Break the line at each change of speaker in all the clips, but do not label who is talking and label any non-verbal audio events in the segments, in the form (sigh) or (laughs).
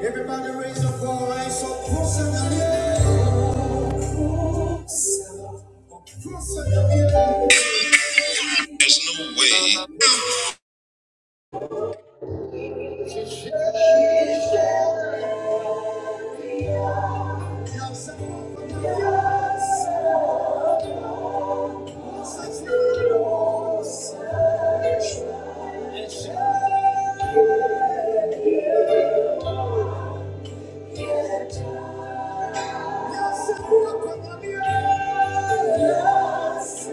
Everybody raise up your voice or cross in the air. Close in the air. You have set up for the air. Close in the air. Close in the air. You have set up for the air.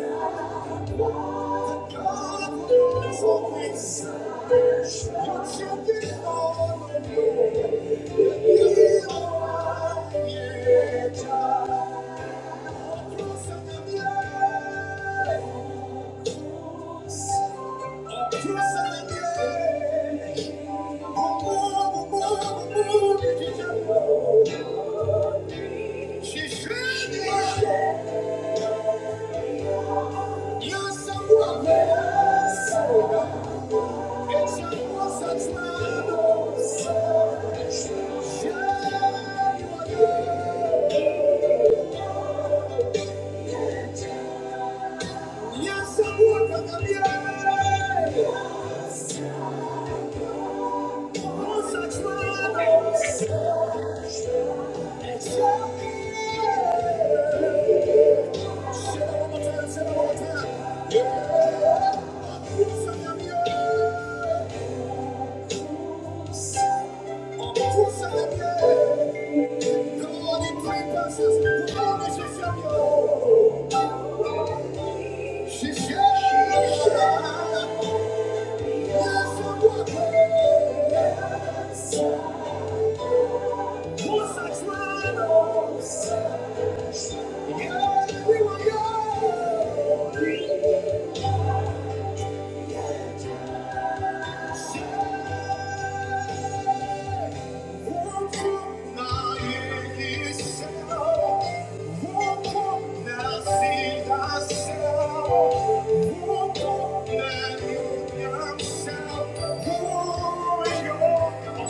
She's ready. You're someone else. Yeah. Yeah.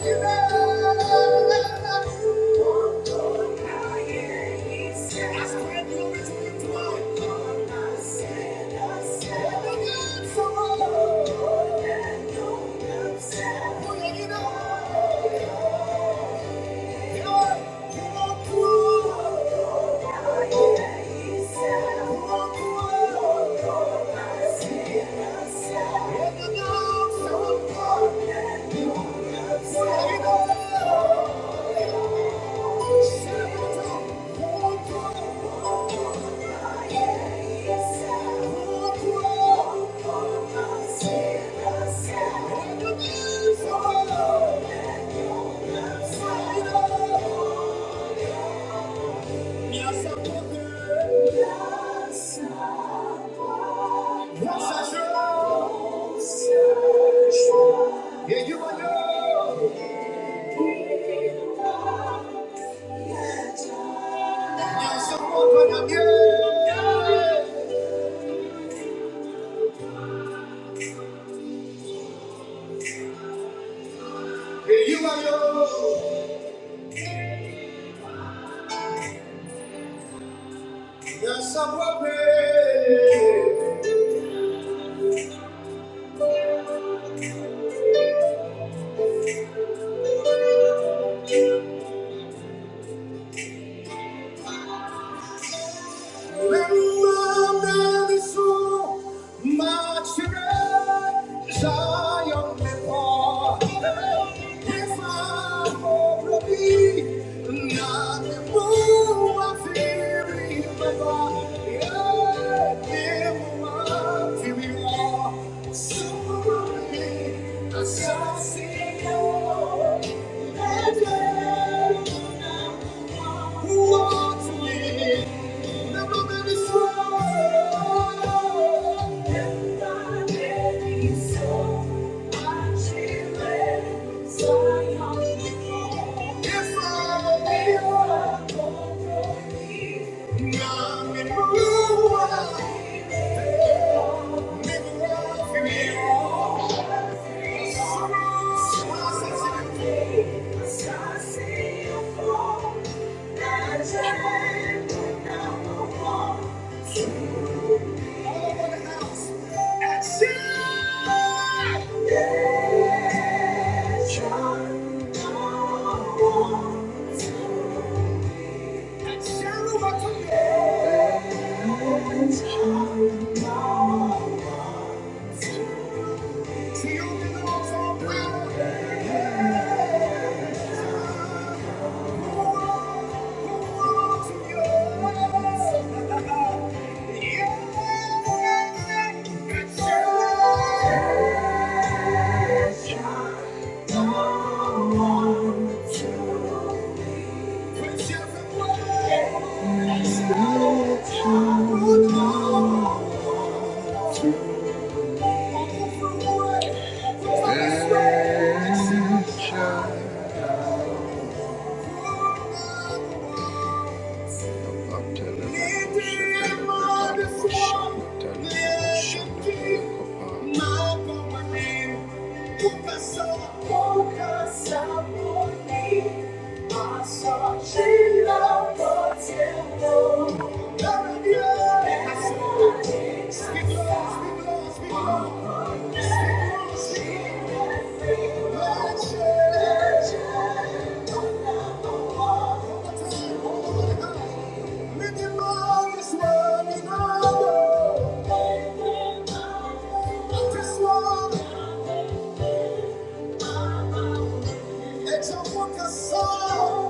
Yeah. Yeah. Yeah, you are yours. Yeah, you are yours. Yes, I will pray. Remember that it's so much great Zion before. If I will be not the fool of fearing yeah, So If I Young and blue-eyed, never love you. So I said, all over the house. And she and Shadow, I took it. Thank you. Ancient of Thank you. Echa boca só,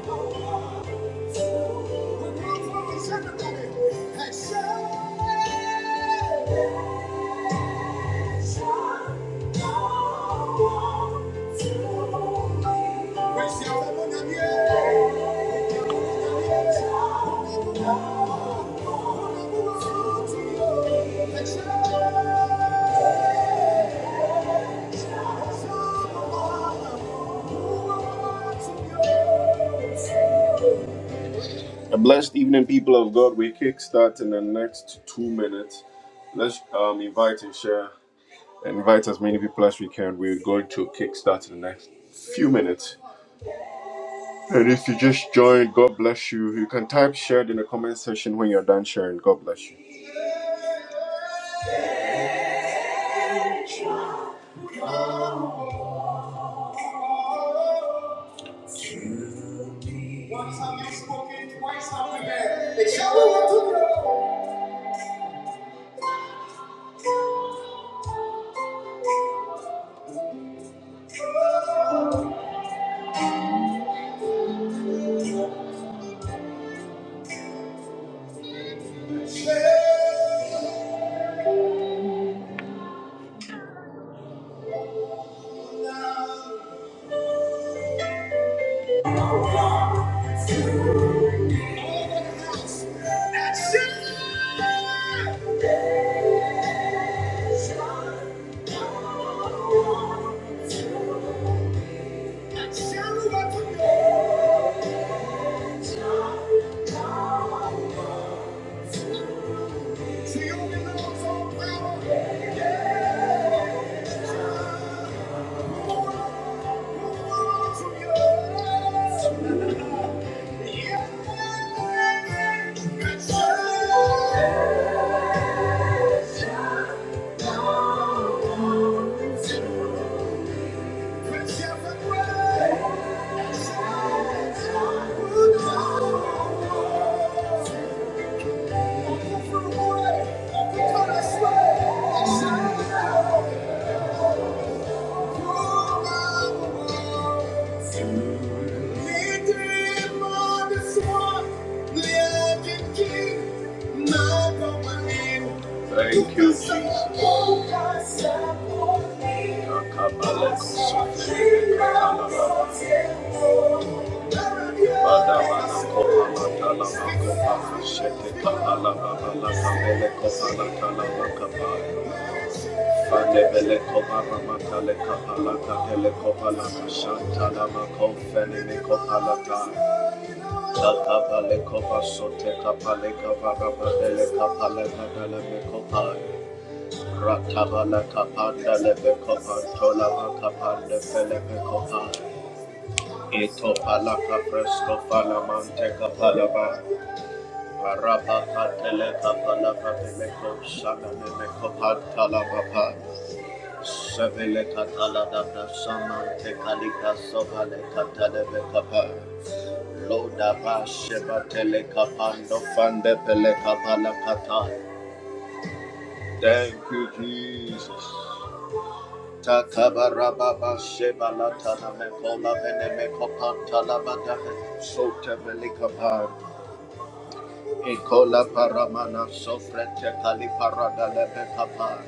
Thank you. Thank you. A blessed evening, people of God. We kickstart in the next two minutes. Let's um, invite and share. Invite as many people as we can. We're going to kickstart in the next few minutes. And if you just joined, God bless you. You can type shared in the comment section when you're done sharing. God bless you. Once have you spoken, twice have you heard. It shall be unto you. To you belongs all power. Yeah. Thank you. Thank you, Jesus. Thank you, Jesus. Fanebele kobara matale kapala katele kopala kashanta lama kofene me kopala ta. Kakabale kopa sote kapale kabara matele kapala kadala me kopai. Ratabala kapanda lebe kopantola kapande fele me kopai. Ito pala kapresko fala mante kapala ba. Parapa katele kapala matele koshana me me kopantala Sevele katala da brasama te kalibra sovale katale be kapa. Loda ba sheba tele kapando fande pele kapala kata. Thank you, Jesus. Takabarababa sheba la tana me kola vene me kopan tala badahe. Sote vele kapa. Ekola paramana sofre te kaliparada lebe kapa.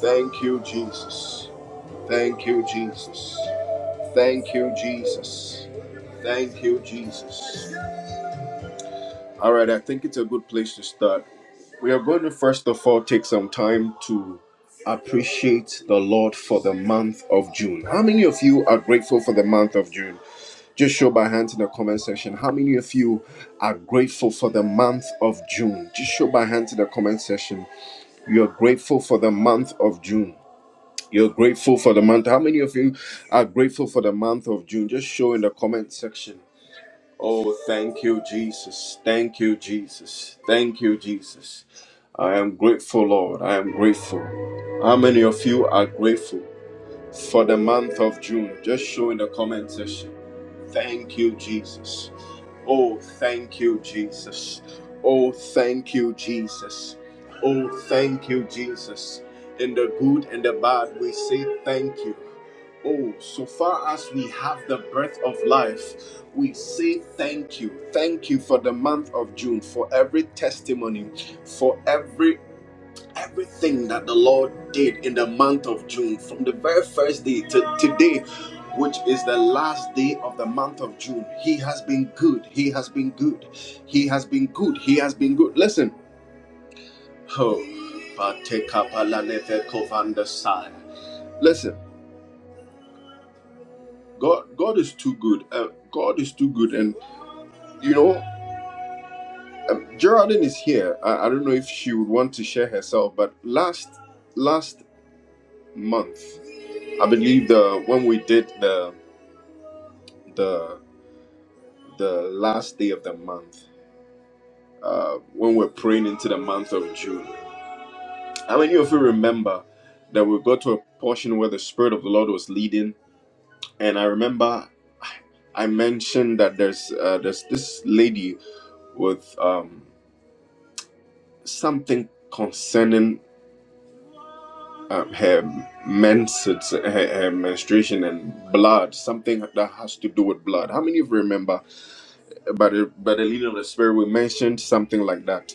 Thank you, Jesus. Thank you, Jesus. Thank you, Jesus. Thank you, Jesus. All right, I think it's a good place to start. We are going to first of all take some time to appreciate the Lord for the month of June. How many of you are grateful for the month of June? Just show by hand in the comment section. How many of you are grateful for the month of June? Just show by hand in the comment section. You're grateful for the month of June. You're grateful for the month. How many of you are grateful for the month of June? Just show in the comment section. Oh, thank you, Jesus. Thank you, Jesus. Thank you, Jesus. I am grateful, Lord. I am grateful. How many of you are grateful for the month of June? Just show in the comment section. Thank you, Jesus. Oh, thank you, Jesus. Oh, thank you, Jesus. Oh, thank you, Jesus. In the good and the bad, we say thank you. Oh, so far as we have the breath of life, we say thank you. Thank you for the month of June, for every testimony, for every everything that the Lord did in the month of June, from the very first day to today, which is the last day of the month of June. He has been good. He has been good. He has been good. He has been good. Listen. Oh, Listen. God, God is too good. Uh, God is too good, and you know, um, Geraldine is here. I, I don't know if she would want to share herself, but last last month, I believe the when we did the the the last day of the month, uh, when we're praying into the month of June. How many of you remember that we got to a portion where the Spirit of the Lord was leading? And I remember I mentioned that there's uh, there's this lady with um. something concerning um, her menses, her, her menstruation and blood, something that has to do with blood. How many of you remember? By the by the leading of the spirit, we mentioned something like that.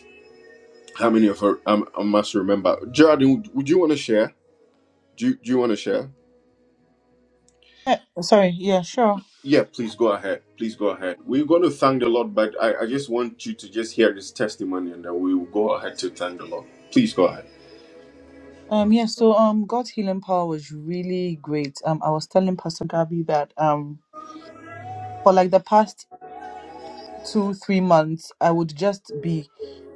How many of her um, um, must remember? Geraldine, would, would you want to share? Do you, do you want to share?
Sorry, yeah, sure.
Yeah, please go ahead. Please go ahead. We're going to thank the Lord, but I, I just want you to just hear this testimony and then we will go ahead to thank the Lord. Please go ahead.
Um, yeah, so um, God's healing power was really great. Um, I was telling Pastor Gabby that um, for like the past two, three months, I would just be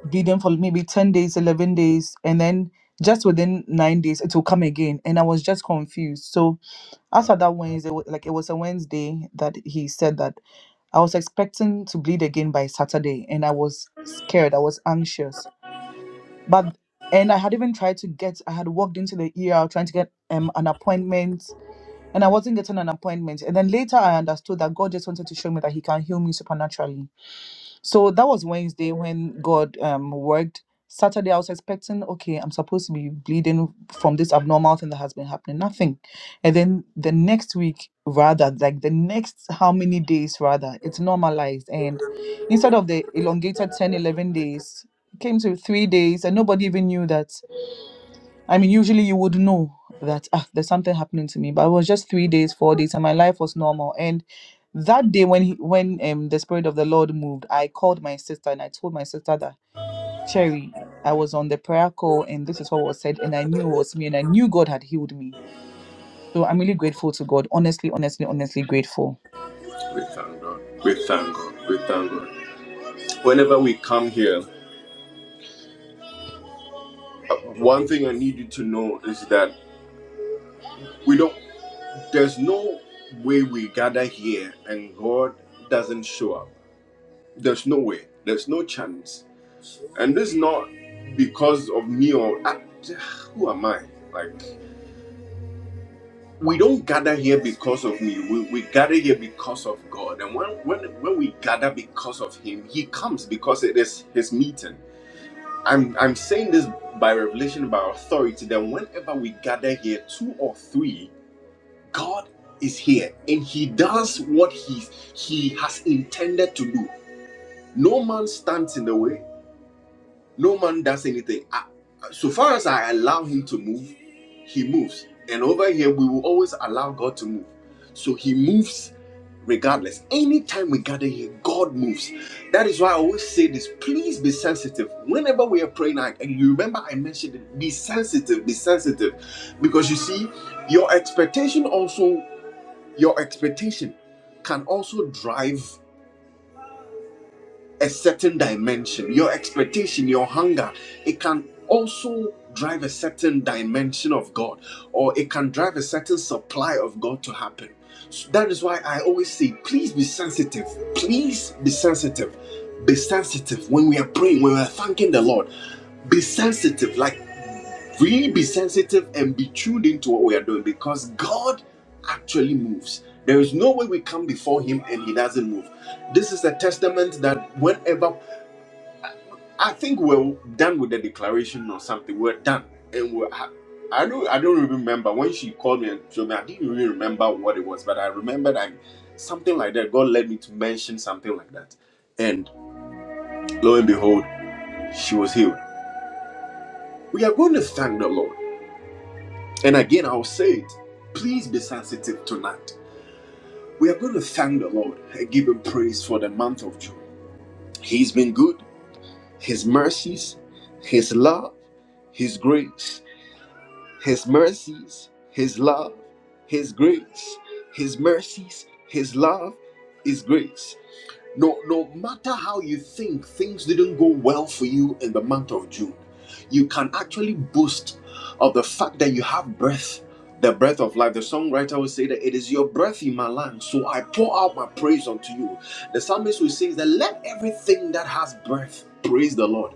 bleeding for maybe ten days, eleven days, and then just within nine days, it will come again, and I was just confused. So after that Wednesday, wa- like it was a Wednesday that he said that I was expecting to bleed again by Saturday, and I was scared. I was anxious but and I had even tried to get I had walked into the ER trying to get um an appointment and I wasn't getting an appointment and then later I understood that God just wanted to show me that he can heal me supernaturally so that was Wednesday when God um worked. Saturday, I was expecting, okay, I'm supposed to be bleeding from this abnormal thing that has been happening. Nothing. And then the next week, rather, like the next how many days, rather, it's normalized. And instead of the elongated 10 11 days, it came to three days, and nobody even knew that I mean, usually you would know that ah, there's something happening to me, but it was just three days, four days, and my life was normal. And that day when he, when um the spirit of the Lord moved, I called my sister and I told my sister that Cherry, I was on the prayer call and this is what was said, and I knew it was me, and I knew God had healed me. So I'm really grateful to God. Honestly, honestly, honestly grateful.
We thank God. We thank God. We thank God. Whenever we come here, Uh, One thing I need you to know is that we don't, there's no way we gather here and God doesn't show up. There's no way, there's no chance. And this is not because of me or I, who am I? Like, we don't gather here because of me. We, we gather here because of God. And when, when when we gather because of Him, He comes because it is His meeting. I'm I'm saying this by revelation, by authority. That whenever we gather here, two or three God is here and he does what he, he has intended to do. No man stands in the way, no man does anything. I- so far as I allow him to move, he moves. And over here, we will always allow God to move. So he moves regardless. Anytime we gather here, God moves. That is why I always say this please be sensitive. Whenever we are praying, and you remember I mentioned it, be sensitive, be sensitive. Because you see, your expectation also your expectation can also drive a certain dimension. Your expectation, your hunger, it can also drive a certain dimension of God, or it can drive a certain supply of God to happen. So that is why I always say, please be sensitive. Please be sensitive. Be sensitive when we are praying, when we are thanking the Lord. Be sensitive. Like Really be sensitive and be tuned into what we are doing because God actually moves. There is no way we come before Him and He doesn't move. This is a testament that whenever I think we're done with the declaration or something, we're done. And we're, I, I don't I don't remember when she called me and told me I didn't really remember what it was, but I remembered I something like that. God led me to mention something like that, and lo and behold, she was healed. We are going to thank the Lord. And again, I'll say it. Please be sensitive tonight. We are going to thank the Lord and give Him praise for the month of June. He's been good. His mercies, His love, His grace. His mercies, His love, His grace. His mercies, His love, His grace. No, no matter how you think things didn't go well for you in the month of June, you can actually boast of the fact that you have breath, the breath of life. The songwriter will say that it is your breath in my lungs, so I pour out my praise unto you. The psalmist will say that let everything that has breath praise the Lord.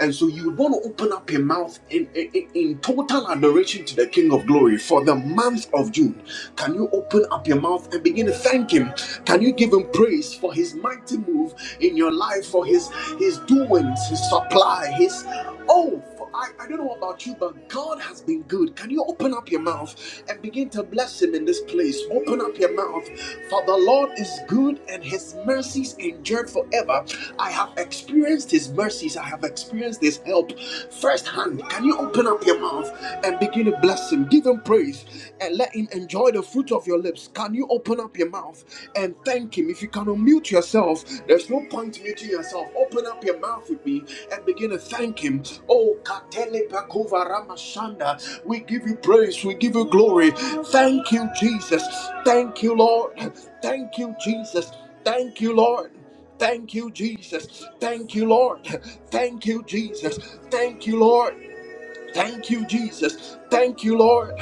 And so you would want to open up your mouth in, in, in in total adoration to the King of Glory for the month of June. Can you open up your mouth and begin to thank Him? Can you give Him praise for His mighty mighty move in your life for his his doings, his supply, his oh for- I, I don't know about you, but God has been good. Can you open up your mouth and begin to bless Him in this place? Open up your mouth. For the Lord is good and His mercies endure forever. I have experienced His mercies, I have experienced His help firsthand. Can you open up your mouth and begin to bless Him? Give Him praise and let Him enjoy enjoy the fruit of your lips, can you open up your mouth and thank Him? If you can unmute yourself, there's no point muting yourself. Open up your mouth with me and begin to thank Him. Oh, Katele Bakova Ramashanda, we give you praise, we give you glory. Thank you, Jesus. Thank you, Lord. Thank you, Jesus. Thank you, Lord. Thank you, Jesus. Thank you, Lord. Thank you, Jesus. Thank you, Lord. Thank you, Jesus. Thank you, Lord.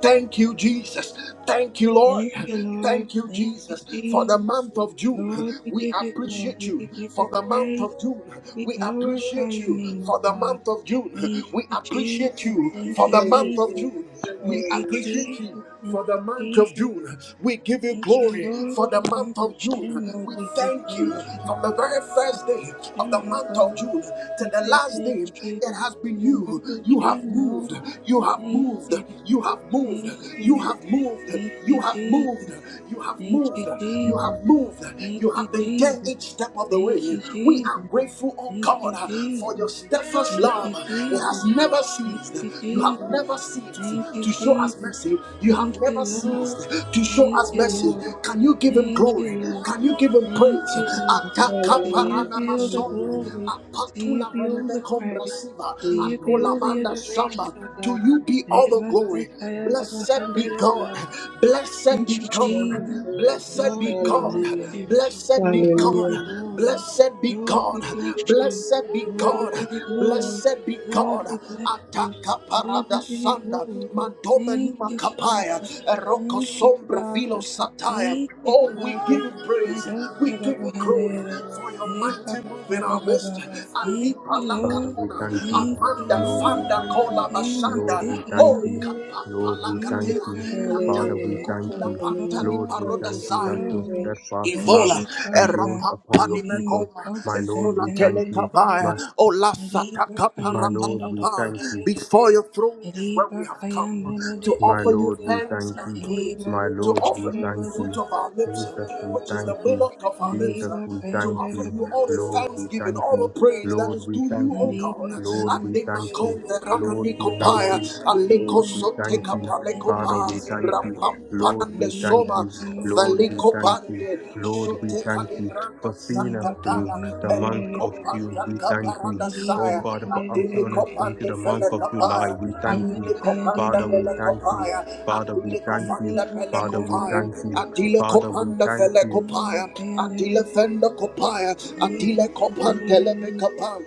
Thank you, Jesus. Thank you, Lord.
Thank you, Lord.
Thank you,
Thank you,
Jesus, for the
Jesus.
month of June.
Lord, we
We
give you glory.
appreciate
We
you
give you
for the month
praise.
of June.
We
We
glorify
appreciate
your
you
name, O
for the
God.
month of June.
Thank
We
you,
appreciate
Jesus.
you
Thank
for
you,
the
Thank you,
month of
Jesus.
June.
Jesus.
We
Thank you,
Hallelujah.
appreciate
Jesus. Thank
you
you,
for the month of
Jesus.
June. We give you
Thank you,
glory
Lord.
for
For
the
the
month
month of
of June.
June, Lord,
We
we say
thank you
thank you.
from the very first day of the
June, O
month of
God,
June to
we
the
say
last
thank
day.
you.
It has been
For the month
you.
of
You have
June,
moved.
Lord,
You have
thank
moved.
you.
You have moved.
Thank
You
you.
have moved.
Thank you,
You have moved.
Jesus.
You have
Thank you,
moved. You
Jesus.
have moved.
Thank
You
you,
have been there
Jesus.
each step of the way.
Thank you,
We
Jesus.
are grateful, oh
Thank you,
God, for your
Jesus.
steadfast
Thank
love.
you,
It
Jesus.
has never never
Thank
ceased.
you,
You have
Jesus.
never ceased
Thank you,
to show us
Jesus.
mercy. You have
Thank
never
you, Lord.
ceased to show
Thank
us
you,
mercy.
Lord.
Can you give him
Thank
glory?
you, Lord.
Can you give him
Thank
praise?
you, Lord.
Ataka
To you
Hallelujah.
be all the
paranamasonde,
Hallelujah.
glory. To you
apatula
be all the praise.
venebekombrasiva,
To you be
Amen.
all the
atolamanda
adoration,
samba.
O
To
God.
you be all the glory. Blessed be God. Blessed be
Thank you,
Thank
Jesus.
you,
God. Blessed
Jesus.
be
Lord, we
God.
bless
Hallelujah.
you.
Blessed be
Lord, we give
God.
you
Hallelujah.
glory.
Blessed be
Lord,
God.
we bless you.
Blessed be
Lord, we
God.
give you glory.
Blessed be
Lord,
God.
we bless you.
Ataka
Lord,
parada
we give you
sanda.
glory.
Mantoma
Thank
nima
you,
kapaya.
Father.
Eroko
Thank you,
sombra vilo
Father.
sataya.
Thank you,
Oh, we
Father.
give you praise. We
Adosha
give
Baba
you glory
Handere.
for your
Repa
mighty move in our
Baba
midst.
Baba. Thank
Alipa
you,
Father,
Lord.
we
lakapona,
thank you.
Thank you,
amanda
Lord,
Lord.
we
fanda
thank you.
kola
Lord, we
bashanda.
thank
Oh,
you.
Amen.
kapapa
Lord, we thank
Lord,
you.
lakatela,
Father,
ratani
we
Hallelujah.
we
thank
kutula
you.
Hallelujah.
pantani
Lord, we
Thank
paroda
give
thank
you,
you
you
sai.
that your
glory.
Jesus.
steadfast
Thank
love
Evola,
you,
endures
Father.
upon your
Erapampani
Marima
people.
Mekoma,
also
My Lord,
says,
Esola
we thank you.
Telekabaya,
My,
Riba
Ola Sataka
my
Kayan, da
Lord,
da
we
da da
thank
da
Parapatapa.
da
you.
da da.
Before your throne is where we
Riba
have
Kayan, da
come
da
to
da da
My
da
offer
da
you
Lord, we
da.
thanks
thank
and
you.
praise,
Riba
My
to
Lord,
Kosha,
we
offer
da
you
ba
the
thank
ba
fruit
you.
ba
of
ba
our
ba
lips,
ba
Jesus,
ba ba
we
ba
which
ba
is
thank
the
ba.
you.
milk of our lips,
Jesus,
Riba
we
to
Kayan,
thank
da
offer
da
you.
ba
you all
ba
the
ba
Lord,
ba ba
we
ba
thanksgiving,
thank
ba
all
you.
the
ba
praise
ba
that
ba.
Lord,
is
we
due
thank
you, O
you.
God.
Lord,
And
we
they
thank
call
you.
the
Lord, we thank you.
Rakanikopaya, Aleko
Lord, we thank
Soteka
you. Father,
Palekopa,
we thank you. Lord,
Rapampande
we thank
Soma,
you. Lord, we thank you.
Valikopande
Lord, we
Soteka
thank you
Libranda
for seeing us
Santa
through the month
Gala,
of June.
kopanda
We thank you.
kaparada
Oh,
saya,
Father, for
atuli
ushering us into
kopanda
the month
fele
Thank
of
kapaya,
July. We
we
thank you.
thank
atuli
you,
kopanda
Father, we
fele
Jesus.
thank you.
We
kopaya,
Father, we
atuli
thank you, Jesus.
thank
We
you.
kopanda fele
Father, we
thank
kopaya,
thank you.
atile
Father, we
kopanda
thank
fele
you.
kopaya, atile fenda kopaya, atile kopanda fele kapaya,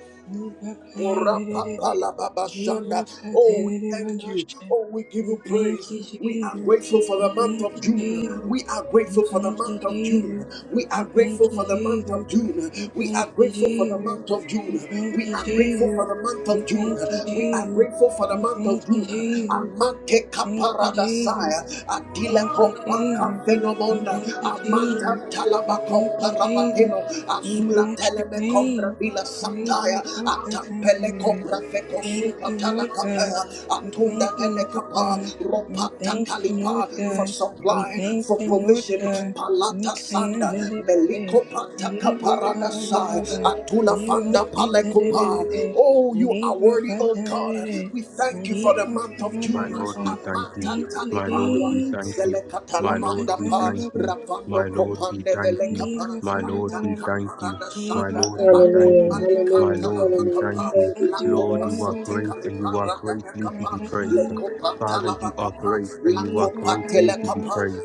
Oh, we thank you. Oh, we give you praise. We are grateful for the month of June. We are
you, Jesus. We
grateful for the
thank you,
month of
Jesus.
June. We are
We thank you, Jesus. We
grateful for the
thank you,
month of June. We are grateful for the month of June. We are grateful
Jesus.
for the month
We
of June.
thank you,
We are
Jesus.
grateful for the
We
month
thank
of
you,
June.
Jesus.
Amante
We Thank you, Jesus.
kaparadasaya. Adila
We Thank you, Jesus.
kompaka
We
fenomonda.
thank you, Jesus.
Amanta
We
talaba
thank you, Jesus.
komparabakeno.
We
Azula
bless your
me
name.
compra vila sataya,
We
atampele
bless
compra feco
Thank
supa
you, Lord God.
talacapea,
We
atunda
thank
ele
you, Lord God. We
ropata
thank you, Lord
calipa, for
God. We
supply,
thank
for
you, Lord
provision,
God. We
palata
thank
sanda,
you, Lord
meliko
God.
pata
Liba
caparada
kaba
sai,
baba ba,
atula
lima
fanda
tita de de
palecopa.
de de,
Oh, you are
liba
worthy, oh
kata
God.
de de de,
We thank you for the
liba
month of
kaba
My
June.
baba
Lord,
ba.
we thank you.
Amata
Thank you,
My Lord,
talipanwa,
we thank
Jesus.
you. My
Liba
Lord,
zelekatalamanda
kata
we
pa,
thank
baba
you.
baba baba
rapando
My
baba,
Lord, we
copande
thank
we
you.
liba
My
kaba
Lord, we
baba
thank you. My
Thank
Lord, we thank
Hallelujah.
you. My
Hallelujah.
Lord, we
Hallelujah.
thank you.
Thank you,
Lord,
Jesus.
you are great and you are greatly to be praised. Father, you are great and you are greatly to be praised.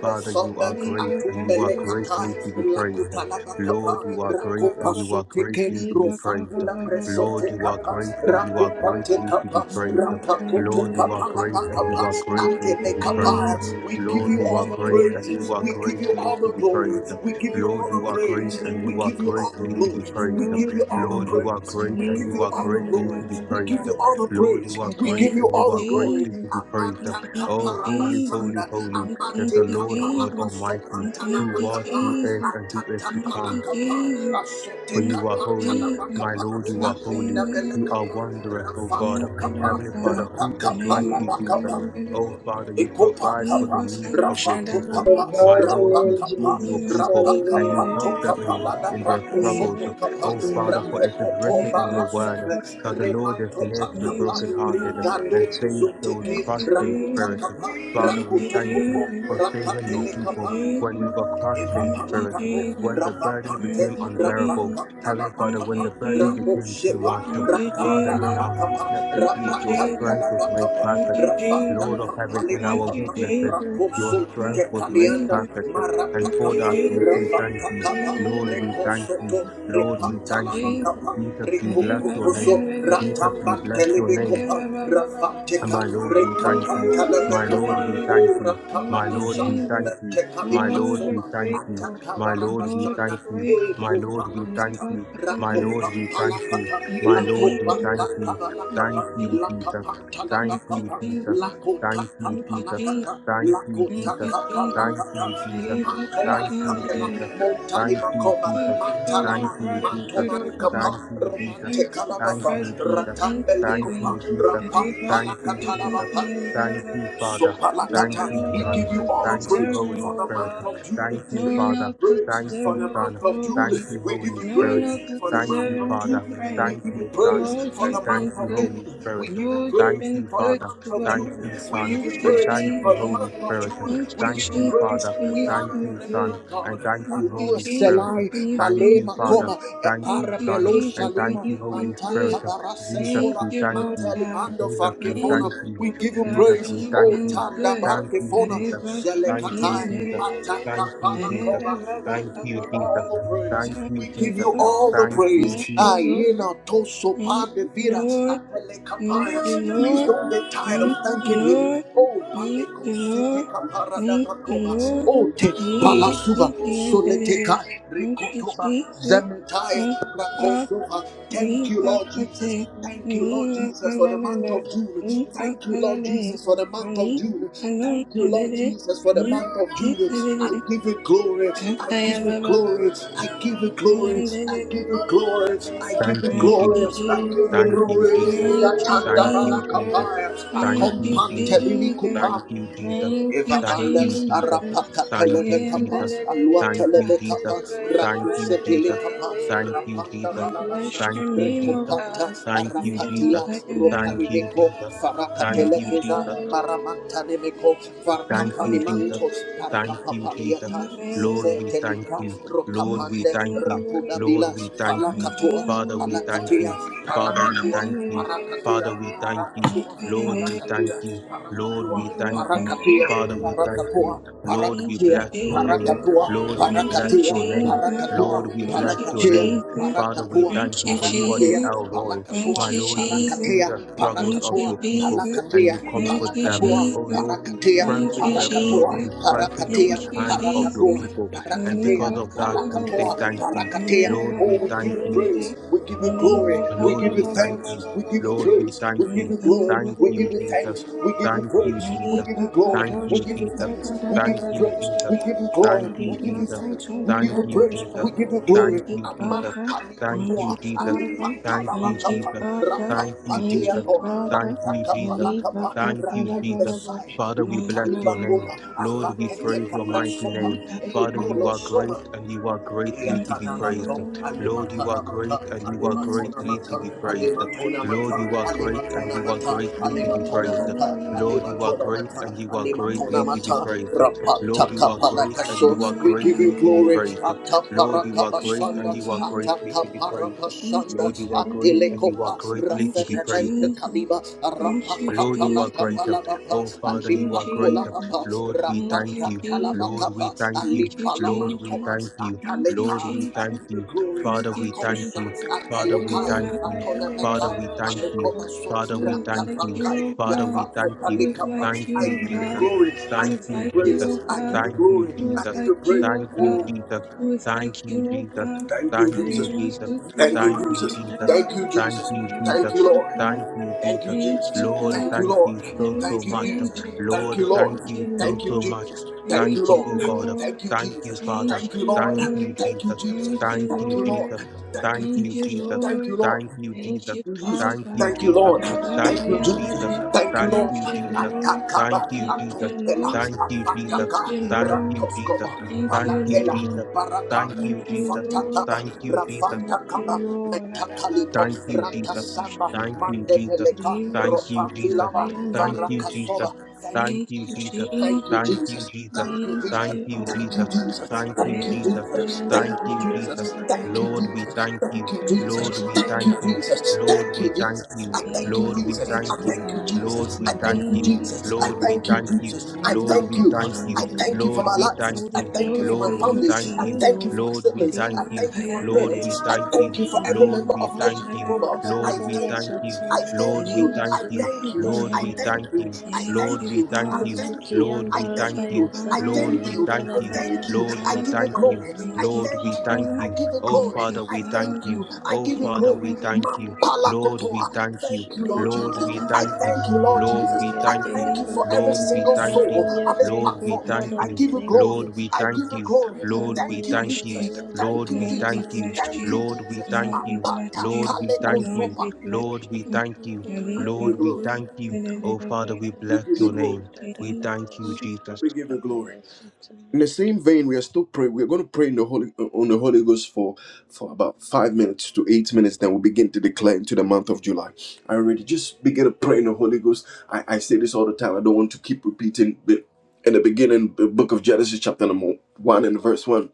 Father, you are great and you are greatly to be praised. Lord, you are great and you are greatly to be praised. Lord, you are great and you are greatly to be praised. Lord, you are great and you are greatly
you,
to be praised.
Jesus.
give
Lord,
you all
you are
all
Thank
the
great
praise.
and you are
We give you
greatly
all
to
the
be
glory.
praised.
We give you
Lord,
all
you
the
are great
praise.
and you
We
are
give you all the
greatly to be
glory.
praised.
We give
you,
you all the
Lord, you are
praise.
great
We
and
give
you
Lord
you
are
all the
greatly
glory.
to be
We
God.
give
praised.
you all the
Lord,
praise.
you are
We
We
great
give
thank
you
and
you,
you
all
are
the glory.
greatly to
Jesus.
be praised.
We
Amata
thank you,
Oh, holy,
Jesus.
holy,
kaparabasanda.
holy
We
is
thank
Amate
the
you,
Lord God
kapalaka
Jesus.
Almighty,
We thank
who
you,
was,
sopratalapakapa.
who is,
Jesus.
and who is
Atata
to
Thank
come.
you,
palakapa.
Jesus.
Asote
For
Thank
you are
you,
holy,
Jesus.
my
kapatalapakapa.
Lord, you are
Akonda
holy. You are
belekapa.
wondrous, O God.
Rafato
Thank you,
kapa.
Lord
Heavenly Father,
God.
who is
Rapakapa
like you, Jesus?
labakapa.
Oh, Father, you
Ekopa
provide for
We
the
kapa,
will
needs of your
rafa
kadosh
people.
kapa,
My
About your
Lord,
rapa
you
name,
see
kapa,
your
We
Jesus.
must
people
rapa
seek
and
kapa
and
you
Hallelujah.
help
to
them in,
kapa,
your,
lada
in their
rapo
we
struggles.
Amen.
soto
Thank
kapa,
Oh,
you,
Father,
will.
for
Jesus.
rape
it is
koto
written in
We
your
bara
word
sobre,
that the
will.
Lord is
remato
near to the
Thank
You
you,
kapa,
got
brokenhearted
Jesus. Thank
and
you,
rigado
better.
saves
Jesus.
those
Thank
Thank
zoteke,
you,
crushed
you,
in
Jesus.
rakuta
spirit.
Jesus.
kapa,
Father,
Thank
we
you,
rakuto
thank you
kupo,
Jesus.
for saving your
Thank
rakatele
you,
people
kapa,
when we
Jesus.
were crushed in
Thank you,
spirit,
Evapalakato,
Jesus.
when the burden
Rapapante,
Thank
became
you,
unbearable.
Jesus.
Heavenly Father,
Thank
when
Rapakatalapakapa,
you,
the burden
Jesus.
became too
Raposhepa,
much, um,
Thank you,
Father, in
Jesus.
our
Rapantalapakapa,
weaknesses,
Thank
you,
you,
your
Jesus.
strength was made
Rapakatalapakapa,
Thank
perfect.
you,
Lord
Jesus.
of heaven, in
Thank you, Jesus. Thank
our
you,
Rapakapalipakapa,
weaknesses,
Jesus.
your
Raposu,
Thank
strength was made
Tekalianda,
perfect. um, And for
you,
that,
Marapakapa,
we
Jesus.
say thank you.
Rapakakapa,
Lord, we thank you.
Rekosoto,
Lord,
Thank you,
we thank you.
Jesus.
Repatalapakapa,
Jesus, we bless your
Rikukukuso,
name. Jesus, we
Re-ba-ba-ya-me-re-re-re-re-me.
bless your name
Ratambantelebekapa, Rafateka,
Re-ba-ba-ba-ba-ba-ba.
my Lord, we thank you. My Lord, we
Ni-ba-ba-si-te-re-re-re-re.
thank you.
Rekapakalepe,
Thank
My
you,
Lord,
Rabalasha,
we
Jesus.
thank you.
Mertekali
My
Lord,
Lord,
we're
Pasoma,
we thank you.
grateful.
Ataka
My Lord, we
Lord,
Barabashanda,
we're
thank you. My
Eko
grateful.
Lord, we thank
Palakata,
you. My
Rakopa
Lord,
Re-ba-ba-ya-me-re-re.
we thank you.
Palakata,
Thank
My
you,
Lord,
Lakopa
we
Jesus.
thank you.
Thank
Thank
Takabalakapa,
you, Jesus.
Lakapa
Thank
you,
you,
Talabakapa,
Jesus.
Jesus.
Lakota
Thank you,
Thank you,
Jesus.
Jesus.
Kapalakata,
Thank you,
Thank
Lakota
Jesus.
you, Jesus.
Thank
Kapalakata,
you, Jesus. Thank you,
Re-ba-ba-ya-me-re-re.
Jesus.
Ipakobalakapela,
Thank you,
Montalibakoba,
So
Jesus.
our
Mantanama,
Thank you, Jesus.
gratitude, oh God,
Mantomanikapa,
Thank you,
we
Jesus.
come
Romante
to
Thank
Kalabapa,
express
you,
our
Jesus. Thank
Ratambelikupa,
you,
thanksgiving.
Jesus.
Arriba,
Thank you, Jesus.
Rapapalakatalabapa,
Kusatete,
Thank you,
Marababa.
so
Father.
There's
Thank
no
you,
Palakata,
one
we
else
Son.
give you
who's
all the
Thank you,
praise
deserving,
Holy
for the
O
Spirit.
month
God.
of June.
There's
Thank you,
no
We give
one
you
Father.
else who's
praise
Thank
for
you,
deserving
the
of the
Son.
month of
Thank
glory.
you,
June. We give
Holy
There's
you
No one
Spirit.
else
praise
is
for the
Thank
month
you,
deserving
of
of the
Father.
June. We
praise.
Thank
give
you,
you
Son.
praise
Lord,
for the
And
you've
thank
been
month
you,
of
good.
Holy
June. We
Spirit.
give you
Lord, you've
praise
Thank
been
you,
for the
good
Father.
month
to
of
us.
Thank
June.
you,
We
Son.
give
Thank
you
you,
And
praise
thank
for
you,
the
Jesus.
Holy
month of
Spirit.
Thank
June. We
you,
Thank
give you
you,
Jesus,
praise.
Father.
for
We
you've
Thank
honor
been
your
you,
name,
good.
Son.
O
And
God.
thank
Thank
you,
you,
Alua
Holy Spirit.
Jesus,
Selai,
for you've
Thank
been
you,
Malema
good.
Father.
Koma,
Thank
Thank
you,
Epara
you,
Son.
Belo
And
Jesus, for
thank
Shalima,
you,
you've been
Holy
Manta
Spirit.
good.
Jesus,
Thank
we
you,
thank
Lord
you.
God.
Jesus,
Thank
we
you,
thank you.
we
Lord
give you
God,
Jesus,
for
praise,
we
you've
thank
oh
been
you.
Tanda
good.
Thank you,
Barkefona,
Jesus.
Areva
Thank you,
sukian
Zelekatai,
Jesus.
dererere.
Mataka
Thank you, Jesus.
Areva ba
Palakova.
ba
We
Thank
ba
give
ba
you,
you
ba ba.
Jesus.
all the praise.
Thank
Thank
you,
We
you,
give
Jesus.
you
Lord.
all the praise.
Thank you, Lord.
Ayena Toso
Thank you,
Pande Vira,
Lord.
Apele
Thank you,
Please
Lord.
don't get tired of
Thank you,
thanking Him.
Lord.
Oh,
Thank
Paleko
you,
Sete
Lord.
Kaparada
Thank you,
Pakova.
Lord.
Oh, Te
Areva
Palasuva,
sukian
Solete
dererere.
Zekai,
Thank you,
Rikotoba,
Jesus. Thank
Zemetai,
you,
Rakotova.
Ni
Thank you,
pa
Lord
kate,
Jesus. Thank you,
ni
Lord
la
Jesus, for the month
kalala,
of June.
ni pa
Thank you, Lord
kalale,
Jesus, for the month of
ni
June. Thank you, Lord
la
Jesus, for the month of June.
Thank you.
I give you glory.
Thank
I give
you, Jesus.
you glory. I give you glory. I give you glory. I give
Thank
you
you,
Thank you,
glory.
Jesus.
I give you
Thank you,
glory.
Jesus.
Ilatanda
Thank you,
Jesus.
Jesus.
balakapaya.
Thank
Thank you,
you, Jesus.
Jesus.
Thank
Akompante
you, Jesus.
Thank you,
Thank
Evapanda
you, Jesus.
Jesus.
Arapaka
Thank you,
Televekapa
Jesus.
Alua
Thank you,
Televekapa
Jesus. Thank you, Jesus. Thank you,
Rakuse
Jesus.
Dilekapa
Thank you,
Rapanda
Jesus.
I
Balavasa
bless your
Thank you,
name, O
Jesus.
Rekopata
Thank you, Jesus.
Arapatila
Thank you,
Ropamineko
Jesus. Thank you, Jesus.
Farakatelekeza Maramanta Nemeko
Thank you, Jesus.
Varkapanimanto
Thank
God.
you, Jesus.
Thank
Parkapapaliata
you,
Lord,
Zeze
we thank
Telika
you.
Jesus.
Lord,
Thank
we
Rokapande
thank you.
Rapuda
Lord,
Bila
we thank you.
Palakatua
Father, we thank
Palakatia
you. Father, we
Palakatua
thank you.
Parakatua
Father, we thank you.
Parakatua
Lord, we thank
Parakatia,
you. Lord,
parakatua,
we thank you.
parakatia,
Father, we thank
parakatua,
you. Lord, we
parakatia,
bless your name.
parakatua,
Lord, we bless
you,
parakatia,
your name.
Jesus.
parakatua,
Lord, we
Thank
bless
you,
your name.
parakatia,
Jesus.
Father, we
parakatua,
thank
Thank
you
you,
for you are the
parakatia,
Jesus.
El Roy.
parakatua,
Thank
My
you,
Lord, you see
Jesus.
parakatia,
the
Thank
struggles of
you,
parakatua,
your people
Jesus.
and
parakatia,
you comfort
Thank you,
them.
parakatua,
Oh
parakatia, parakatua,
Jesus.
Lord, you
parakatia,
Thank
strengthen
you,
the your
Jesus.
you strengthen the
Thank
weak
you,
hands of your
parakatua,
Jesus.
people. And
parakatia,
because
Niliva
of that,
kaba
we
baba
parakatua,
say
ba.
thank you.
parakatia.
Lord,
Niliva
Oh,
we
we give
thank
you
you.
katarere.
praise. We give you you glory.
Niliva
We
Lord,
kaba
give you
we
baba
thank
baba
you.
thanks. We
baba
give you
Lord,
baba.
we
praise. We
thank
give
you.
you glory.
Thank
We
you,
give you
Jesus.
thanks. We
Nikayanderererererere.
give you
Thank you,
praise. We
Jesus.
give
Niliva
you glory.
Thank
We
you,
katosha
give you
Jesus.
da
thanks.
da da
We
da
give
Thank
you
da
you,
da da
praise.
da
Jesus.
We
da.
give you
Thank
glory.
you,
We give
Niliva
you
Jesus.
thanks.
kata
We
da
give
Thank
da
you
da
you,
praise.
da da.
Jesus.
We give you
Thank
glory.
Thank
you,
you, Jesus.
Amam
Father.
Thank
Thank
you,
you,
kamikutua.
Jesus.
Father.
Thank you,
Thank you,
Amipatalabakapa.
Jesus.
Father.
Thank you,
Thank
Jesus.
you,
Rapapatiapo.
Father.
Thank you, Jesus.
Niliva
Matakapalakapa.
Thank you,
katara
Jesus.
baba.
Ratombesai.
Father, we
Thank
bless
you, Jesus.
your name.
Lutalibakuma.
Thank
Lord, we
Avakete
praise your mighty
kabrasoma.
name. Father, you are great
Ekolosoma.
and you are greatly to be praised.
Yatanamato,
Lord, you are
Alematanamata,
great and you are greatly to
Alematonamata,
be praised.
Alematonamata,
Lord, you are great and you are
Alematonamata,
greatly to be praised.
Alematonamata,
Lord, you are great and
Alematonamata,
you are greatly to be
Alematonamata,
praised.
Rapata
Lord, you are great and
Kapalakaso.
you are
We give you
greatly to be
glory.
praised. Lord, you are great and
Ataparakabasanda,
you are greatly to be praised.
Atakaparakasanda,
Lord, you are great and you are
Atelekopa,
greatly to be praised.
Rafaparente Kaliba, and
you,
Lord, you are
Jesus.
greater. Oh, Father,
Thank
the
you,
you are
Papola,
greater.
Jesus.
Lord, we
Thank
thank
you,
Rapaka,
you. Lord,
Jesus.
Talabaka,
we thank
and
Thank
the
you.
you,
Lord, we
Jesus.
Palamantova,
thank you.
Thank you,
Lord,
Ataleka,
we
I
Jesus.
thank
give you
you.
glory,
Thank
Father,
you,
we thank
Akosa,
Jesus.
you. Father,
It
we
is
Atalekaya,
thank
my
you.
family, it is
Atolabeka,
Father,
my
we
own
thank you.
Palakova,
shepherd.
Father,
It
we
was
thank
like
you.
Rapaka,
you, oh
Father,
Yafa,
we
God.
thank
It
you.
was
Palika,
like
Thank
you,
I
you,
oh
give you
God.
Jesus.
glory, I
It
Thank
was
give you
you,
like you,
praise,
Jesus.
oh
I give
God.
you
Thank you,
glory,
It was
I
Jesus.
give
like
you praise.
you, oh
Thank you,
God.
Oh,
Jesus.
It was
Thank
like
you,
you, oh
Jesus.
God.
thank you,
Thank
Jesus.
It
you,
is my
Jesus.
Thank
sister,
you,
Thank
my
you,
Jesus.
whole
Jesus.
Thank you,
family.
Thank
Jesus.
you,
Thank
Jesus.
you,
Thank you,
Lord.
God.
Thank you,
Thank
Jesus.
you,
Thank
Jesus.
you,
Lord,
Thank
God.
you,
thank
Lord.
you so,
Little
so
Thank you,
much.
Jesus.
Sayande.
Thank
Lord,
you,
thank
Thank
Lord.
you
you,
so,
Thank you,
so
Lord.
much.
Jesus. Thank
Thank
Thank
you,
you,
you,
O
Lord.
God.
Thank
Lord.
you,
Thank you,
Jesus.
Father.
Thank
Thank you,
you,
Lord.
Thank you,
Lord.
Thank you,
Jesus.
Jesus.
Thank
Thank
you,
Thank
you,
you,
Lord.
Lord.
Jesus.
Thank you,
Thank
Thank
you,
you,
Jesus.
Jesus.
Thank you,
Lord.
Lord
Thank you,
Thank
Jesus.
you,
you, Jesus.
Thank
Father.
you,
Thank you,
Jesus.
Lord.
Thank
Thank you,
you, Jesus.
Jesus.
Rabakayandere.
Thank you,
Thank
Lord.
Thank
you,
you,
Jesus.
Lord.
Atakaba,
Thank you,
Thank
Jesus.
you,
atopela,
Lord.
Thank you,
Thank
Jesus.
afataka,
you,
Thank
Lord.
you, Jesus.
ratoskoba,
Thank
Thank
you,
you,
palatela,
Lord.
Jesus. Thank
barakame,
Thank
you,
you,
Jesus.
fatataba,
Lord.
Thank you, Jesus.
Thank you,
rafatakaba,
Lord.
metakalipo,
Thank you, Jesus.
ratasamba,
Thank
Arabakatselebekoshedebe.
you, Jesus.
mandepeleka,
Thank you, Jesus.
ropambilaba,
Thank you,
Rivasutakayandelelelele.
varakasoba.
Jesus.
Thank you,
Thank
Thank
you,
you,
Jesus.
Jesus.
Thank you,
Jesus.
Thank you,
Jesus.
Jesus.
Thank you,
Thank
Jesus.
Thank
you,
you,
O
Thank you,
Jesus.
God.
Jesus.
Thank
Thank
you,
you,
Reva
Jesus.
Jesus.
kayando
Thank
Thank
you,
you,
shandaba
Jesus.
Jesus. Thank you, Jesus. Thank you,
Lord,
handelele.
we
Jesus.
thank you.
Thank you,
Lord, we
Jesus
thank
thank you,
you.
Jesus.
Lord,
Thank
we
you,
thank
Jesus.
you.
Your
I thank
name
you,
Lord,
be
Jesus.
we
praised,
thank
I
O
you.
thank you,
God.
Lord,
Jesus.
Your
I
we thank
thank you,
you.
name be
Jesus. I
Lord, we
thank you,
exalted.
thank you.
Jesus. I
Lord,
Rema
thank
we
you.
thank
Bhasi and
you.
I thank you for
Lord,
Dedede.
my
we
life.
thank
All
I
the
you.
thank you
glory
for my
Lord, we
family.
belongs to
thank
I
you,
you.
thank you for
Lord.
my
Lord, we
siblings.
thank
I
Rema
you.
thank you for my
Kayan
Lord,
parents.
we
I
Dedede.
thank you.
thank you for every
Lord,
Rema
member
we
of
thank
Krishna
LGB
you.
Rema
Global.
Lord,
I
we
thank
thank
Nakadabayasa
you.
you.
I thank
Lord,
you.
we
I
thank
Tayandabayasa
you.
thank
Sikhi
you.
Lord,
Kadabaya
I
Dedede.
we
thank
thank
you.
you.
I
Thank
Lord,
you,
thank
we
you.
thank
I
you.
Father.
thank
Masuki
you.
Lord,
and
I
we
Thank
thank
thank
you,
you.
you.
I
Darabayasa
I
Lord,
Father.
thank
we
you.
thank
I
you.
Thank you,
thank you.
Tayandarabayasa
Lord,
I
we
give
Father.
you
thank
Kadabaya.
you.
glory.
Thank
I
Thank you,
you,
Lord,
thank
we
you.
thank
Father.
I
you.
give you
Oh,
glory.
Father,
I
we thank
thank
you.
you. I
Oh,
give you
Thank you,
Father,
glory.
we thank you.
Mampala
Lord,
kotoa.
we
Father.
thank you.
Jesus.
Thank you, Lord
Lord, we
Lord,
bless
Jesus.
we
you.
I
thank you.
thank
Kadadabayasa.
you, Lord
Lord,
Father,
Jesus.
we
we are
I
thank you.
thank you
grateful.
for every
Lord, we
single
thank
Father,
soul
you.
we are
on this
Lord,
grateful.
we
platform.
thank
Father,
I
we
you.
give you
thank
glory.
you,
Lord, we
I give
thank
you
Jesus.
you.
glory.
Lord,
Satama
we
Thank you,
thank you.
Jesus.
Yandabaya
Thank
Lord,
you,
we
Lord, we
thank
Jesus.
you.
bless
Thank
you.
Sukadabayandaba.
you,
Lord, we
Jesus.
thank
Lord, we
you.
bless
Apata
you.
Lord, we
kaleko
thank you.
Lord,
sopa.
we bless
Lord,
Thank
we
you,
you.
thank you.
Father.
Ali,
Lord,
I give
Lord,
you
thank
we
glory.
Marcus,
you.
thank you. Oh, Father,
Zelelelelele.
we
We
bless
Akadabaya,
give you
your
Thank you,
glory.
name. We thank
sukadadabaya,
you,
Jesus.
Jesus.
We give you glory.
sukadadabaya, sataya,
In the same vein, we are still pray. We're going to pray in the Holy on the Holy Ghost for for about five minutes to eight minutes. Then we begin to declare into the month of July. I already just begin to pray in the Holy Ghost. I, I say this all the time. I don't want to keep repeating. But in the beginning, the book of Genesis, chapter number one and verse one,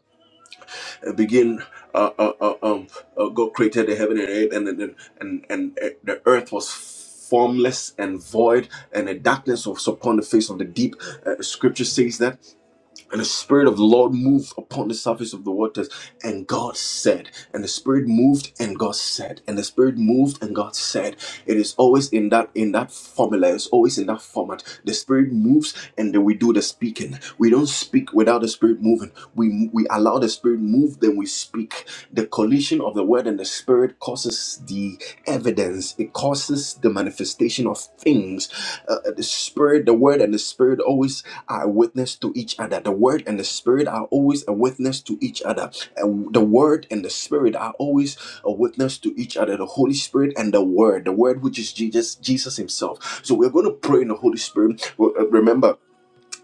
uh, begin. Uh, uh, uh, um, uh, God created the heaven and earth, and and and, and uh, the earth was formless and void, and the darkness was upon the face of the deep. Uh, scripture says that. And the Spirit of the Lord moved upon the surface of the waters, and God said, and the Spirit moved, and God said, and the Spirit moved, and God said. It is always in that in that formula. It's always in that format. The Spirit moves, and then we do the speaking. We don't speak without the Spirit moving. We we allow the Spirit move, then we speak. The collision of the Word and the Spirit causes the evidence. It causes the manifestation of things. Uh, uh, the Spirit, the Word, and the Spirit always are a witness to each other. The word and the spirit are always a witness to each other. And the word and the spirit are always a witness to each other. The Holy Spirit and the word, the word which is Jesus, Jesus Himself. So we're going to pray in the Holy Spirit. Well, uh, Remember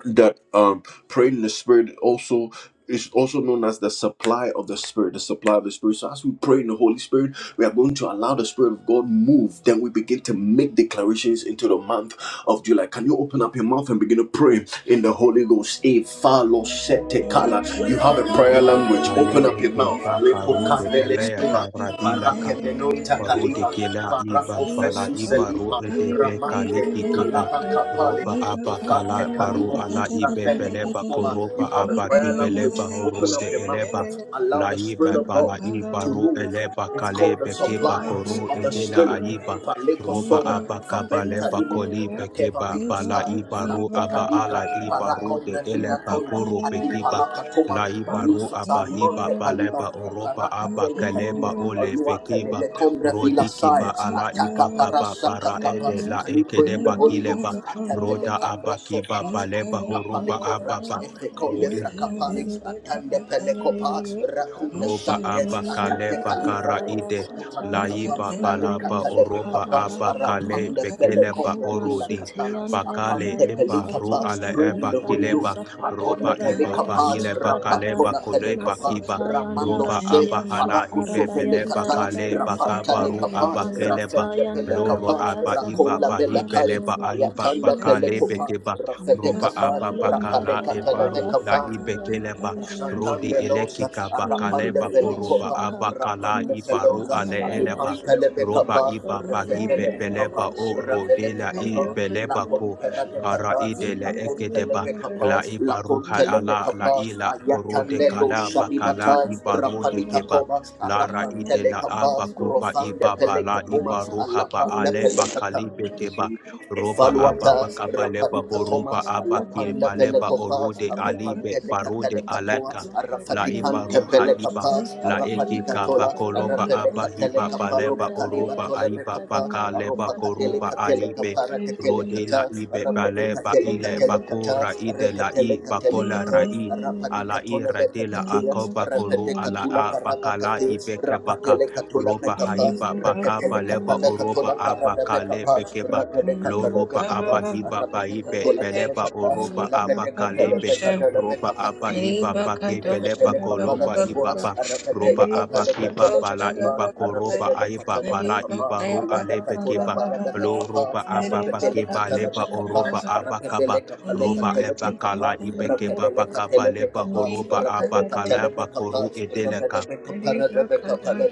that um praying in the spirit also is also known as the supply of the spirit the supply of the spirit so as we pray in the holy spirit we are going to allow the spirit of god move then we begin to make declarations into the month of july can you open up your mouth and begin to pray in the holy ghost Eh, falo sete kala.
Maki,
you have a prayer
Rode,
language open
Ale,
up your
Zelelelelelele.
Eke,
mouth
Baka,
Lepo
Rode,
Iba,
kabele
Elea,
seba.
Kadosh,
Da, Radila,
Rakemenonta
Parude
Kaliba,
Zelelelelelele.
kela iba
Eva
pala
Parapofesu
Cox
iba ro
Selipa,
and the
edebe
British
kaliki
Ramante,
keba
Candidate,
kalaba Kapale,
roba
Eva
aba
Cox
kala
Sofante
and the
baru ala
Kalibo,
ibe
Rafele
beleba
Kosoba.
Babatata,
You
koroba
have a
aba
prayer
Nikayan
language.
kibeleba
Ganan,
Open up
horude
your
Osayan
mouth.
eleba
Ganan,
Allow
la
the
iba
Spirit of
Eva
pala
God
Kaba
iba
to
ro
Baba,
move.
Baba
eleba
It's
Baba
called the
kalebe keba
supply
Eva Cox
koru
of the
and
edela
Spirit.
aiba
the
Paleko
roba
Sobra,
aba
Nidama Cox and
Fabenta
kabaleba
Limo,
the
kolibe
Rakeva
keba
Leko
Eva
pala
Sai,
Cox
iba
and
La
the
ro aba
Baba
ala
and
iba
Tekaliga,
rude
Alambre
Eva
eleba
Cox
Finatoila,
and
koro
the
bekiba
Alipala Katoma,
la iba ro
Eva
Pamiso
Cox
aba iba
Salimonte
and
Kaliba,
baleba
the
oroba
Paraka
aba
Tele
kaleba
Nikayan
ole
Olua
bekeba
Tele Combre
Ganan,
Vila
Rodiki ba
Saya,
Thank
ala
Ataka
ibaka ba
Parasa
bara
Takapa,
ede la
you
eke
pray
de
in the Holy
bakile
dabaya,
Ghost?
ba
Atapele
roda
kataya,
abaki ba
Sopa,
baleba horoba
Atapale
ababa
dabaya, dabaya,
Ro
Efeconde
sataya,
Fracapale, Atande
dabaya, dabaya,
Pelecopa,
kadaba.
Racunda
roba aba
Santes,
abakale
Atate
bakara
Calibra,
Masukadarabaya
ide laiba
Satayandarabaya
balaba
ricata le
oroba
pecapa,
aba abakale
arapanda
Sukadarabayandaraba
fele
bekeleba
combra vila
orodi
catana,
bakale
apante
Masuteyandarabaya
eba ru
pelicapa,
ala
pray in
eba
the Holy
Satayandarabaya
Ghost,
kileba
patone
roba iba
Sakadarabaya
pelicapa,
bahile bakale
Sukaraba
rapatona
bakole
pelicapa,
bakiba
ramando
roba
se,
aba
Masatayandarabaya
abahala
paracuso
ibe bele
you.
felicata,
bakale
Sukarabayandarabaya
Thank you.
rapata
bakaba
Saka
ru
lecapa,
abakeleba
rafende
loro
pelicapa,
Masatayandarabaya
aba iba
Sata
racola velecai,
bahibeleba aiba
ayatanda
bakale
Jesus.
pelecopa,
bekeba
rafete
roba
capa,
aba
Masuki anda
bakala
dada
rapalecata
baya
ebaru la
le
sataya kada
ibekeleba
baya anda
Rodi
baya
Shatambelosa,
elekika
yindi
Arapande
bakaleba
baya
koroba
Felicopa,
suka
abakala
Rapande
ibaru
masaka
Felosa,
da
ale
baya
eleba
Alipantele
sutaya
roba
anda
Becapa,
da
iba
baya
Refetele
bagibe
anda
Becapa,
beleba
baya
o
suka da
Revele
rodela i
baya.
Becapa, La
beleba
Thank
ko
you,
Compera de
kara
Jesus.
Cata,
idele
La
Hallelujah.
Contele
ekedeba
Grateful.
Becapa,
la
La
ibaruha
Contele
ala la
Becapa,
ila
We
korode
come
Ayatande
to
kala
your
Losha
throne with
bakala
Bibata,
ibarode
gratitude.
Rapalita
keba
Coma,
and
lara
Thank
Arapantele
idela
Capa,
abakoba
Rofande
iba bala
Pelecatuma,
Kadarabaya
ibaruha ba
Sukaya
ale
Alapande
bakalibe
Dadabaya
keba roba
Sukadabaya
aba
Evaluata,
Daba
you.
bakaba leba
Thank
Rapadicatoma,
horoba aba
Masataya
Alapanda
kieba
Dabaya
leba
Velecopa,
orode
Sukadabaya
Aropanda
alibe barode
Sata
Lecatelecatoa,
aleka la iba
Makadabaya
Arafaticante
ruha iba
Pelecapa,
Darabaya
la eke ka
Arapaticatola,
Sukadabaya
bakoloba aba
Daraba
hiba
Arapelecatelecapa,
baleba
Robacaliba
oroba
Indabaya
aiba
Tolemecapa,
Sukadabaya
bakaleba leba koroba
Sataya
alibe
Dabaya
Aropacatelecatelecapara
Kadabaya
rode la ibe baleba ile
Catelecata,
Sataya
bakora
kata,
ide la
rekatele
i
katele
bakola
kata,
rai
rapadi
ala i
katole beka
radela
katea,
akoba koru
repete
ala
katula
a
paraba
bakala
kate,
ibeke baka
rapatele katula
roba
mekapa,
haiba
rekatele
bakaba leba
kapanda
oroba
katula
aba
paraba
kale
mekapa,
you.
rakade katole
Loroba
Thank
mekapa,
aba Hiba
rapete
Baibe
katola
Beleba
mekapa,
Oroba aba
alabede
you
Kalebe
katole
Roba
da da da
mekapa,
aba Hiba
da
Rapidele
Bake Beleba
da ba ba
Koloba
ba
Ibaba Roba Abba Kiba Bala Iba Koroba
ya.
Aiba Bala Iba
Nidibakaya
Ro
ba ba
Alebe
ba. ba
Kiba
ba ba ba ya.
Loroba Abba Bakiba Leba
Nidibakadosha da ba
Oroba
ba ba
aba
ba
Kaba Roba Eba
Nidimasi
Kala
kete de de
Ibe
de
Keba
de de.
Bakaba Leba Horoba aba
Nidibakada ba ba ba
Kalaba
ba de
Koru
de de de.
Edeleka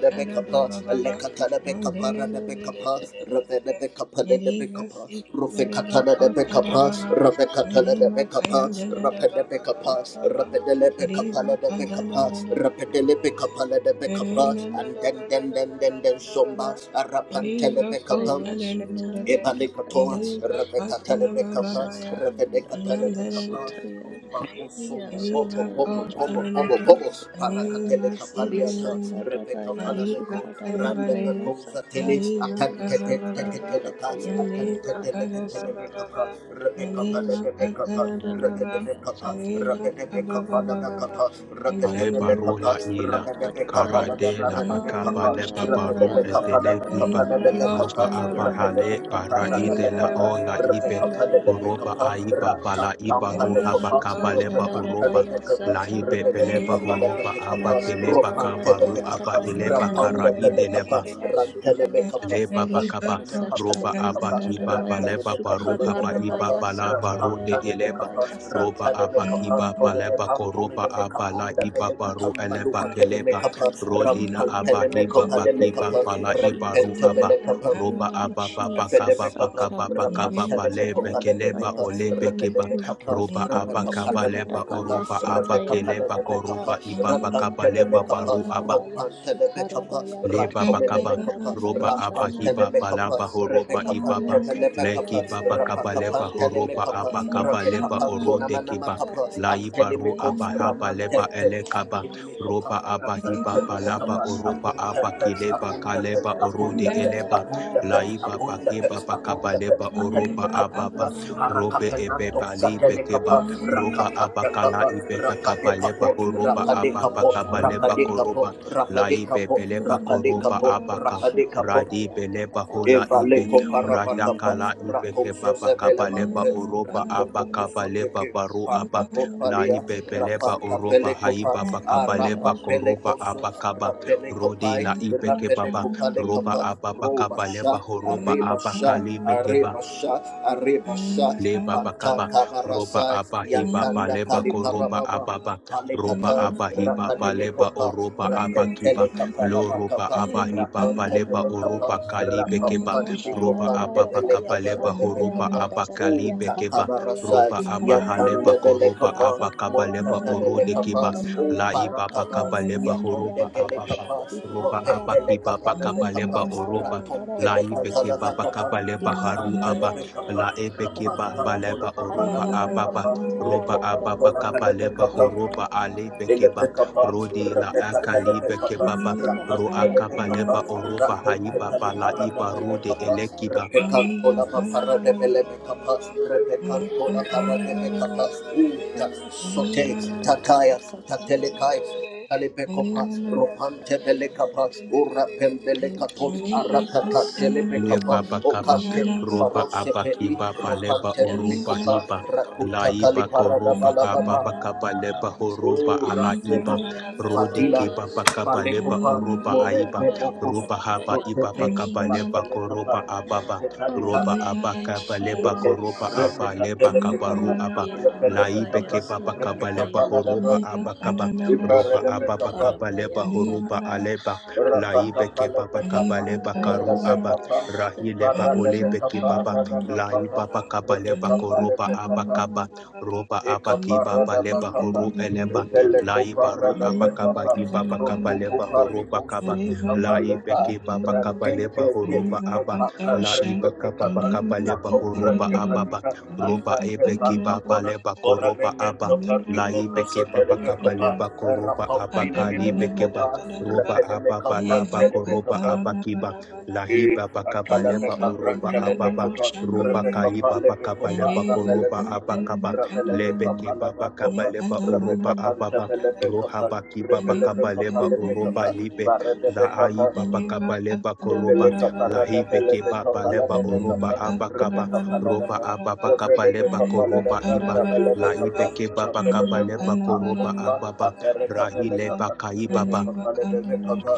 de
da
Becapa,
ba.
Alecatana
ya.
Becapa, de Becapa, Ravena Becapa, de Becapa,
ya
Ruficatana de Becapa,
Mandela,
Ravecatana de
Indema
Becapa,
kaya da da da
Rapene
ba ba ba
Becapa,
ba ba ba.
Dabaya
Rapedele Becapa,
Riba
de
kada da
Becapa,
da da da da da
Rapedele
da da.
Becapa, de Becapa,
Renda da
and
da
then
da da
then
da
then
da da da
then then
da da da.
Somba,
da.
Arapantele
Riba
Becapa,
kota da da da da
Sutaya
da.
Ebalekatoa,
Dabaya
Riba kata la ba ba
Rakatatelebekapa,
ba ya.
Satayan
Yan
Dabaya
da da da
Rakadekatelebekapa,
da da
Sitayan
da da
Rumba
da.
Aya
Musumbo,
Riba
Poco, Pomo,
Satayan
kota
Pomo,
da da
Pomo,
da.
Dadabaya
Pomo,
Sukadaba
Riba
Parakatele
si da
Capaliata,
da da
Rebecca
da.
Masakadabaya
Riba
Palameco,
kada ba
Rande
da
Sukadarabaya
Becosa
da.
Sata
Tele,
Riba ka
Atante
ba ba ba ba.
Masatayan
Teleca,
Dabaya
Atante
Riba
Hidabaya
kada ba ba ba
Satayan
Telecatelebecapa,
ba.
Rebecca
Dadabaya
Anima
Sutayan
Palabecapa,
katana baba ba,
Rebecca,
Dadabaya Sata
anima baba
Rebecca
baba baba,
Palabecapa, Rebecca,
Aeba
anjandana
Rebecca
rola
baba
ila
baba
Palabecapa, Rebecca
baba,
Lakatapaya
karadela
anima
sutaya
akaba
no
Palabecapa,
leba
shana
ndarabaya
baru
baba ba,
edele
sataya
kiba
anima
dabaya
Rebecca
no
roba
shana
katapaya
Palabecapa,
aba
Rampantele me capa,
baba ba,
hale bara
ndadadabaya
anima
idela
baba
ola
no
sukatapaya
ibe
shana
rampantele
ndabaya
kuroba
ndadadaba
aiba
baba
bala iba
rabaya
roha
anima ko
bakaba
sutaya
leba
shana
oroba
ndarabaya
la
sataya
ibe beleba
anima
ndaraba
no
horoba
shana
aba
baba
keleba
baba
masataya
baba,
kabaru aba
ndadarabaya
eleba kara
anjandana
kadabaya
baba
ideleba
ndabaya
baba baba,
sukadadaba
leba
anima
bakaba
ko
roba
masataya
aba
shana
kiba
baba
ndadarabaya
baleba baruha
Thank
ba iba
sukadarabaya
balaba
sataya
rude eleba
ndadabaya
roba
sata
aba kiba leba koroba aba la iba baru eleba
Thank
keleba rodila aba
me
hiba
capa,
bakiba
you,
bala iba ru
Jesus.
rampantele
aba
me capa.
Thank
roba
you,
aba baba kaba
Jesus.
Fedebekapa,
bakaba
Satana ya
bakaba balebe
sutaya
Rapantelebekapa,
keleba
ndaya
Lebekapa,
olebe kiba
Repedebekapa,
roba
Makadabaya
aba
Repekapa,
kaba leba
Redebekapa,
Sukadabaya
oroba aba
Repekapa,
Satayanda
keleba
Dadaba
Lebekapa,
koroba iba bakaba leba
Masatayanda
Rapantelebekapa,
baru aba
Dadabaya
you.
Rompantelebekapa,
Sukarabaya
leba bakaba
Satayanda
Rantomenebekapa,
roba
Dadabaya Sata
abahiba
Rampantelebekapa,
balaba horoba
Masakarabaya
ibaba
Repekapantelebekapa,
leki
Satayanda
baba kaba
Dadabaya
leba horoba
Rapakapantelebekapa,
abakaba
Sukadadadaba
leba orode kiba
Sukadadadabaya
laiba ro
Repekapantonamanakapa,
aba
Minimiko,
Satayanda
Raman
leba
Dadabaya
Tempe, and
elekaba
Kinimikopa,
roba
Masatayanda
Rapan
abahiba
Dadabaya
balaba
Terminakapa,
oroba
upon the
aba
pets,
Sukadadadaba
kileba
upon
Eva
the pets,
kaleba
upon
Thank
orode
the
Masatayen
pets,
eleba
upon the
daraba,
pets,
laiba
upon
masuka
the pets,
bakeba
darabaya,
upon
bakaba
the pets,
leba
satayan
oroba
Akalimikapanda,
darabaya,
ababa
suka
robe
Arakapananto,
ebeba
darabayan
balibe
daraba,
Satelikapa,
keba roba abakala
Rakapakapa,
kala ibe
Rapadekapo,
leba horoba aba bakaba leba koroba
Rapadekapo,
laibe
Rapadekapo,
beleba koroba
Rapadekapo, Rapadekapo,
tikta,
abaka
suka
Rapadekapo,
radi
darabayan
beleba hola
darabaya,
ibe
Evaleko
satayan
parabakapa,
radakala ibe
rakoso
kebaba kabaleba
zebelemante,
oroba
darabayan
rakopopo
abaka baleba
darabaya,
soteke,
baru
suka
parka
aba
popalia,
laibe beleba
rapaka
oroba
darabaya,
pelekopa,
haiba
san darabaya,
bakabaleba
arapa
suka
koroba
pelekoso,
abakaba
you.
darabayan
rodi
rapelekopai,
la
Thank
ibe kebaba roba
rapelekopalekapa,
ababa kabaleba
robasha,
darabaya,
horoba abaka
arebasha,
libe keba
arebasha, arebasha,
leba bakaba roba
pantakabarasai,
aba hiba ba
yakanda
leba koroba
kaliparababa.
ababa roba
Palikatai,
aba hiba ba leba
Rapanimikopa,
oroba aba kiba
Rapetelekapa,
lo roba
Rapakapa,
aba hiba ba leba
Rapantebelekapa,
Indrabaya
oroba kalibe keba roba
Sukhadarabaya
Rapapanimikopa,
aba
Darabaya
bakaba
Nebelekapa,
leba horoba
Satayanda
Rabebekapa,
aba
Dadabaya
kalibe keba
Hadabaya
Utakabarasai,
roba aba haleba
Sukhadaraba
koroba
Yatandebelekapa,
aba kaba leba
Masatayanda
orode
Dabaya
Montakabelekapa,
keba
Kadabaya
la
you.
iba
Uparakaba,
bakaba
Satayanda
leba
Arriba,
horoba
Darabayanda
aba
Baya
ba
Yatondebelekapa,
roba aba
Suthadaraba
kiba
Ropepelekapa,
bakaba
Nebekapa,
leba oroba
Masatayanda
la ibe
Ratompelekapa,
keba
Darabayanda
Nebekapa,
bakaba
Daba
leba haru aba
Makantelebekapa,
Hikadabayanda
la ebekeba
Rabaya
Rapakatona,
baleba oroba
Sukhadarabaya
ababa
Makantelebekapa,
roba
Lekopa,
Satayanda
ababa
Rabaya
kabaleba
Kona,
horoba
Sukhadarabaya
alebekeba
Elekekapa,
rodi
Darabayandi and
la
Dadaraba
Repekatelekekapa,
akalibekebaba ro
Asataya
Rapantelekekapa,
akabaleba
Kadabaya
oroba
Sutaya
haiba bala iba
Dadabaya
rode
Rakontepeliparadebelekapa,
Sataya
elekiba
Nadadabaya
para, para, para, para,
Repekantolapaparadebelekapa,
para. Ali,
Dedabaya
Repekantolaparadebekapa, Uta,
Sataya
Sote,
Sukadadabaya
Tataya,
Sataya
Tatelekai, Talebekopa,
Nadadabaya
Ropantebelekapa,
Thank
Urapembelekato,
you Jesus
leba
Arakatelebekapa,
Thank you
bakaba
Okate,
roba
Jesus
Parose pedi,
abakiba baleba
ropante
Yes
oroba
libicopa,
hiba la
rakuta
iba
and
caliparada
Abaya
koroba
balababa,
ababa kaba leba
Sataya
horoba ala
Rasebo,
iba rode
Fatila,
Dabaya
kiba bakaba leba
Palekopa,
oroba
Sataya
aiba
Morete,
Dabaya
Mokus,
roba haba
Dadabaya
iba
Totete,
Thank you
bakaba leba
Jesus
Ratelekapa,
koroba ababa
Oh
Mantekalipa,
roba
thank you
abakaba leba
Epe,
koroba
Jesus
aba
Replica,
leba
Arriva,
kabaru
Telekapa,
aba la ibe
Doriandabaya
Repelekapa,
kiba bakaba leba
Repekapa, Ladaba,
horoba
Salabayandabaya
abakaba
Kadabaya
roba ababa
Riparelekapa,
kaba leba
Sutarabaya
horoba
Dabaya
aleba la ibe
Rapakapa,
kiba bakaba
Lepekapa,
leba karu aba
Repekapa,
Rahile ba
Sutarabaya
olebe
Paradebekapa,
Sataya
kibaba. Lai
Radabakapa,
Indabaya
baba kaba leba
Repekapa,
koroba
Lepekapa,
abakaba. Roba abakiba
Ekaparada
baleba
bakapa,
horo eleba.
epele
Lai baru
koparada
abakaba
bekapa,
ibaba kaba
roku
leba
kupari
horoba
kusu
kaba.
te kapa
Lai
lepa,
beki baba kaba leba
rantente ke,
horoba
Liza
aba.
ropaka
Kadosha,
Lai
presto te
baka baba
kapa,
Nadima
kaba
la
leba
Sita
kopra
horoba
te
Nadada,
ababa.
kalita,
Roba
Reka
asa te
ebeki
barka
Tanadada,
baba
kona,
leba
ora
Nadada,
koroba aba.
memento parti
Nadada
Lai
poca
beki
sotele
baba kaba
bekopa,
Makadada,
leba koroba
and
rapampine
abaka
mine
libeki
mekopa,
baba roba
repele
ababa
mekapa
laba koroba
tele
abakiba
it
Lahiba
a
Bakabaleba
Talabeka bran,
Oroba Ababa
Telebekota,
Roba
Rebecca
Kaiba Bakabaleba
Palebecopa,
Koroba
Ramelebekota,
Abakaba
Rabelebeca
Lebeki
Palabacopa,
Babakabaleba Oroba
Rebecca Panta
Ababa
Belebekapa,
Rohaba Kiba
Rebelebeca
Bakabaleba Oroba
Palebekapa,
Libe Laai
Marebebeca,
Babakabaleba
Rebecca
Koroba Lahibe Kiba Baleba Oroba Abakaba Roba Ababa Kabaleba Koroba Iba La Laibe Kiba Bakabaleba Koroba Ababa Rahile Bakaiba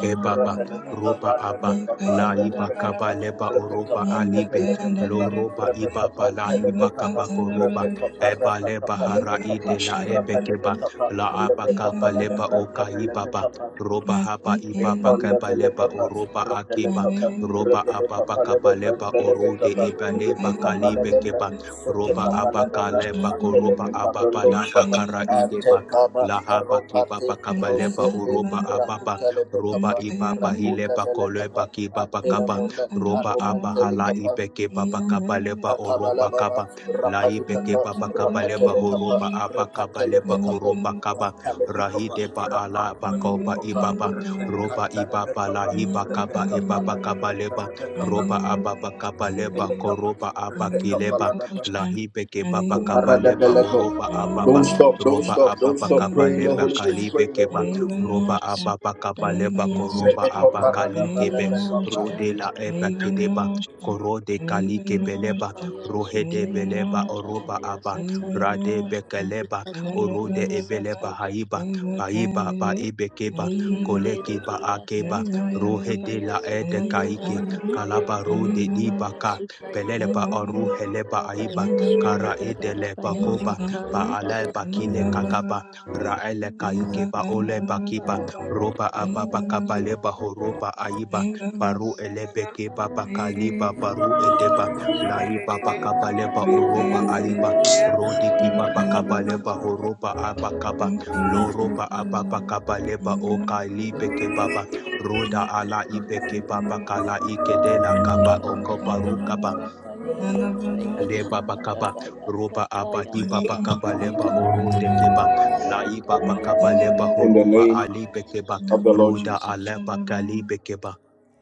Ebaba, Roba aba La Iba Kaba Leba Oroba Alibe, Lo Roba Ibaba La Iba Kaba Koroba, Eba Leba Hara Ide La Ebe Keba, La Aba Kaba Leba Oka Ibaba, Roba
Thank
Haba
you.
Ibaba
Refanda
Kaba Leba
Velekapa,
Oroba Akiba,
Repelekapa,
Roba Ababa
Repelekapala de
Kaba Leba Orode
Repelekapa,
Eba Leba
Repelekapala
Kalibe
de
Keba, Roba
Sotekapala
Aba
de
Kaleba Koroba Ababa
Apelekaprondo
Laba
Shapa,
Kara Ideba,
Atekaba,
La Haba
Aropate,
Kibaba Kaba Leba
Rosepe,
Oroba Ababa,
Rakuta
roba
Lebekapa,
ibaba hile
Rakuta
bakole
Velekapa,
bakiba kaba.
Antelamonda,
roba aba hala
Aromantelikapa,
ibeke baba kaba leba oroba
Atabalababa,
kaba la ibeke
Rapadikapa,
baba kaba leba
Rapatelekapa,
horoba aba kaba leba
Rekakelebekapa,
Arriba,
oroba kaba
Pantalebekapa,
rahide ba ala bakoba
Rapanpanilekapa,
ibaba roba ibaba la
Repekatalebekapa,
hiba kaba ibaba kaba leba
Repekapalabekapa,
roba aba bakaba leba
Repelekapa,
koroba aba kileba
Repekapalababa,
la ibeke baba kaba leba oroba
Don't
ababa
stop, don't
roba
stop,
aba
Kadabaya
don't
norte,
stop.
bakaba
Pray in
Sutarabaya
the
leba
Holy Ghost, pray
kalibe
in the
ke
Holy Ghost.
roba ababa kaba leba
Sutarabaya
koroba
Sataya
abakali
Ndabaya
kebe
Sukaya
rodela eba
Ndabaya
kedeba korode kali kebeleba rohede
Sukaya
beleba oroba
Ndabaya
aba
arriba,
Sataya
rade
Ndabaya
norte,
bekeleba
Thank
orode ebeleba
Sukarabaya
haiba baiba ba ebekeba
Ibiyindi
koleki ba
ribiya
akeba
satayanda
rohede
baya
la ede
sutayanda
kaike kalaba
rabayanda
rode diba
rabaya
you.
ka
sutayanda
Thank
peleleba oruheleba
rabaya
aiba kara
sutada
you.
edeleba
rabaya
koba ba
satayanda
aleba
rabaya
kile kakaba Raele
Jesus
Kaike ba ole
bayanda
bakiba
rabaya
roba ababa
kadabaya
kabaleba
sutada
horoba aiba
rabayanda
baru
rabayanda
elebeke baba
rabaya
kaliba
rabayanda
baru edeba
rabaya
laiba bakabaleba oroba aiba rodiki baba
Holy
kabaleba
Spirit,
horoba abakaba loroba
Holy
ababa
Spirit,
kabaleba o kalibeke
Holy
baba
Spirit,
roda
thank you,
ala
Holy
ibeke
Spirit,
baba kala ikedela
Masatayanda
kaba okobaru kaba
Marapaya,
Jesus' name,
Marabaya
Jesus,
leba bakaba
Sukadabaya
roba aba
in the
hiba
Satayanda
name of the Lord
bakaba
Dadaba
leba oro de keba
Jesus,
la
Sikadabaya
iba
Dabaya
bakaba leba
In the
horoba
Sutayanda
name
ali bekeba
of
in
the
the
Lord
month
ruda
of
Jesus.
aleba kali
July,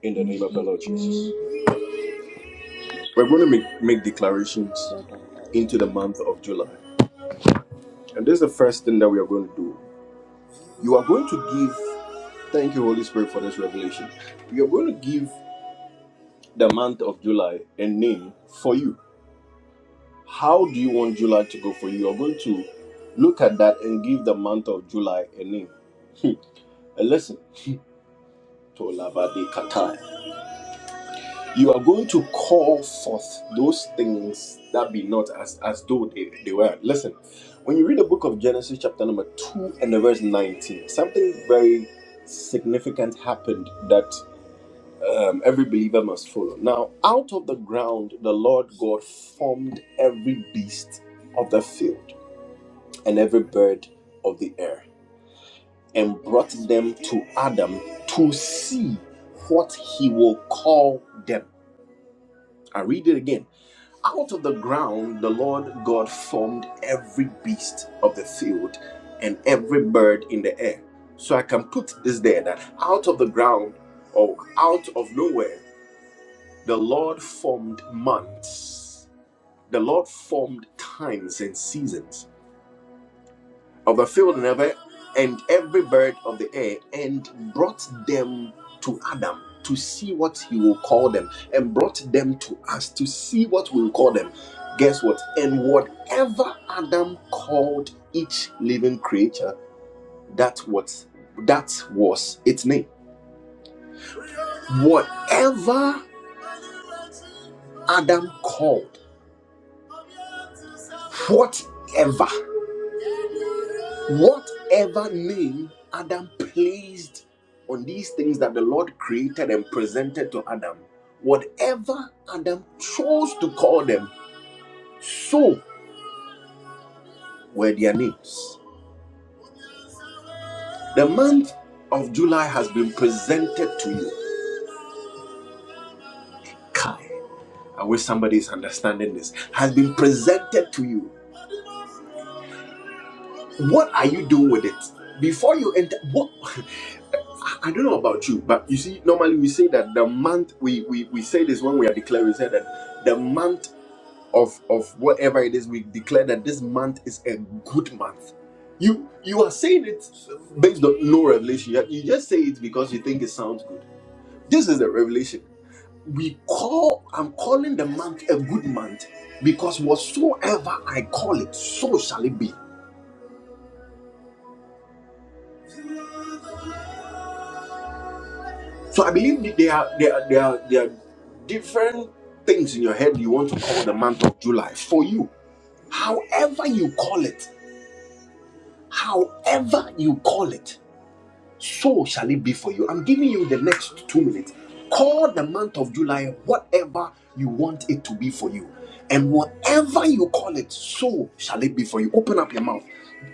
In the
in
name of the Lord Jesus.
Dadabaya
We're going to
Jesus
make, make declarations
Sikadabaya
into the month of July. And this is the first thing that we are going to do. You are going to give, thank you, Holy Spirit, for this revelation. You are going to give the month of July a name for you. How do you want July to go for you? You are going to look at that and give the month of July a name. (laughs) and listen, (laughs) to you are going to call forth those things that be not as as though they, they were listen when you read the book of genesis chapter number 2 and the verse 19 something very significant happened that um, every believer must follow now out of the ground the lord god formed every beast of the field and every bird of the air and brought them to adam to see what he will call them i read it again Out of the ground, the Lord God formed every beast of the field and every bird in the air. So I can put this there that out of the ground or out of nowhere, the Lord formed months. The Lord formed times and seasons of the field and every, and every bird of the air and brought them to Adam to see what he will call them and brought them to us to see what we will call them. Guess what? And whatever Adam called each living creature, that what that was its name. Whatever Adam called, whatever. Whatever name Adam placed on these things that the Lord created and presented to Adam, whatever Adam chose to call them, so were their names. The month of July has been presented to you. Kai, I wish somebody is understanding this. Has been presented to you. What are you doing with it? Before you enter, what? (laughs) I I don't know about you, but you see, normally we say that the month we we, we say this when we are declaring, we say that the month of of whatever it is, we declare that this month is a good month. You you are saying it based on no revelation. You you just say it because you think it sounds good. This is the revelation. We call I'm calling the month a good month because whatsoever I call it, so shall it be. So I believe there are there are, there are there are different things in your head you want to call the month of July for you. However you call it, however you call it, so shall it be for you. I'm giving you the next two minutes. Call the month of July whatever you want it to be for you. And whatever you call it, so shall it be for you. Open up your mouth.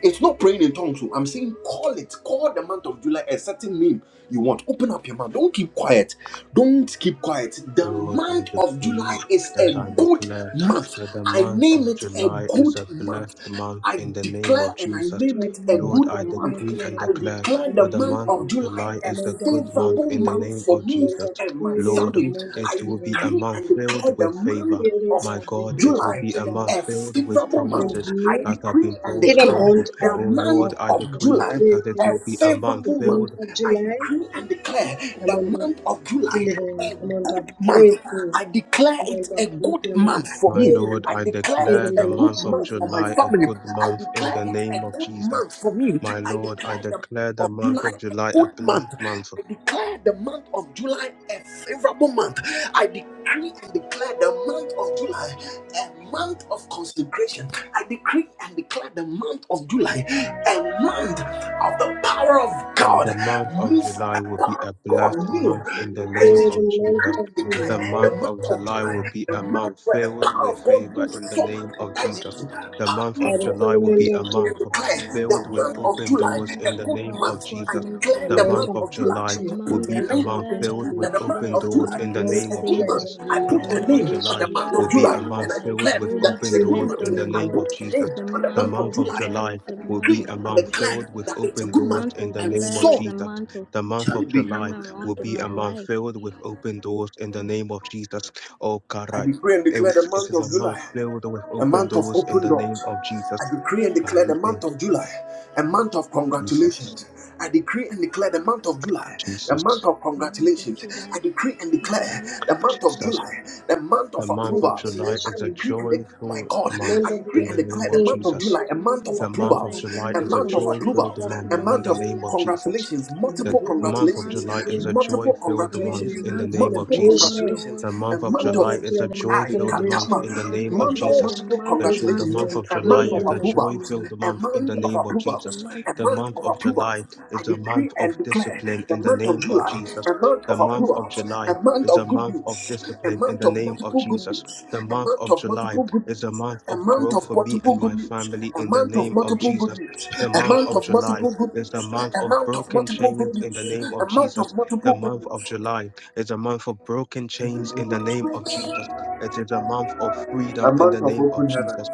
It's not praying in tongues. oh. I'm saying call it. Call the month of July a certain name you want. Open up your mouth. Don't keep quiet. Don't keep quiet. The
Lord, I
month of July
decree
is
and
a
I
good
declare
month.
that the
I
month of
name it a
July is
good
a
month.
blessed month
I
in the name
declare
of
and I
Jesus.
name
the
it a
month
Lord,
good
I
of
month.
decree and
I
nurturing,
declare
of
declare the
that the
delivering
month
month of
of
healing,
July
July
a
is a
month
a
of
good month
favorable
in the
breakthrough,
month
name
for
of
a
me
month
Jesus.
of
and my
healing,
Lord,
a
family.
month of
it
I
will be a
deliverance.
decree
month
and
filled
declare the
with
And the
favor.
month
period
My
of.
of this
God, it
month
will
of
July,
be a month
July
a
filled with
favorable
will
month.
promises
I
be
that have
decree
been
and
brought
in a
forth.
month
declare
of,
the
Oh Lord,
month
of,
I
of,
of
decree
of
July,
that it
a
breakthrough.
will be a month
This
favorable month.
filled
month of
I
July,
decree and declare
a
the
month of
month of July.
deliverance, a
a
month of
good month.
breakthrough,
I declare
a
it
month of
a
lifting,
good
a month
month
of
for
My
me.
healing
Lord,
I
I
declare
in
it
the
declare the
a
name of
good
month of
month for my
Jesus.
July a
family.
good
I
month in
declare
the
it
name
a
of
good
Jesus.
month for me.
My
I
Lord, I
declare the month
declare the
of
month
July
of
a
July a
good
blessed
month.
month.
I declare the month of July a favorable month. I decree and declare the month of July a month of consecration. I decree and declare the month of July a month of the power of
And The
God.
month of
Move
July
a
will be
power of
a
God
blessed month
I
in the name
declare
move
of
the month
decree,
Jesus.
of
The
declare the
July.
month
month
of
of
July will
July,
be
the
a
month
month
where the
filled
power
with
of God
favor
moves
in the
forward
name of
and
Jesus.
dies
The month
Powerful
I
of
forward.
July
declare the
will be
month
a
of July.
I
month
The
declare
month of
filled
the
with
month
July will
of
open
be a
July,
doors
month
in
that
a
the
the
good
name
power
of
month.
of God
I
Jesus.
moves in
a
declare
my
The
the
month
month
month
life.
of
of
of July.
July
The
I
victory, a
will
put
month
a
be
of
month
a
of
name on
month
it.
July, I
filled with
That
victory.
the month
open
declare,
of
is a
doors in
month
July
the
of
Month
is
name
of
a
of
good
July is
month.
favor.
Jesus.
going to
I
The
be a
The
put a
month of
name
month of
on
July
the
celebration,
July
month
will
of
is a
be a
July
giving
month that
month
and I
I
filled
declare
with
in
that
solely
it's
open
a good
doors
Jesus'
depend
month.
in
on
the
I
name
name.
God.
of
put a
Jesus.
name
The
on the
The
month
month
month
of
of
of
July.
July
July
is
I
a
will
month
be
decree
of
a
and
month
provision.
filled
declare
with
that it's a
The
open
good
doors
month.
month
in
of
the
And
name
July
of
is
so
a
Jesus.
month of
The month
shall
of
it be.
July will
turnaround in
be
my
a month
life.
filled with open doors in the name of Jesus. Oh,
I
God,
decree and
it,
declare the
was- it
month
is a
of
month
July.
filled with
a
open
month of
doors in
open
the name
doors.
of Jesus.
I decree and
Yes,
God,
declare
you
the
thank
month of July, a month of
yes,
Jesus,
yes.
congratulations. I decree and declare the month of July, the month
Jesus,
of
the month of
congratulations.
July,
I decree and
the
declare
month of
the month of
open
Jesus.
July,
doors.
the month
The
of
month
Month
of
of
approvals.
July
I
is a
promotion,
decree and declare, my
joyful
God,
month
month
I
of
decree
in
and
the
decree
the
and
name
declare the
of
favor,
declare
month of
month
Jesus.
July, a
of
the
the
month
month
thing
of
The
of
of
month of
July,
approvals,
the
July
a
in
is a
month
the
month
of
of
name of
joy
Jesus
strange
filled
approvals,
Christ,
month
a
month
happenings,
in
month
of
the
of
name of
July,
Jesus.
congratulations,
a
that
multiple
good
the
the
month
month
of
of
the
congratulations,
month
July
of
is a
youth,
July,
joy
multiple
filled
the
month
congratulations,
hallelujah,
in
month
the
of
month of
name of
multiple
open
Jesus.
celebration.
congratulations,
The
doors.
a
month of
This
month
month
July
of
of
is
July,
a
the
I
month of
joy
I
decree and
filled month
declare
Katama,
celebration,
in
the
I
the
will
month
name
of
of
month of
July,
Jesus.
celebrate
the
multiple
month
The,
in
of
jo-
this
the
congratulations,
answered
month
month,
of
a
in
July
month
the
is
of
prayers.
name
a
of
joy
approvals,
filled
Jesus.
a
month in the
month
Decree
of
and
name of
declare the
Jesus.
approvals,
month
a
of
The
month
month
of
July.
of
approvals.
July
I
is a
decree
month of
and
discipline
declare the
in the
month of
name of
July,
Jesus.
a month
The
of
month of
approvals,
July
a month
is
of
a
good
month of
news, a
discipline in
month
the
of
name of
multiple good
Jesus.
news,
The
a
month
month
of
of
July
multiple good
is a
news,
month
a
of
month
growth
of
for me
multiple
and
good
my
news,
family
a
in the
month of
name of
multiple good
Jesus.
news,
The
a
month
month
of
of
July
multiple good
is the
news,
month
a month
of
of
broken
multiple
chains
good
in
news,
the name
a
of
month
Jesus.
of
The
multiple good
month
news.
of July is a month of broken
In the
chains
name
in the name
of
of
Jesus.
Jesus. It is a month of freedom
I'm
in the name
in
of
heaven.
Jesus.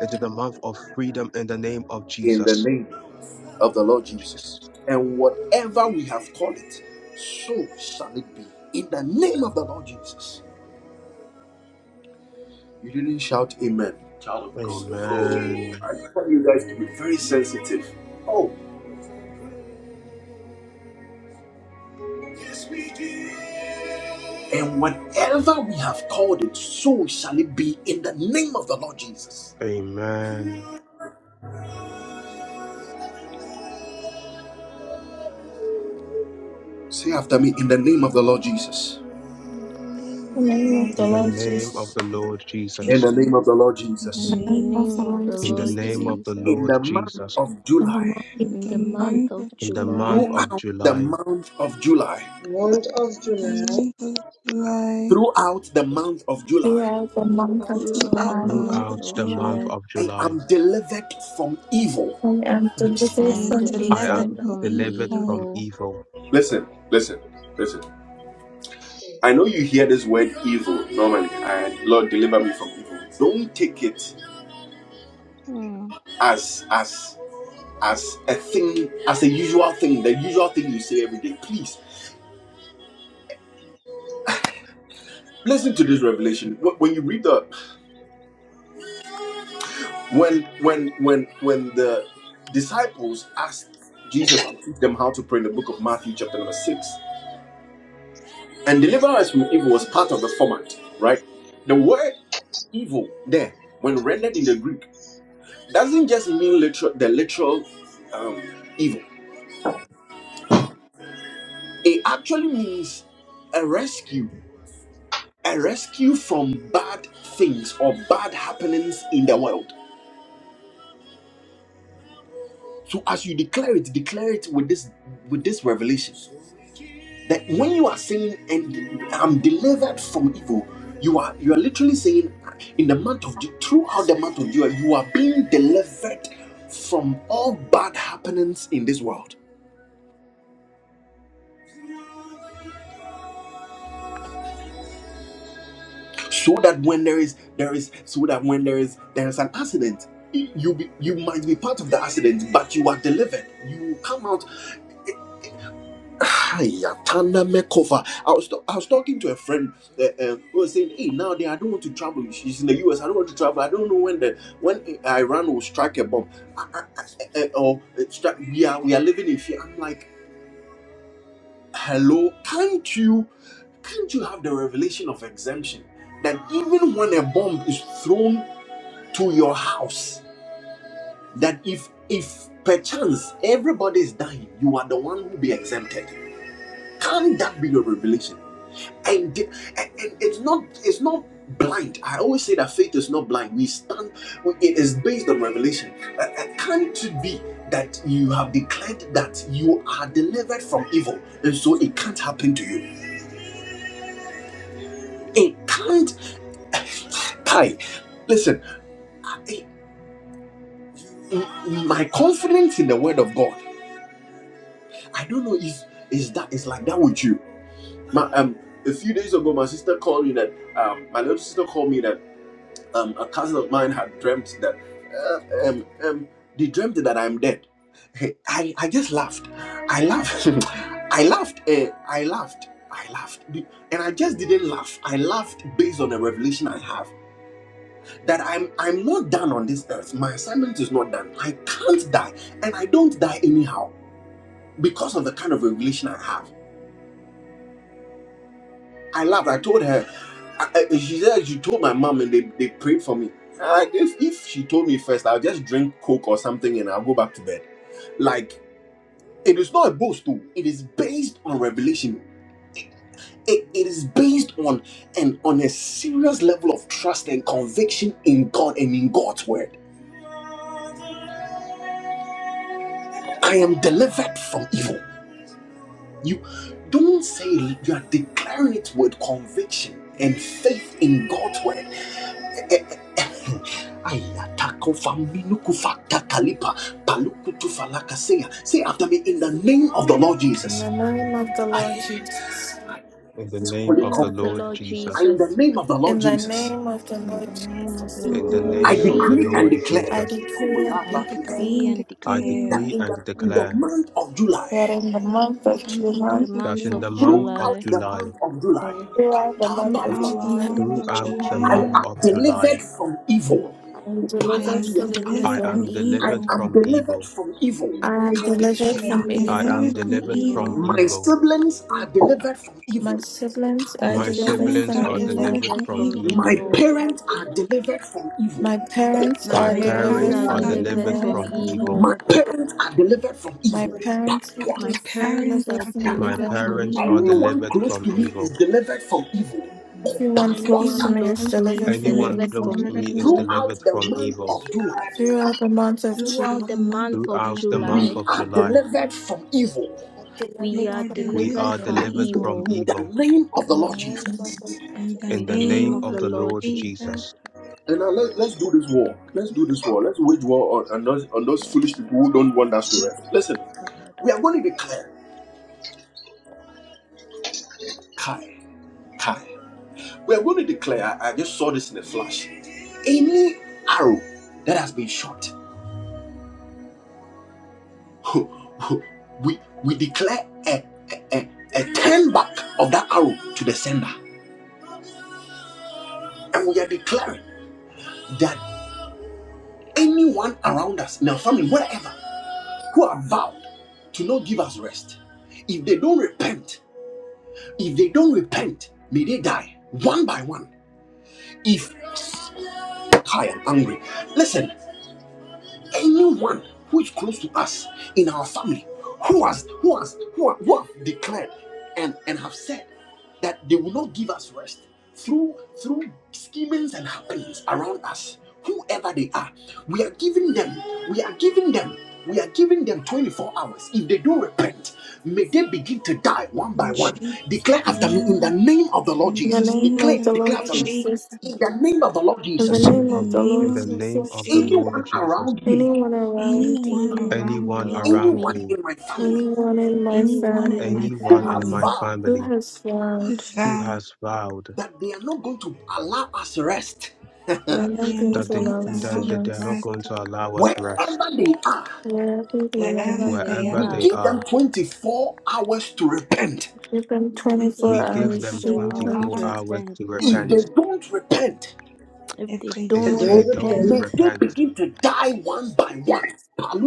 It is a month of freedom in the name of
In the
Jesus.
name. of the Lord Jesus.
Jesus.
And whatever we have called it, so shall it be. In the name of the Lord Jesus. You didn't shout amen.
Amen.
Yes, we do. And whatever we have called it, so shall it be in the name of the Lord Jesus.
Amen.
Say after me, in the name of the Lord Jesus.
In the name
In the
of the
name of
Lord
the
In the
Lord
name
Jesus,
of
Jesus.
the Lord
In the
Jesus.
name of the Lord
in
Jesus.
In
the
the
name of
name
the
of
Lord
the
In the
Lord
Jesus,
name of the
In
Lord
the
Jesus.
month
Jesus.
of
and the
July,
mighty
In the
King,
month of
In the month
July.
of
throughout the
July,
month of July,
Month of
the
July,
month of July,
throughout the month of
you
July,
are the
through
monk
all
of
the
Throughout
faithful
throughout
the
July,
the
month
month of
throughout
of
the
tonight,
month
July,
July,
of
I
July,
am delivered from evil.
who am
I
I
delivered
am
am
from
I
delivered
delivered
am
evil.
from
from
delivered
evil.
from
evil.
evil.
Listen, listen, listen. I know you hear this word evil normally, and Lord deliver me from evil. Don't take it
Hmm.
as as as a thing, as a usual thing, the usual thing you say every day. Please listen to this revelation. Wh- When you read the when when when when the disciples asked Jesus to teach them how to pray in the book of Matthew, chapter number six, and deliver us from evil was part of the format, right? The word evil there, when rendered in the Greek doesn't just mean literal the literal um, evil. It actually means a rescue, a rescue from bad things or bad happenings in the world. So as you declare it, declare it with this with this revelation that when you are saying and I'm delivered from evil, you are you are literally saying in the month of Ju- throughout the month of July, you are being delivered from all bad happenings in this world so that when there is there is so that when there is there is an accident you be, you might be part of the accident but you are delivered you come out Hiya, Tanda Mekova. I was, ta- I was talking to a friend uh, uh, who was saying, "Hey, now they, I don't want to travel. She's in the US. I don't want to travel. I don't know when the when Iran will strike a bomb, I, I, I, uh, or uh, strike. We are we are living in fear." I'm like, "Hello, can't you can't you have the revelation of exemption that even when a bomb is thrown to your house that if if perchance everybody is dying you are the one who be exempted can that be your revelation and, the- and, and it's not it's not blind i always say that faith is not blind we stand it is based on revelation uh, uh, can't it be that you have declared that you are delivered from evil and so it can't happen to you it can't tie listen I- m- my confidence in the word of god i don't know if is that is like that with you My, um, a few days ago, my sister called me that um, my little sister called me that um, a cousin of mine had dreamt that uh, um, um, they dreamt that I'm dead. Hey, I, I just laughed. I laughed. (laughs) I laughed. eh, I laughed. I laughed. Be- And I just didn't laugh. I laughed based on the revelation I have that I'm I'm not done on this earth. My assignment is not done. I can't die, and I don't die anyhow because of the kind of revelation I have. I laughed. I told her. I, I- she said she told my mom and they, they prayed for me. I, if if she told me first, I'll just drink coke or something and I'll go back to bed. Like it is not a boast too. It is based on revelation. It, it is based on and on a serious level of trust and conviction in God and in God's word. I am delivered from evil. You don't say it, you are declaring it with conviction and faith in God's word. Ayatako faminuku fakta kalipa paluku tufalaka seya. Say after me in the name of the Lord
In
Jesus.
the name of the Lord
I,
Jesus,
I
In the
this
In
name
the
holy
of
name
the
of the
Lord
confidence.
Lord
I
Jesus,
in the
Jesus.
name of the
in
Lord
the
Jesus.
name of the
In
Lord
the name of the
Jesus,
In
in
the
the
Lord
Lord
I
name of the
decree
Jesus,
and
Lord
Jesus,
declare
I
Jesus,
decree and
I
I
declare
decree
decree and
and
I
declare
declare
that
decree
in
and
the in the
declare
month of
that
July,
in the month
that
of
in the
in
July,
the
month of
that
month
in
of
the month
July,
of
throughout
July,
the
July,
month of July,
you are the month of
Katabalua,
throughout the
throughout
July.
the
month
faithful
of
month of
throughout
tonight,
the
I
month
July,
July,
am
of July,
delivered from evil.
I am
I
I
delivered
am
am
from
Upaladiata.
delivered
I
delivered
from
evil.
from
am
I
delivered
evil.
evil.
am
from
delivered
evil.
from evil.
I
and
am
deliver us
I
delivered
from
Kabisota.
I'm
am
from
evil.
I
delivered
am
delivered
evil.
from
from
delivered from
evil.
evil.
My
evil.
siblings are delivered from
My
evil.
siblings
My
are
My
My
delivered
siblings
siblings
siblings
are
from
are
are
evil.
delivered
delivered
from
delivered
from
from
evil.
My
evil.
Your
evil.
parents
mighty
are
God
delivered from evil.
My parents
My
My
is
are
My
an only
parents
parents
delivered
are
parents
are
from
God.
are
delivered
delivered
delivered
evil.
from
from
from
evil.
evil.
My
evil.
parents are delivered from
My
evil.
parents are
Papua.
My
My
parents
parents
delivered
are
are
from
My
delivered
delivered
evil.
from
from
parents are
evil.
evil.
Anyone
delivered
close
from
to me is
evil.
delivered from evil.
Everyone close
Anyone
to
Papua.
Everyone
me
close
is
close
to me
to
delivered
is
from
me
Anyone
is
delivered
close
from
evil.
to
delivered
me
from
is
evil.
evil.
Throughout
delivered
the
from
month
evil.
of July,
Throughout the month of
Throughout
Throughout
the
the
June,
month
month of
of
Throughout the month
July,
July,
we
of
are
July,
delivered from evil
I am
we
we
delivered
are
are
from
we
delivered
delivered
are
from
evil.
from
delivered from
evil
evil.
in the
evil.
name of the
In the
Lord
name
Jesus.
of the Lord
In the
In
in the
the
name
name
name
of
of
of
the
the
the
Lord
Lord
Lord
Jesus,
Jesus.
Jesus.
And now let, let's do this war. Let's do this war. Let's wage war on, on, those, on those
Yes,
foolish people who don't want us to rest.
satayadabayas,
Listen, we are going to
kadadabayas.
declare. Kai Kai. We are going to declare, I just saw this in a flash. Any arrow that has been shot, (laughs) we we declare a, a, a, a turn back of that arrow to the sender. And we are declaring that anyone around us, in our family, whatever, who are vowed to not give us rest, if they don't repent, if they don't repent, may they die one by one. If I am angry, listen. anyone who is close to us in our family who has who has who, are, who have declared and and have said that they will not give us rest through through schemings and happenings around us whoever they are we are giving them we are giving them we are giving them 24 hours if they don't repent may they begin to die one by
In
one
Jesus'
declare after me in the
name,
name of the lord
in the
in the
jesus
name
name of
declare
of the
the
declare
Lord
Lord
after me
Jesus,
Jesus,
in the name of the lord
in
The
the
jesus
in
name
name
the
of,
of the
name
Lord
in
of
the
the
name
Lord
of
Jesus,
the Lord
Jesus,
anyone
Jesus.
around me
anyone around
anyone
me,
around
Anyone
Anyone
me,
around
around
anyone
me,
me,
in my family
anyone in my
anyone
anyone in
in
family
my
my
who
anyone in
has
family,
my
family
vowed
who
family
has
who
failed,
is
who
vowed
has vowed
that they are not going to allow us rest
we are
that
they are
not
they
not
are
going
not
going
that
to
they
to
going
allow
to
us
allow
to
us
that
allow us
that they're
us.
not
rest
going
rest.
to allow us
wherever
rest,
they are,
Wherever they are,
Wherever
wherever
they
they
wherever
we
are,
are,
they
give
are,
them 24 hours to repent.
Give them
We give
we
them
24
we
give them
give
hours
them
to
24
24
hours
24
to
repent.
hours to
hours
repent.
to
repent.
If
repent.
they don't repent,
If
If
they
they
If
But
don't
Everyone
don't
they
don't
don't
repents.
repent
repent,
May
repent,
they
repent,
begin to die one by one.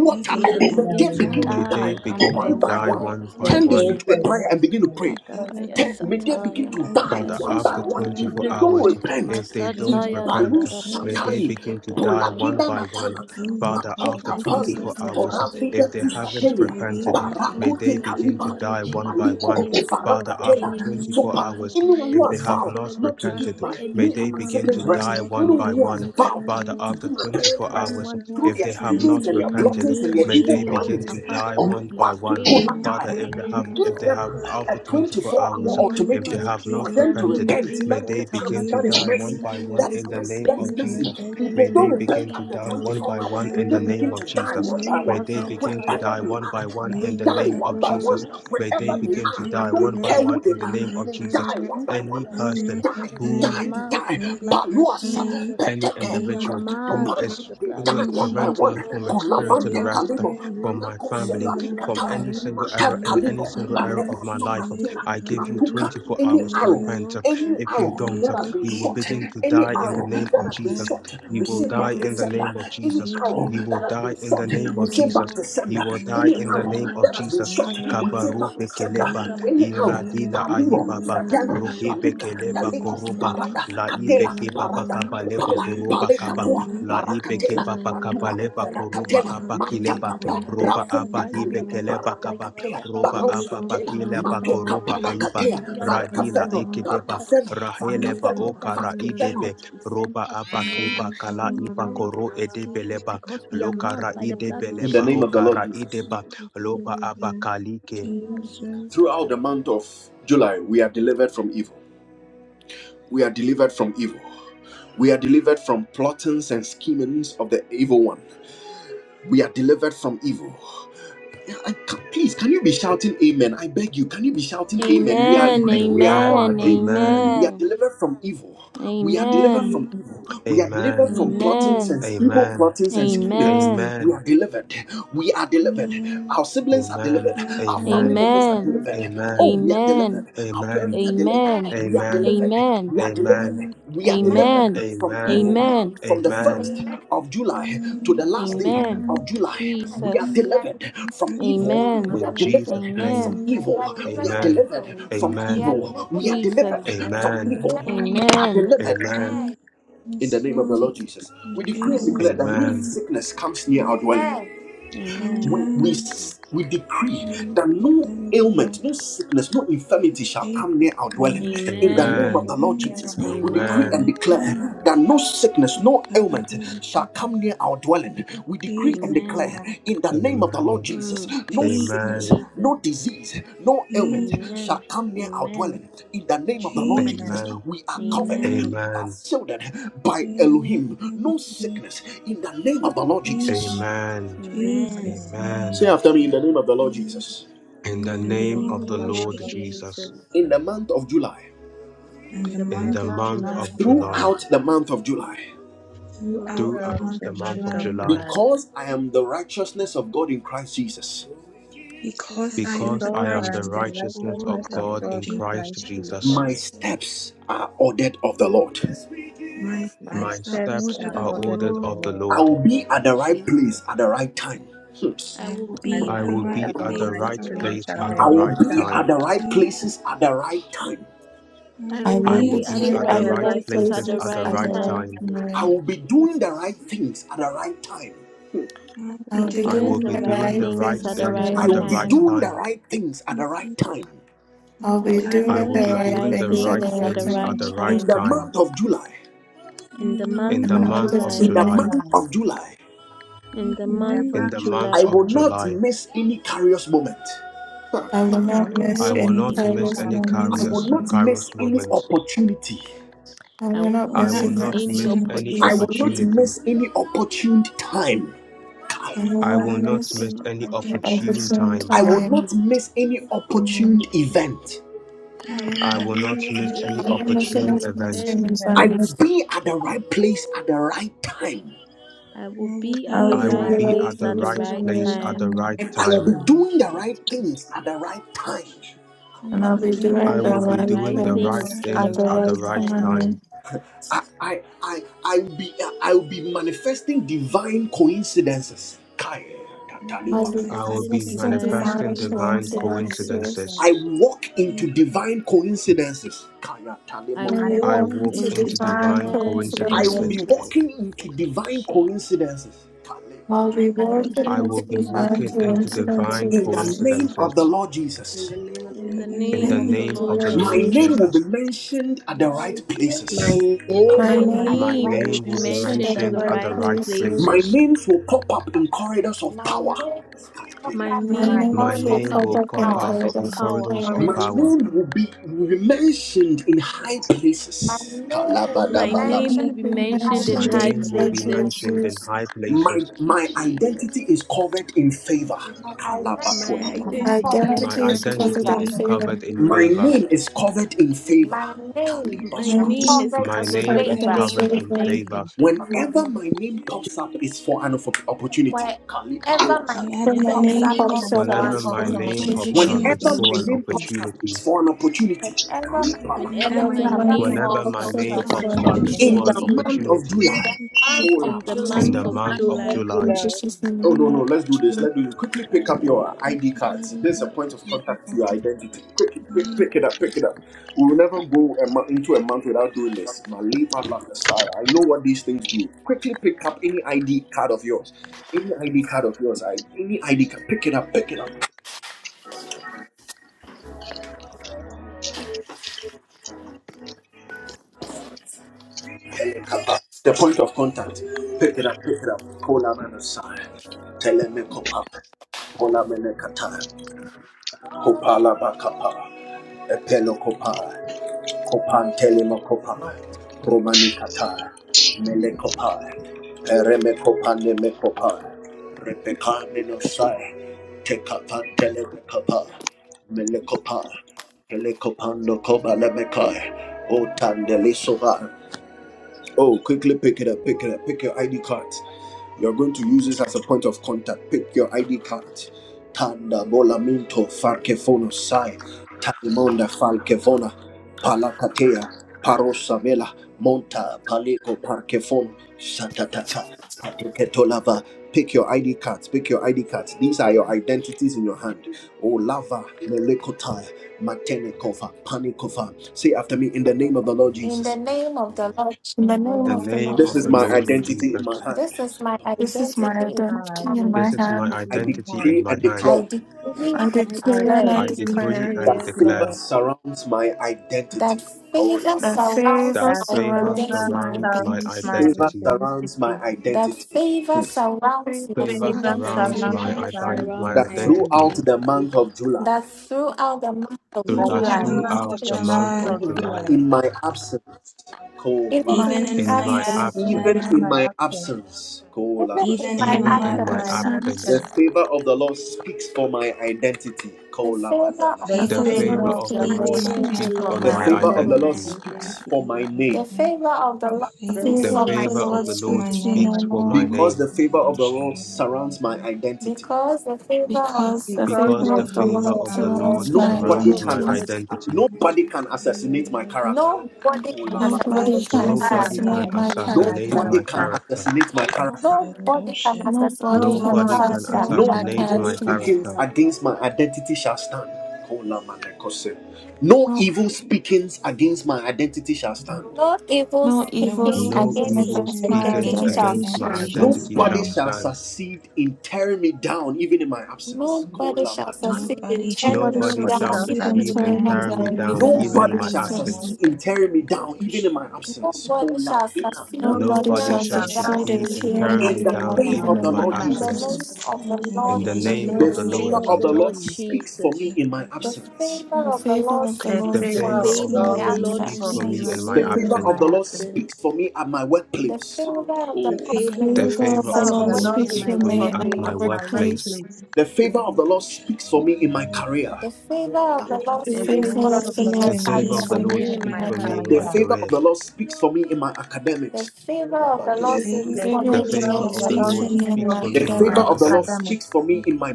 of
may
and
they
their
let
they
the
may
begin to
begin
devil
they
faults,
to
begin to
die
may
alone.
die
die
they
one by
one
begin
by
one
to
one in
by
the
die
one.
one.
mighty
or
one
is
by
name of
Turn this
Don't
one
into a
repent,
Jesus.
prayer
you
and
have to
begin to
come.
pray.
Adabaya
offensive,
Turn,
or
may they
sataya
begin
from
to die
But
dabaya
one by
after
sexual
one.
to
If
24
they
sukadadadaba
don't
hours,
repent,
if they
and
Thank
if
don't
masataya
repent,
Palu
benevolent
may
dadadabaya
succession
they
to
Satani,
the
begin to
people
die
doing
sukadadabaya.
one
Polakina
by
the
one.
Matana,
blessing
you.
Father,
for
after
My
Matoka
this is
Pali,
family
24
is
such
hours,
covered with the
if
Poravida
they
blood
to
of
haven't
Satelia.
Jesus.
repented,
We are
may they
Barakute
covered with the
begin to
Kaliba,
blood of
die one by
Jesus.
Maliko,
one.
Any plan of
Father,
the
after
Farakatela,
enemy is
24
Zopa.
hours,
cancelled.
Anyone who
We
if they
has
have
vowed
cancel
not
every
not to
plan of
repented,
give
the
my
may
me
enemy.
and
they
my
Anyone
begin
who
siblings
to
has
rest,
die one
anyone
reviled.
by
who has
one.
vowed
Father,
not to
after
give
as
my
well.
parents
To
24
rest
hours,
anyone who
through
if
has
their
they have
placed
not
schemings and their
any
repented,
plottings
name
and their
on
may
evil
they
any
begin
altar,
plannings,
to
Father
die
Lord,
one
we
by one.
pray.
Wakiko
We
Father,
pray
Latai.
if they
We
have,
against these
if
give
they
them
have,
altars,
a
after
Lord.
24
24
hours,
hour
Anyone
if
who
they
ultimatum
has
have not
for
placed their
them to
name
repented.
on
repent.
any
May
That is
they
the
altar,
chance.
begin
Father
to
That is
Lord,
die
we pray
one
mercy.
that
by
the
one
That is
altar
in the
will
mercy.
name
That
burn
is
of
now
Thank
mercy.
in the
Jesus.
If they
mighty
May
don't
they
name of
repent
begin to
after
die
Jesus.
one
24
by
hours,
one
then
in
they do
the
begin
name of
to die
Masataya
Jesus.
one by
May
one.
ndabaya
they begin to
sutaya
Wherever
die
they
one by
are,
one
ndadadabaya
they
in the
die
name
one
of
by one.
Jesus.
sukadadadabaya sa-
May they
Wherever they
begin to
are,
We
I
are
die one
don't
by
care
one
who
in
they
the
protected
are,
name of
they
Jesus.
die one
protected.
by
Any
We
one.
are
They
person
die,
protected.
they
We are
who
die, they
marked
die.
with the blood of
Paluasa,
Jesus.
any
Peteke,
We are
individual who
marked
Prakitopana.
with
is
the
They
blood
who
of
is
died one by
preventing
one.
us
Jesus.
from
We are
experiencing the
Kulavante
marked
rest
Kalibo,
from my
Manako
family,
with the
Sevalika
blood
from
of
Tai,
any single area
Mantar
in any
Kalibo,
single area
Jesus.
of
Paleko
my
No
life.
Sopratina,
enemy
I give you
can
Matuka,
come
24
any
hours
close
to
arrow.
to us.
repent.
Any
If you
arrow
Enemy
don't,
that has
can
been
come
you will
shot,
close
you.
begin to
to us.
any
We
die in
don't
Thank
the
arrow
want
name
that
of
has been
Jesus.
Jesus.
shot, we
You will
send
In
die
back to
in the
our
sender.
name of
Any
Jesus.
arrow
You
that
will
has been
die
in
in
shot,
the name
we
of
send
and
Jesus.
back to
out
sender.
You will die
Any
in
hospitals.
the
arrow
name of
that has been
Jesus.
shot,
Masakata
we
Baya
send
Kabaru
back to
Sukata
sender.
bekeleba
Any
Darabaya Suta
arrow
iradila
in the
Palimo,
arrow that
aibaba
has
Fragana,
been
ruhi
shot. We
Palika,
send
bekeleba
back to
Dalimo,
koruba
sender, we
Parada,
La
send back to
Catela,
ibeke
sender,
baba
we
Parada,
send
kaba
back to
leba
Copala,
sender.
horoba kaba.
Palecatua,
La
Name of
Paracatela,
ibeke
Jesus.
baba kaba
Matua,
Makata
leba
Baya
koroba
Ferracatela,
aba
Dadabaya
kileba.
Sukata
Matacapa,
Roba
Dabaya
aba
Rafuta
Sataya
Cali,
ibeke
Dabaya
leba
Parada
kaba.
Sataya
Catea,
Kadabaya
Roba
Barossa
aba
Tela,
Dadabaya
bakileba
Sukata
Mateca
koroba
Dadabaya
aiba.
Palacatea,
Sataya
Radila
Varcafeno,
Dadabaya
ekedeba.
Kadabaya
you.
Varcafeno,
Jesus, amen,
any
Raheleba
amen,
arrow
Varcafeno,
that
okara
has been
Varcafeno.
shot,
idebe.
we send
Roba
back to
aba
sender.
kiba kala
Any
iba
arrow
koro
that has been shot,
edebeleba.
because we are marked
Lokara
by the blood of
In the
idebeleba
name of the
Jesus.
Lord
hokara
Jesus.
ideba. Loba aba kalike.
Throughout the month of July, we are delivered from evil. We are delivered from evil. We are delivered from plottings and schemings of the evil one. We are delivered from evil. Yeah, I ca- please, can you be shouting amen? I beg you, can you be shouting amen? We are
Amen.
agree, we are all
Amen.
Amen.
agreed.
Amen.
We are
Amen.
delivered from evil. We are
Amen.
delivered from
amen,
evil. We are
Amen.
delivered
Amen.
from
amen,
plottings
Amen.
and evil
Amen.
plottings and schemings.
Amen.
amen,
Amen.
We are delivered. We are delivered.
amen,
Our siblings are delivered.
Amen.
Our
Jesus,
family
Amen.
amen,
members are
Amen.
amen, amen, amen,
delivered.
amen,
Oh,
Amen.
we are
Amen.
delivered. Our
Amen.
parents are delivered.
Amen.
We are
Amen.
delivered.
Amen.
We are
Amen.
delivered.
Amen.
We are
am-
Amen.
delivered
Amen.
Amen.
from
Amen.
evil
Amen.
Amen.
from the
Amen.
1st
Amen.
of
amen,
July to
amen,
the last day
Amen.
Amen.
of
amen, amen,
July. We are
amen,
Jesus.
We are
delivered
delivered.
from evil.
Amen.
Amen.
We
In
are
Restore,
delivered
Jesus' name.
from
Amen.
We
Amen.
are
evil. We
delivered
are
from
Amen.
delivered
evil.
from
Amen.
We
Amen.
are
evil.
delivered from evil. We are delivered
We are
from
Jesus.
evil.
delivered
Amen.
from
Amen.
evil. We
Amen.
are
Amen.
delivered
Amen.
Amen.
Amen.
in the name of
In
the Lord
Jesus.
Jesus.
In
We decree and
Amen.
Jesus'
declare
Amen.
that no
Amen.
name,
sickness comes near our dwelling
Jesus.
Amen.
Amen.
we, we,
Amen.
s- we decree
We will
that
keep
no
that at the house.
ailment, no sickness, no
In
infirmity shall
Jesus'
come near our dwelling.
name.
In the
Amen.
name
Amen.
of the Lord
Amen.
Jesus,
Amen.
we decree
Amen.
and
Amen. Amen.
Amen.
declare that no sickness,
And
no ailment shall
kadabadabada.
come near our dwelling. We decree
Jesus.
and
Amen.
declare
Amen.
in the name of the Lord
Amen.
Jesus,
Mm.
no
Jesus.
Amen.
sickness,
Jesus.
no disease, no ailment
Jesus.
shall
Amen.
come near our
Amen.
dwelling. In the name of the Lord
Amen.
Jesus.
Jesus,
Amen.
Amen.
we are covered.
Amen.
we
Amen.
Amen.
Are shielded by
In the most
Elohim,
holy
no
name.
sickness in the name of the Lord Jesus.
Jesus.
Amen.
Amen.
Jesus'
Amen.
name.
Say
Amen.
after me in
Thank
the name
you,
of the Lord
Jesus.
In
Jesus.
the
In the
In
In
the
the
name
name of
name
the
of
of
the
name
the
of
Lord
the
Lord
Lord
Jesus,
Lord
Jesus,
Jesus,
In the
Jesus,
month of July,
in
in
the
the
in
in
the
month
the
month
of
of
month
month
of
July,
July,
of
July,
July,
throughout the month of July,
throughout
throughout
the
the
throughout
throughout
month
month
the
of
the
of
month
month
of
of
July,
July,
July.
July,
because I am the righteousness of God in Christ Jesus,
because
because
I'm
I
the
am
Because
the
I
because
righteousness
am
I
the
am
righteousness
the
of
of the
righteousness of
Lord,
righteousness
that
of
God
I
God
in
in
keep
Christ
Christ
Jesus.
my
Jesus,
Jesus.
steps are ordered of the Lord.
My
my
my
that's
My
steps
the
are
steps
steps
order
are
ordered
of
are
of
the
ordered
the
of
ordered
the
Lord.
of the
Lord.
Lord.
I
Lord.
will
Thank
be at
you,
the right
Jesus.
place at the right time. Hmm.
I
I
will
will
I
be
be
will
in
I
at
be
the
the
will
right
right
be
at the
at
place
the
place
right
at
at
right
the
the
right
right
place
place
at
at
time.
the
I
the
time.
Thank
will
right
right
be
you.
time.
at
time.
the right
Jesus,
places at the right time.
I
I
will
I
will
I
will
I
be at
will
be
will
be
the
at
be
the
right
be
seated
at
at
the
at
right
the
the
right
places
right
right
at
places
the
at
places
the
right
at
places
places
the
at
right
at
the
the
time.
right
right
right
time.
time.
time.
Thank
I
time.
will be
you,
doing the right
Jesus.
things at the right time. Hmm.
I'll
I'll
be
I
I'll
be
be
will
I
doing
doing
be
the
will
doing
the
be
the
right
doing the
right
doing
thing
right
the
right
at the
things
right
at
things
thing
right
the
at
for
the
things
the
right
I
at
will
the
right
right
time.
be
right
time.
time.
doing
time.
the
time.
right things at the right
Jesus,
time.
I'll
I'll
be
I
be
will
I
be
doing
will
I
the
doing
will
be
doing
the
be
right
the
doing
right
thing
doing
right
the
at
the
things
the
right
at
right
the
things
right
at
right
the
thing
things
right
at
for
time.
the
the
time.
right
right
In
time.
the
time.
time.
month of July,
In
In
the
the
In
In
month
In
month
the
the
of
the
of
month
month
of
month
of
July.
in
July,
of
the
July,
July,
month
July,
of July,
in
And
the
in the
month of
in
remember,
the
month of
Joel,
month
I
July,
of
will
July,
not
July,
miss any curious moment.
I
I
will
I
will
will
I
not
not
will
not
not
miss
miss
I
miss
waste
will
any
any
not
any
any
miss
precious
service
any
father's
I
carriers.
moments.
Kairos,
will
meeting.
not
moments.
Kairos
miss any
movement.
opportunity.
I
I
will
will
I
not
not
will
I
I
miss
not
will
miss
will
any
miss
not
not
any
miss
any
miss
any
any
I
opportunities.
will
opportunity.
not
opportunity.
opportunity.
miss
opportunity.
any opportune time. Kai.
I
I
I
will
will
will
I
I
not
not
will
not
will
miss
not
miss
not
miss
miss
miss
any
any
any
any
any
opportunity.
opportune
time.
opportune
opportunity.
time.
I
Time.
will
time.
time.
not miss any opportune
Amen.
event.
I
I
will
will
I
I
not
will
will
not
miss
not
not
miss
any
miss
miss
any
any
I will
any
not miss
opportunity,
opportune
any
opportunity.
God.
opportunity
event.
Event.
opportune
I
event.
will
times.
be at the right place at the right time.
I
And
will
I will
be
I
at
be
the
will
in
I
be
the
will
I
right
right
will
be
delighted
be
place
at
to
place
at
the
at
at
the
right
the
the
receive the
right
right
right
place
right
time.
at
time.
the
place at
time,
the
right
And I
right
will
time.
be
time.
doing the right
Jesus.
things at the right time.
And
and
And
I'll
I
I'll
be
be
will be
doing the
doing
I
I
right
the
doing
will
would
be
the
things
right
at
right
doing
the
the
do
right
the
right
right
things
things at
time.
at
the
things
things
the
at
at
the
right
the
right
right
right
time.
time.
time.
time.
I I I I will be I will be manifesting divine coincidences. Kai.
And I'll be
I'll be
I
I
will
would
Manifesting
be
be
manifesting
resistant
divine
divine
divine
manifesting
manifesting
divine
divine
consistency.
coincidences.
coincidences.
coincidences.
I
coincidences.
walk into divine coincidences. Kaya
I
talemo.
I
I
will
I
walk
I
walk
walk
love
walk
to
into
into
into
into
divine
divine
divine
divine
divine
I will
coincidences.
be
coincidences.
coincidences.
coincidences.
walking
coincidences.
into
Thank you,
divine
Jesus.
coincidences. Talema.
While
I
I'll
we
be
I
will
walk
would
be
the
I
walking
walking
walk
will be
mysteries
into
into
into
and
walking
divine
into
divine
divine
divine
In
coincidences.
the
coincidences,
coincidences.
name of the
coincidences.
coincidences
Lord
In
Jesus,
the name of the
In
In
the
the
Lord
In
in
the
name
the
of
name
the
of
standing
the
name
name
Lord
of
Lord
of the
the
towards
my
Lord
Lord
Jesus.
Jesus,
name will
Jesus,
be
Jesus.
Jesus,
mentioned at the
My
right
name is
My
places.
name
My
my
my
ocean
my
name
is
at
name will
My
the
name
be
right
name
will
will
name
be
be
will
mentioned
be
in the
place.
mentioned
mentioned
right
mentioned
at
entering
the
at
mentioned
the
of
at
right
the
the
right
places.
right
right
places.
rightfully
My
places.
places.
places.
names will pop up in corridors of
My name
power.
is not
My
Kapela.
high
My
My
My
in
name
name
will
My
will
name
pop
corridors of
name
up
name
pop
in
will
will
up
pop
pop
in
power.
corridors
out
of
out
has
in
corridors
in
of
been
power.
corridors of
heard of
My
language.
corridors
the
of
power.
name
past.
will
time.
be, will be mentioned in high
My
places.
name will
My
be
My
My
Kalabadabalaba.
name
name
will
mentioned
be
Be
name
will
in
will
be
be
high
mentioned in
My
mentioned
mentioned
high
places.
in
medicine
name
in the
will
right
high
and
be
places.
right
places.
Thank
mentioned in
cases.
places.
high
My,
places.
you,
my
Jesus.
identity is covered in favor.
My
My
My
identity
My
is
identity
identity is,
is
covered
My
Identity
in
is
covered
identity
in
is
covered
identity
favor.
in
is
covered
favor.
in
covered
favor.
in
My
favor.
favor.
name is covered in favor.
My name
my
My
My
is
name
Kalibasoto.
name
name
is
is
covered
My
is
in
covered
covered
in
with
name
covered
is
in
favor.
Sometimes
favor.
it
covered
favor.
is
in
favor.
Thank you,
favor.
dangerous.
Jesus.
in
Whenever
the
my name pops up, it's for an op- opportunity.
Wherever my
Kalipalakata.
Whenever
When my
Whenever
my
my
pops
Whenever
name
name
up
name
pops
my
pops
is
pops
up,
up,
for
name
an
up,
it's
Whenever
it's
my
pops
from
for
it's
an
up,
name
it's
an
pops
for
opportunity.
an
up,
opportunity.
opportunity.
it's
Whenever
opportunity.
my
for an
name
opportunity.
pops up, it's
opportunity.
for an opportunity.
Wherever my name
Whenever
Kalipalakata.
Whenever
pops
Whenever
my
my
up
Whenever
my
is
name
my
name
name
name
for
Whenever
pops
an
pops
my
up,
up,
pops up,
pops
it's
it's
name
up,
opportunity
an
for
it's
an
it's
from
pops
for
up,
an
opportunity.
it's
In
for
opportunity.
In
an
the
opportunity.
opportunity.
month of
book
opportunity
in
July,
the
Jesus' name.
month of
in the
In the
July.
in
In
the
month
month
the
of
of
month
month of
of
of
July,
July.
July.
In
July,
July.
Jesus' name,
Oh no no,
amen.
let's do this. Let's do it. Quickly
I
pick up your
I
ID cards.
deliver,
There's a
I
point of
deliver,
contact to
I
your identity. Quick, pick, pick it up,
deliver.
pick it up. We will never go a mo- into a month without doing this. My labor like a sire. I know what these things do. Quickly pick up any ID card of yours. Any ID card of yours. I, any ID card. Pick it up, pick it up, pick it up. The point of contact. Pick it up, pick it up. Pull out an aside. Tell them Kola mene kata, kopala bakapa, epelo kopa. kopantele makopa romani kata mele kopa repeka ne no sai te kapantele no kopa le o tandele sova oh quickly pick it up pick it up pick your ID card you're going to use this as a point of contact. Pick your ID card. Tanda bolaminto farkefono sai. Talimonda falkefona. Palakatea. Parosamela. Monta palico parkefono. Satataka. Pateketolava. Pick your ID cards. Pick your ID cards. These are your identities in your hand. Olava. Melekotaya. Matenekova. Panikova. Say after me in the name of the Lord
In the
Jesus.
name of the Lord
In the
in the
In
name
the
Jesus,
of
name
the
of
name
Lord
This
of
the
is
the
my
Lord
Lord
Jesus,
identity
Jesus,
in my
Jesus,
this is my
hand.
this is
identity
this
my
is
in
my
my
identity in
family.
my
this is
identity
my
hand.
I
in my
identity
home.
in
decree
my
and
hand.
I
declare
decree
I
and
I
declare and
declare
I
I
decree and
decree
decree
declare
and
and
that
declare
favor
declare
declare
surrounds my identity.
that
Kola
favor
that
man.
surrounds
that
favor
that
my
favor
surrounds
favor
my
identity.
surrounds my
surrounds
identity.
my
Favor
identity
surrounds my
identity.
that
identity.
favor
Hmm.
surrounds
Favor
my
Favor
Favor
surrounds
that
my
surrounds
identity,
my,
surrounds
favor
my
ident-
identity.
my
surrounds my
That
identity.
identity,
throughout the
identity
month of July,
that throughout the month of
so
That
You
that
are
Throughout the
July,
the
month
light
throughout
of
throughout
the
the
of
month
month
July,
of
of
children
even
July,
July,
in my absence,
and
even
Kola,
my
in
even
my
in
in
my
my
absence,
in
absence
even
even
absence,
in
in
absence,
my
my
absence,
absence, Kola
even in
even
Vashta,
in
my
my
and
even
even
in
my
in
in
absence,
my
my
my
absence,
absence.
the
absence.
absence,
absence,
favor of the Lord speaks for my identity.
the
Kola
favor of
the
A
Badamato.
the
favor
the
of
Lord
the
favor
favor
favor
speaks
Lord
of
of
the
of
for
the
the
The
my
speaks
Lord
to
Lord
Lord
favor
my
faith.
of
speaks
speaks
the
speaks
for
for
my
Lord
on
The
identity.
my
my
speaks
favor of
for
identity.
the
my
Lord
identity.
identity.
The
speaks for
identity.
my
The
name.
favor of the
Kola
Lord
Ba-
A
favor
The
of the
speaks
The
favor
for
favor
of
my
Lord
the
of
favor
the
of
Lord
the
Lord
speaks to
Lord
my
speaks
speaks
for
for
speaks
my
my
name.
for
name.
my
name.
Because
name,
the favor of the Lord surrounds my identity.
because the favor of the
Because
Because
the
the
Because
favor
because
of
favor
Lord,
the
the
the
of the
Lord
favor
favor
Lord
of
of
the
the
surrounds
Lord
my
Lord
surrounds
The
my
surrounds
favor
Nobody
surrounds
my
of
identity.
the
can
my
identity.
identity.
Lord
ass-
speaks.
identity.
nobody can assassinate my character.
nobody can
Kolaba.
Nobody
Nobody
assassinate my
can
can
Nobody can
Nobody
character.
assassinate
can
assassinate
my
my
assassinate my
assassinate
character.
character.
Nobody
my
can
character.
character.
assassinate my character.
Nobody can assassinate
Nobody
my
can
Nobody
Nobody
can
Nobody
can
can
character.
assassinate
assassinate
No
my
my
assassinate
evil
my
assassinate
character.
my
character.
speakings
character.
character.
against my identity shall stand. Kolama No
No,
evil speakings against my identity shall stand.
No evil
no
Kolaba.
No
evil
speakings
No
evil
No
speaking
evil
against
evil
my
against
speaking
my
speaking
speakings
identity
against my
shall
identity
against
against
my
shall
my
identity
stand.
shall
stand.
identity
Nobody
identity.
shall
stand.
shall
stand
succeed in tearing me down, even in my absence.
Nobody shall
Kolaba
succeed
for
in
Nobody shall
tearing
Nobody
me
shall
Nobody
Nobody
succeed
shall
down,
in
shall
succeed
even
in
tearing
in
succeed
me
my
in
tearing
succeed
me
in
down,
tearing
even
me
down,
in my
tearing
down,
me
absence.
even in
even
down,
my
in
Nobody
my
absence.
even in
shall
my
absence.
succeed
absence.
me.
absence.
in tearing me down, even in my absence.
Nobody shall
Kolabina.
succeed in
Nobody
Nobody
Nobody
tearing
shall
Nobody
Nobody
me
shall
shall
shall
shall
succeed
down
in
succeed
succeed
succeed
even in
in
succeed
in
my
in
even
tearing
in
tearing
In
me
me
tearing
the
tearing
me
absence.
tearing
me
down,
down,
me
name
down,
down,
even
even
of
down
the
in
in
even
my
in
even
my
in
Lord
in
my
my
my
In the
absence.
Jesus,
absence.
absence.
name
absence.
absence.
of the
In the
In
Amen.
Lord
the
In the
name of
name
In
the
the
of
the
the
Lord
name
Jesus,
of
Lord
name
favor
the
of
of
the
the
Lord
Jesus,
Lord
Lord
Jesus,
Jesus,
speaks
the
for
Jesus.
me
favor
in my
of the
the
absence.
favor
The
of the
favor
Lord
of the
the
the
Lord
speaks
The
for
favor
me
Lord
favor
of
is
the
of the
favor
in my
speaks
of
Lord
from
to
Lord
the
my
me
Lord
speaks
even in
speaks
for
the
for
absence.
speaks
me
for
me,
absence.
in
me
my
The
even
absence.
even
favor
in
in
of
absence.
my
the
my
Lord
absence.
speaks
absence.
for me at my
The
workplace.
favor of the
The
The
Lord
favor of
favor
the
of the
The
speaks
The
Lord
for
Lord
Favor
favor
of
me
the
at
favor
speaks
of
of
to
the
my
speaks
Lord
the
for
Lord
Lord
me,
me
in
in
speaks
my
speaks
my
for
workplace.
for
speaks
me
for
me
at
me
and my
workplace.
my
at
workplace.
my
workplace.
workplace.
workplace.
The favor of the Lord speaks for me in my career.
The favor of
The
the
The
Lord
The
The
favor
speaks
of
Lord
for
favor
the
favor
of
me
Lord
of
the
the
in
speaks
my
Lord
The
to
Lord
favor
me
speaks
speaks
speaks
of
in
the
career.
for
for
for
my
me
Lord
me
me in
in
and
my
speaks
my
my
for
career.
me in
The
my
career.
career.
career.
favor of
career.
the Lord speaks for me in my
The
academics.
favor of
The
the
The
Lord
favor of
The
The
favor of
the
speaks
The
for
Lord
the
favor
The
of
Lord
me
the
in
speaks
favor
favor
for
my
of
Lord
speaks
of
the
me
the
to
in
speaks
Lord
Lord
for
my
me
academics.
me
in
speaks
and
speaks
my
for
my
for
me
academics.
me in
in
my
favor
my
of
academics.
the
academics.
Lord
academics.
academic.
speaks for me in
The
my